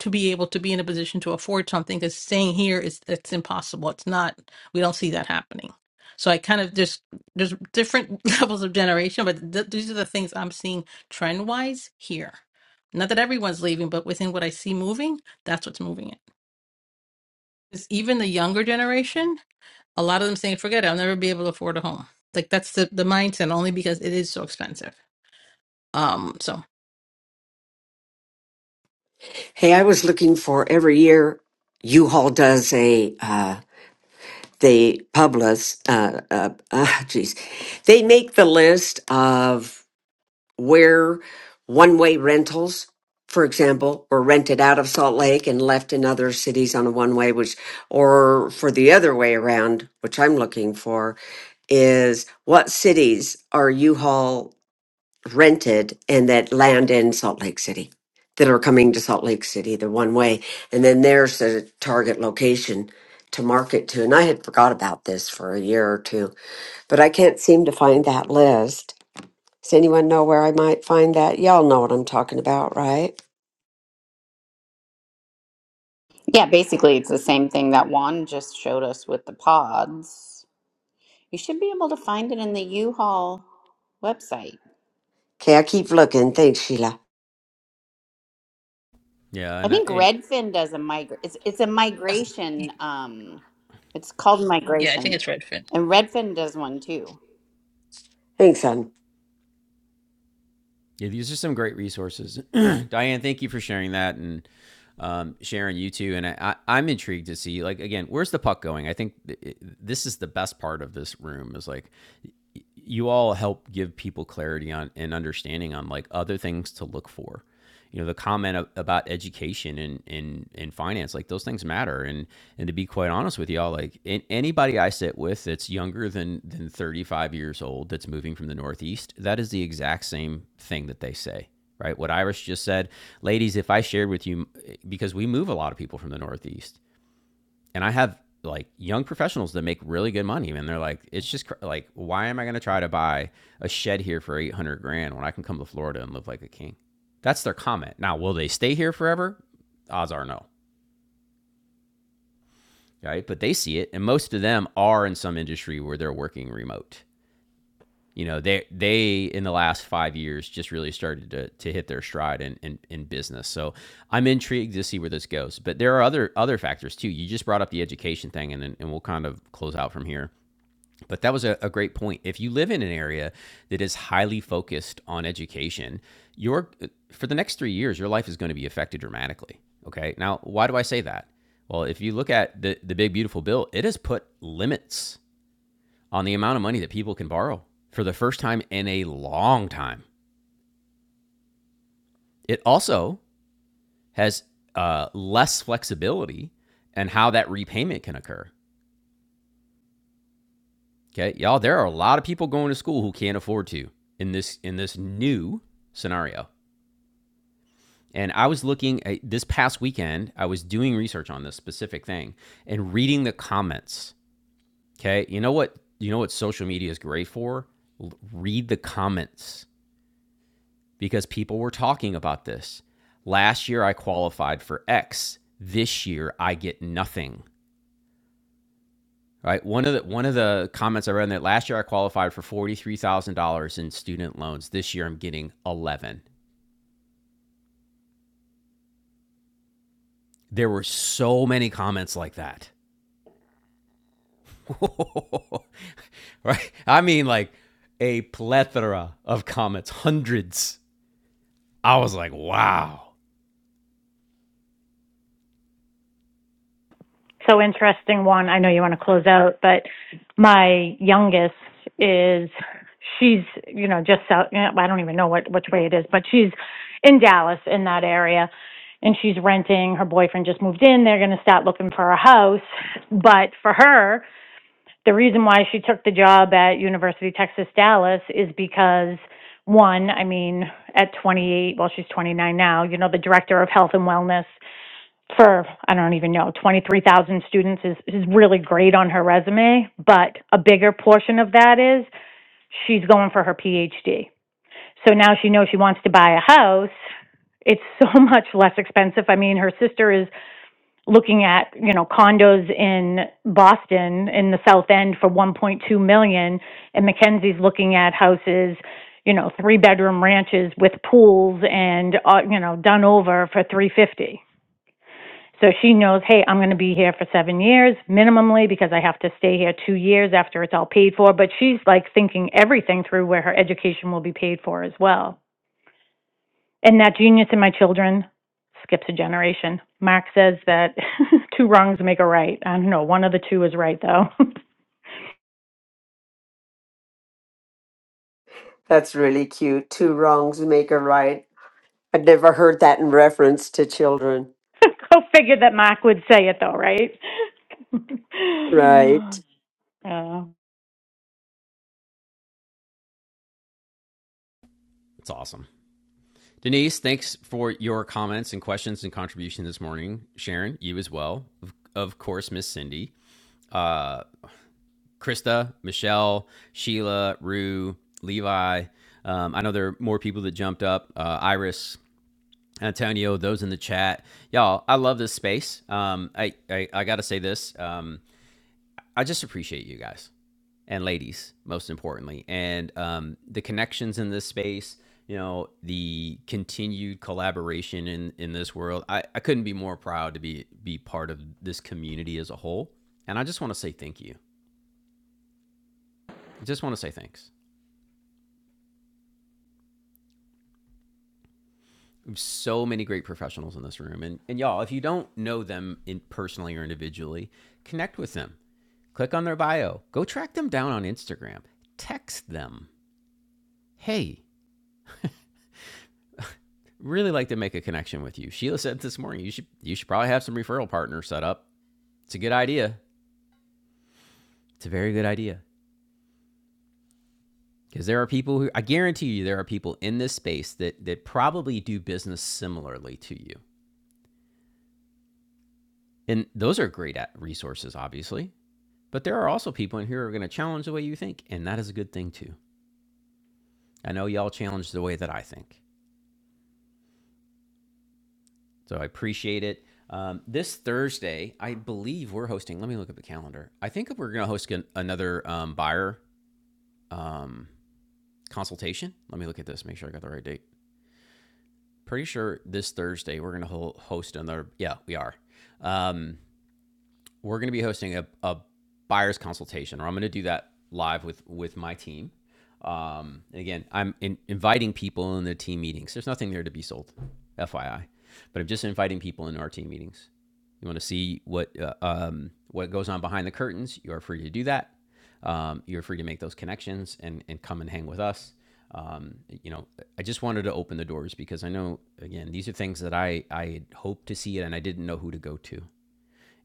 to be able to be in a position to afford something. Because staying here is it's impossible. It's not. We don't see that happening. So I kind of just there's different levels of generation, but th- these are the things I'm seeing trend wise here. Not that everyone's leaving, but within what I see moving, that's what's moving it. Is even the younger generation a lot of them saying, forget it, I'll never be able to afford a home. Like that's the, the mindset only because it is so expensive. Um, so Hey, I was looking for every year U-Haul does a, uh, they publish, uh, uh, uh, geez, they make the list of where one way rentals, for example, were rented out of Salt Lake and left in other cities on a one way, which, or for the other way around, which I'm looking for, is what cities are U Haul rented and that land in Salt Lake City? That are coming to Salt Lake City the one way. And then there's a target location to market to. And I had forgot about this for a year or two, but I can't seem to find that list. Does anyone know where I might find that? Y'all know what I'm talking about, right? Yeah, basically it's the same thing that Juan just showed us with the pods. You should be able to find it in the U-Haul website. Okay, I keep looking. Thanks, Sheila. Yeah, I and I, think it, Redfin does a migrate. It's it's a migration. Um, it's called yeah, I think migration, it's Redfin. and Redfin does one too. Thanks, son. yeah, these are some great resources. Diane, thank you for sharing that and um, sharing you too. And I, I, I'm intrigued to see, like, again, where's the puck going? I think th- this is the best part of this room is like, you all help give people clarity on and understanding on like other things to look for you know the comment about education and and and finance like those things matter and and to be quite honest with y'all like anybody i sit with that's younger than than 35 years old that's moving from the northeast that is the exact same thing that they say right what iris just said ladies if i shared with you because we move a lot of people from the northeast and I have like young professionals that make really good money, man. They're like, it's just cr- like, why am I going to try to buy a shed here for 800 grand when I can come to Florida and live like a king? That's their comment. Now, will they stay here forever? Odds are no, right? But they see it. And most of them are in some industry where they're working remote. You know, they, they in the last five years just really started to, to hit their stride in, in, in business. So I'm intrigued to see where this goes. But there are other other factors too. You just brought up the education thing, and, and we'll kind of close out from here But that was a, a great point. If you live in an area that is highly focused on education, your for the next three years, your life is going to be affected dramatically. Okay. Now, why do I say that? Well, if you look at the, the big beautiful bill, it has put limits on the amount of money that people can borrow for the first time in a long time. It also has uh, less flexibility and how that repayment can occur. Okay, y'all, there are a lot of people going to school who can't afford to in this in this new scenario. And I was looking at, this past weekend, I was doing research on this specific thing and reading the comments. Okay. You know what? You know what social media is great for? L- read the comments because people were talking about this. Last year I qualified for X. This year I get nothing. Right? One of the one of the comments I read in that last year I qualified for $43,000 in student loans. This year I'm getting 11. There were so many comments like that right? I mean, like a plethora of comets, hundreds. I was like, wow, So interesting one. I know you want to close out, but my youngest is she's you know just south. You know, I don't even know what which way it is, but she's in Dallas in that area, and she's renting. Her boyfriend just moved in. They're going to start looking for a house, but for her, the reason why she took the job at University of Texas Dallas is because one, I mean, at 28, well, she's 29 now. You know, the director of health and wellness for I don't even know 23,000 students is is really great on her resume, but a bigger portion of that is she's going for her PhD. So now she knows she wants to buy a house. It's so much less expensive. I mean, her sister is looking at, you know, condos in Boston in the South End for 1.2 million and Mackenzie's looking at houses you know, three bedroom ranches with pools and, uh, you know, done over for 350. So she knows, hey, I'm going to be here for seven years minimally because I have to stay here two years after it's all paid for. But she's like thinking everything through where her education will be paid for as well. And that genius in my children skips a generation. Mark says that two wrongs make a right. I don't know. One of the two is right, though. That's really cute. Two wrongs make a right. I'd never heard that in reference to children. Go figure that Mark would say it, though, right? Right. Uh, that's awesome. Denise, thanks for your comments and questions and contribution this morning. Sharon, you as well. Of, of course, Miss Cindy, uh, Krista, Michelle, Sheila, Rue, Levi. Um, I know there are more people that jumped up. Uh, Iris, Antonio, those in the chat, y'all. I love this space. Um, I, I I gotta say this. Um, I just appreciate you guys and ladies, most importantly, and um, the connections in this space. You know, the continued collaboration in in this world. I, I couldn't be more proud to be be part of this community as a whole. And I just want to say thank you. I just want to say thanks. So many great professionals in this room, and and y'all, if you don't know them in personally or individually, connect with them. Click on their bio. Go track them down on Instagram. Text them. Hey, really like to make a connection with you. Sheila said this morning, you should you should probably have some referral partners set up. It's a good idea. It's a very good idea because there are people who I guarantee you there are people in this space that that probably do business similarly to you. And those are great at resources obviously, but there are also people in here who are going to challenge the way you think and that is a good thing too. I know y'all challenge the way that I think. So I appreciate it. Um, this Thursday, I believe we're hosting. Let me look at the calendar. I think we're going to host an, another um, buyer um, consultation. Let me look at this, make sure I got the right date. Pretty sure this Thursday we're going to host another. Yeah, we are. Um, we're going to be hosting a, a buyer's consultation, or I'm going to do that live with with my team. Um, and again, I'm in, inviting people in the team meetings. There's nothing there to be sold, FYI, but I'm just inviting people into our team meetings. You want to see what uh, um, what goes on behind the curtains? You are free to do that. Um, you're free to make those connections and and come and hang with us. Um, you know, I just wanted to open the doors because I know again these are things that I I hoped to see it and I didn't know who to go to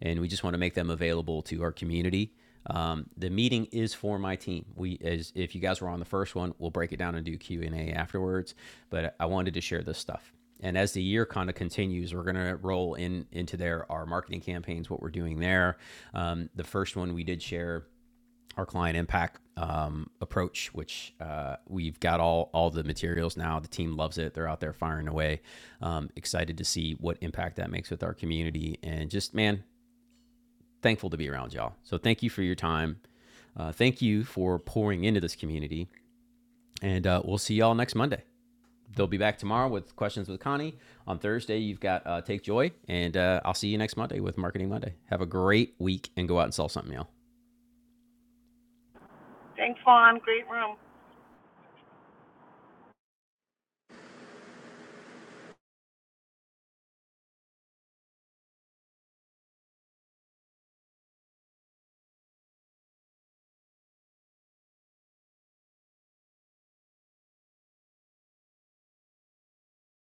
and we just want to make them available to our community. Um, the meeting is for my team. We, as if you guys were on the first one, we'll break it down and do Q and A afterwards. But I wanted to share this stuff. And as the year kind of continues, we're going to roll in into there our marketing campaigns, what we're doing there. Um, the first one we did share our client impact um, approach, which uh, we've got all all the materials now. The team loves it; they're out there firing away. Um, excited to see what impact that makes with our community, and just man, thankful to be around y'all. So thank you for your time. Uh, thank you for pouring into this community. And uh, we'll see y'all next Monday. They'll be back tomorrow with questions with Connie. On Thursday, you've got uh, Take Joy. And uh, I'll see you next Monday with Marketing Monday. Have a great week and go out and sell something, y'all. Thanks, Juan. Great room.